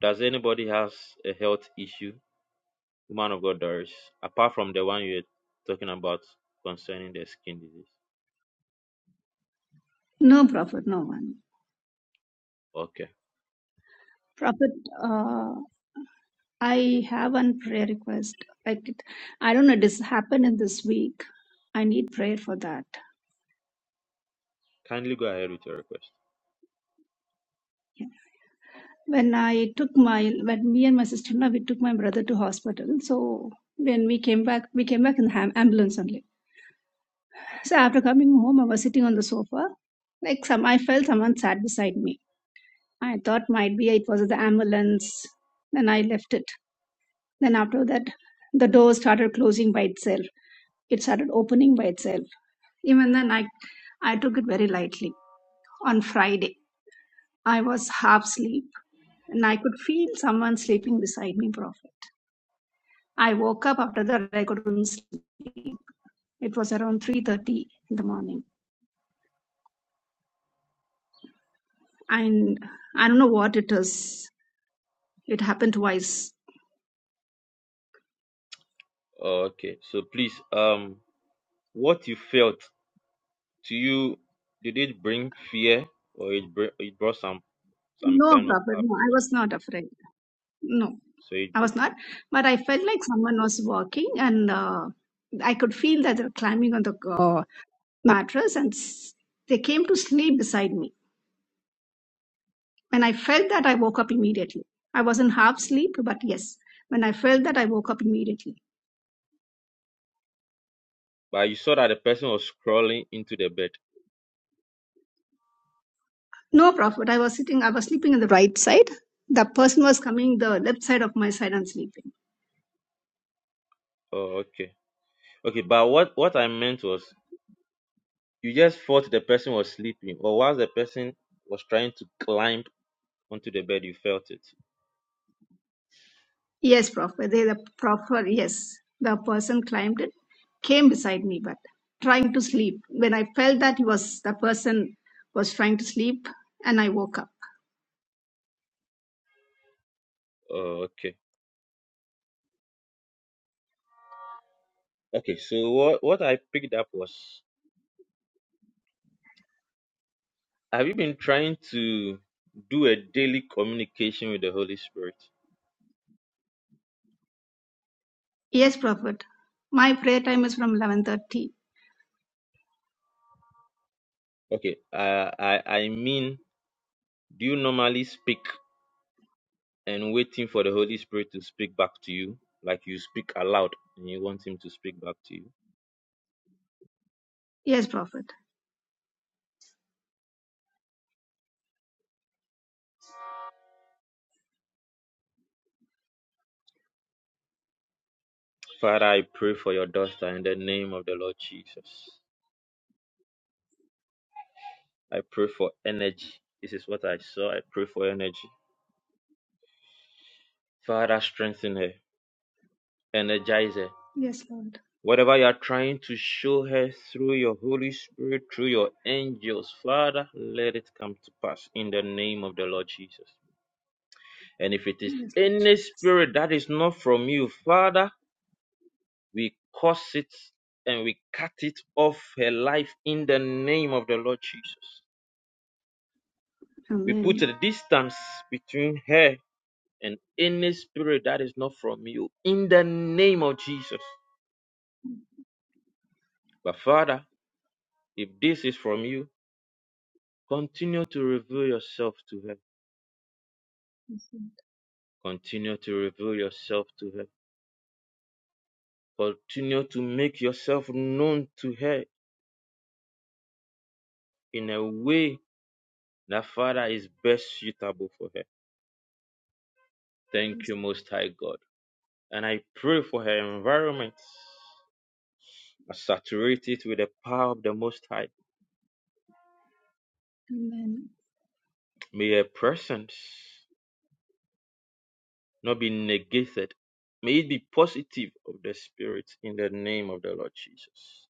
Does anybody has a health issue? Woman of God Doris, apart from the one you're talking about concerning the skin disease. No, Prophet, no one. Okay. Prophet, uh, I have one prayer request. Like it, I don't know, this happened in this week. I need prayer for that. Kindly go ahead with your request. Yeah. When I took my, when me and my sister now we took my brother to hospital. So when we came back, we came back in the ham- ambulance only. So after coming home, I was sitting on the sofa. Like some, I felt someone sat beside me. I thought might be it was the ambulance. Then I left it. Then after that, the door started closing by itself. it started opening by itself. Even then, I, I took it very lightly. On Friday, I was half asleep and I could feel someone sleeping beside me, Prophet. I woke up after that, I couldn't sleep. It was around 3.30 in the morning. And I don't know what it is. It happened twice. Okay. So please, um, what you felt To you, did it bring fear or it br- it brought some some No, kind of Prophet, no, I happiness? was not afraid. No, So it, I br- was not. But I felt like someone was walking and uh, I could feel that they were climbing on the uh, mattress and they came to sleep beside me. When I felt that, I woke up immediately. I was in half sleep, but yes, when I felt that, I woke up immediately. but you saw that the person was crawling into the bed. No, Prophet, I was sitting, I was sleeping on the right side. The person was coming the left side of my side and sleeping. Oh, okay, okay. But what what I meant was you just thought the person was sleeping, or while the person was trying to climb onto the bed, you felt it. Yes, Prophet, they, the Prophet, yes, the person climbed it, came beside me, but trying to sleep. When I felt that he was, the person was trying to sleep and I woke up. Oh, okay, okay. So what what I picked up was have you been trying to do a daily communication with the Holy Spirit? Yes, Prophet, my prayer time is from 11.30. Okay, uh, I I mean, do you normally speak and waiting for the Holy Spirit to speak back to you, like you speak aloud and you want Him to speak back to you. Yes, Prophet. Father, I pray for your daughter in the name of the Lord Jesus. I pray for energy. This is what I saw. I pray for energy. Father, strengthen her, energize her. Yes, Lord. Whatever you are trying to show her through your Holy Spirit, through your angels, Father, let it come to pass in the name of the Lord Jesus. And if it is Yes, Lord any Jesus. spirit that is not from you, Father, We curse it and we cut it off her life in the name of the Lord Jesus. We put Amen. a distance between her and any spirit that is not from you in the name of Jesus. But Father, if this is from you, continue to reveal yourself to her. Continue to reveal yourself to her. Continue to make yourself known to her in a way that Father is best suitable for her. Thank you, Most High God. and I pray for her environment. I saturate it with the power of the Most High. Amen. May her presence not be negated. May it be positive of the Spirit in the name of the Lord Jesus.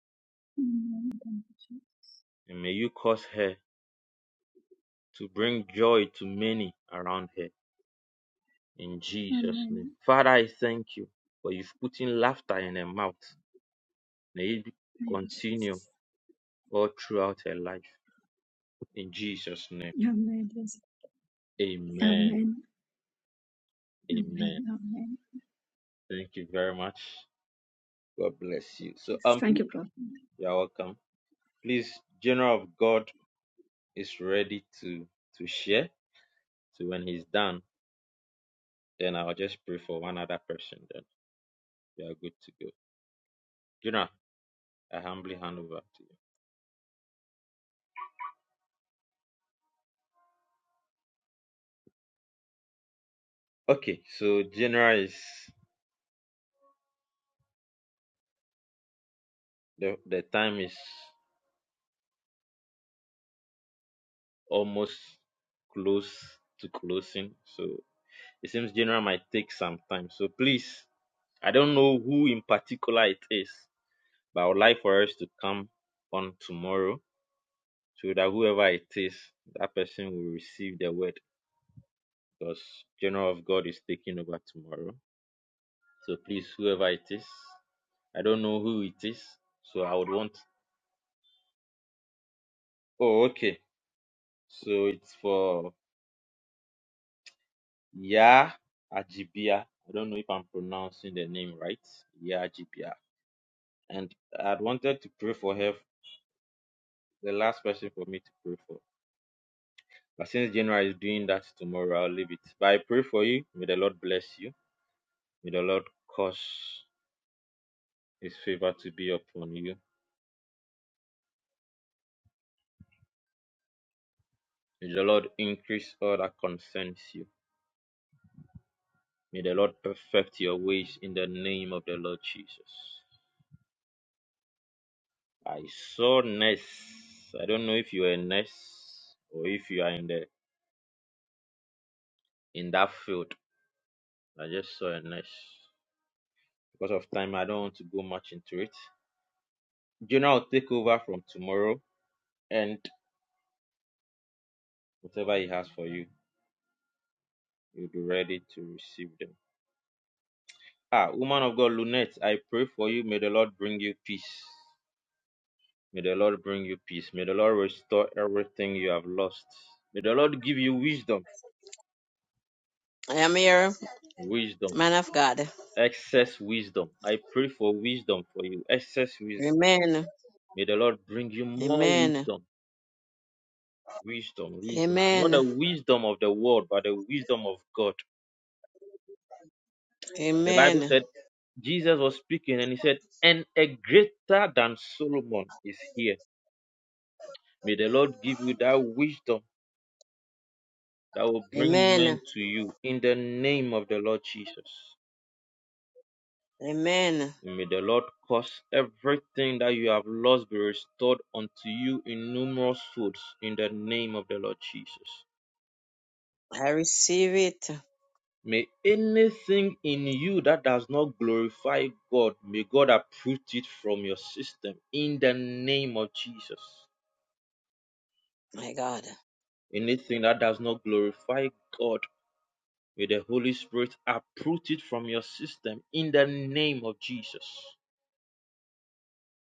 Amen. Thank you, Jesus. And may you cause her to bring joy to many around her in Jesus' name. Amen. Father, I thank you for you've put in laughter in her mouth. May it be- Thank you, continue Jesus. all throughout her life. In Jesus' name. Amen. Yes. Amen. Amen. Amen. Amen. Amen. Thank you very much. God bless you. So Jesus. um Thank please, you, Prophet. you're welcome. Please, General of God is ready to to share. So when he's done, then I'll just pray for one other person. Then we are good to go. General, I humbly hand over to you. Okay, so General is the the time is almost close to closing. So it seems General might take some time. So please, I don't know who in particular it is, but I would like for us to come on tomorrow so that whoever it is, that person will receive the word because general of God is taking over tomorrow. So please, whoever it is, I don't know who it is, so I would want. Oh, okay. So it's for Ya Ajibia. I don't know if I'm pronouncing the name right. Ya Ajibia. And I'd wanted to pray for her, the last person for me to pray for. But since General is doing that tomorrow, I'll leave it. But I pray for you. May the Lord bless you. May the Lord cause His favor to be upon you. May the Lord increase all that concerns you. May the Lord perfect your ways in the name of the Lord Jesus. I saw Ness. I don't know if you are a Ness or if you are in the in that field. I just saw a Ness. Because of time, I don't want to go much into it. General will take over from tomorrow, and whatever he has for you, you'll be ready to receive them. Ah, woman of God, Lunette, I pray for you. May the Lord bring you peace. May the Lord bring you peace. May the Lord restore everything you have lost. May the Lord give you wisdom, I am here, wisdom, man of God. excess wisdom. I pray for wisdom for you, excess wisdom. Amen. May the Lord bring you more Amen. wisdom, wisdom, wisdom. Not Amen. the wisdom of the world, but the wisdom of God. The Bible Amen. said Jesus was speaking and he said, And a greater than Solomon is here. May the Lord give you that wisdom that will bring Amen. men to you in the name of the Lord Jesus. Amen. May the Lord cause everything that you have lost be restored unto you in numerous folds in the name of the Lord Jesus. I receive it. May anything in you that does not glorify God, may God uproot it from your system in the name of Jesus. My God. Anything that does not glorify God, may the Holy Spirit uproot it from your system in the name of Jesus.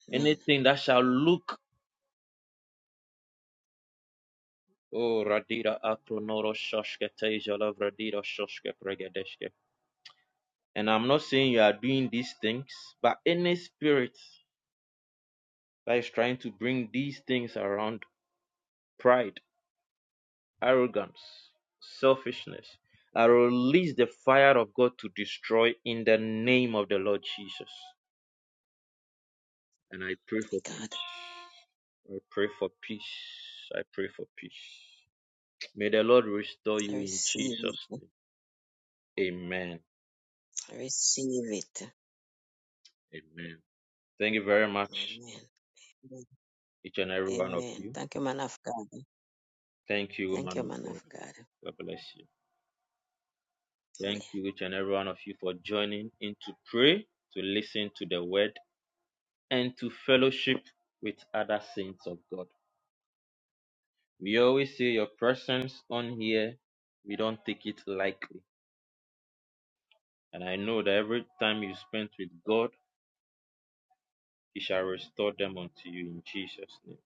Amen. Anything that shall look Oh, Radira Akronoro, Shoshke Tejolo Radira Shoshke Pregedeshke. And I'm not saying you are doing these things, but any spirit that is trying to bring these things around pride, arrogance, selfishness, I release the fire of God to destroy in the name of the Lord Jesus. And I pray My for peace. God. I pray for peace. I pray for peace. May the Lord restore I you in receive Jesus' it. name. Amen. I receive it. Amen. Thank you very much, Amen. each and every one of Amen. you. Thank you, man of God. Thank you, Thank woman you, of man God. of God. God bless you. Thank Amen. you, each and every one of you, for joining in to pray, to listen to the word, and to fellowship with other saints of God. We always say your presence on here, we don't take it lightly. And I know that every time you spend with God, He shall restore them unto you in Jesus' name.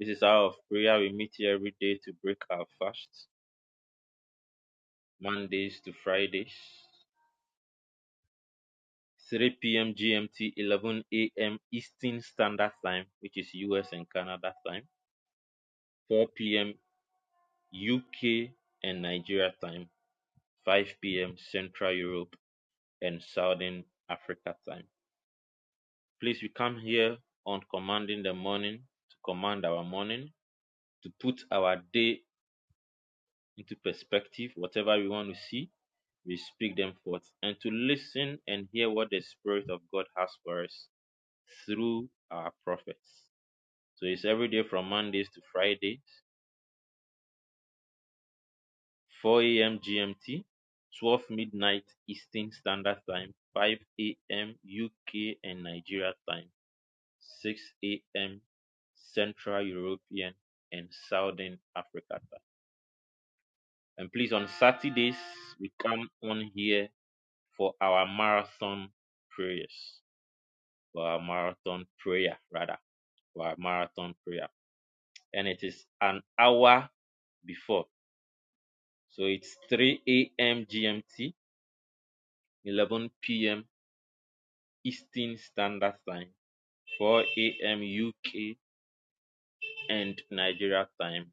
This is our hour of prayer. We meet here every day to break our fasts, Mondays to Fridays. 3 p.m. GMT, 11 a.m. Eastern Standard Time, which is US and Canada time, 4 p.m. UK and Nigeria time, 5 p.m. Central Europe and Southern Africa time. Please, we come here on commanding the morning to command our morning, to put our day into perspective, whatever we want to see, we speak them forth, and to listen and hear what the Spirit of God has for us through our prophets. So it's every day from Mondays to Fridays, 4 a.m. GMT, 12 midnight Eastern Standard Time, 5 a.m. UK and Nigeria time, 6 a.m. Central European and Southern Africa time. And please, on Saturdays, we come on here for our marathon prayers, for our marathon prayer, rather, for our marathon prayer. And it is an hour before So it's 3 a.m. GMT, 11 p.m. Eastern Standard Time, 4 a.m. UK and Nigeria Time,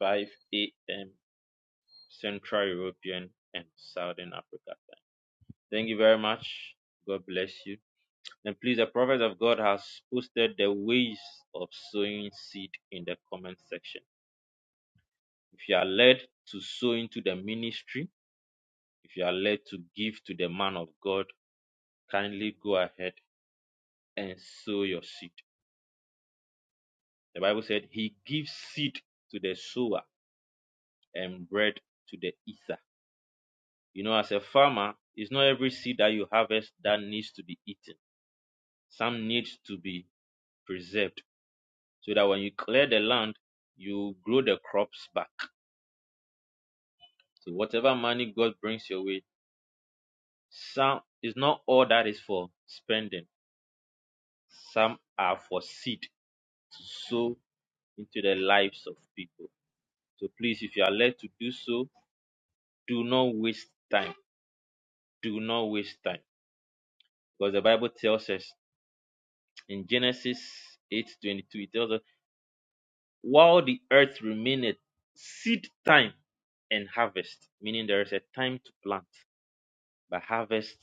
5 a.m. Central European and Southern Africa Time. Thank you very much. God bless you. And please, the Prophet of God has posted the ways of sowing seed in the comment section. If you are led to sow into the ministry, if you are led to give to the man of God, kindly go ahead and sow your seed. The Bible said he gives seed to the sower and bread to the eater. You know, as a farmer, it's not every seed that you harvest that needs to be eaten. Some needs to be preserved so that when you clear the land, you grow the crops back. So whatever money God brings your way, some is not all that is for spending. Some are for seed to sow into the lives of people. So please, if you are led to do so, do not waste time. Do not waste time. Because the Bible tells us in Genesis 8:22, it tells us, while the earth remaineth, seed time and harvest, meaning there is a time to plant, but harvest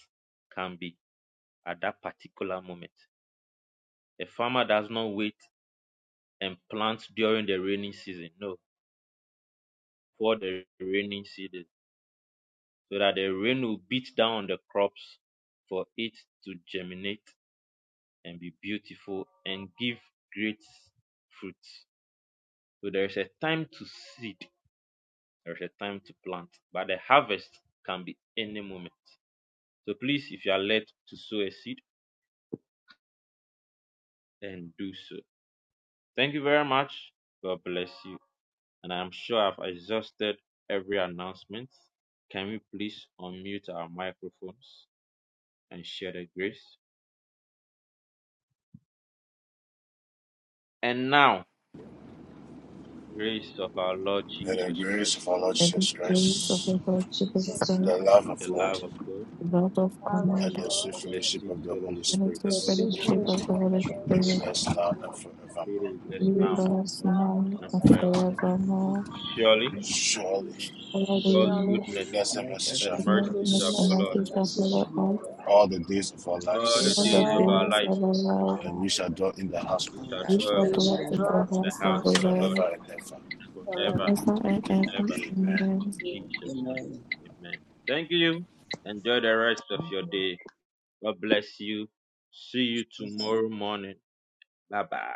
can be at that particular moment. A farmer does not wait and plant during the rainy season. No, for the rainy season, so that the rain will beat down the crops for it to germinate and be beautiful and give great fruits. So there is a time to seed, there is a time to plant, but the harvest can be any moment. So please, if you are led to sow a seed, then do so. Thank you very much. God bless you. And I'm sure I've exhausted every announcement. Can we please unmute our microphones and share the grace? And now, the grace of our Lord May the Jesus Christ, grace of our Lord May the Jesus grace of Christ, the Lord Lord Jesus Jesus the Christ, Christ, love the of God, love Father, of God the love of God, love of and and the the sweet God, in the fellowship sweet of the Holy fellowship of and the fellowship the Spirit Holy sweet fellowship Spirit, of fellowship the of the Holy be Holy with Spirit us now Spirit and it forevermore. is be just with now Jesus, us now and and forever. amen. forevermore. Surely name. Surely, God's surely Holy, goodness goodness and mercy Blessed shall and Father, follow mercy goodness shall and us goodness follow us mercy and shall mercy follow us shall all all follow all us the days of our the all the days of the days lives, man, of our all days life, the of our days of our life. and we shall dwell life. in the house and of we the and shall I Lord We will dwell shall We dwell in dwell shall in the the dwell house in in of the the house the of house Lord the house of of the the Lord Lord forever. forever and ever. Lord forever. forever forever and and ever. ever. Amen. Amen. In Jesus' name, Amen. Amen. amen. Thank you. Enjoy the rest of your day. God bless you. See you Amen. tomorrow morning. Bye bye.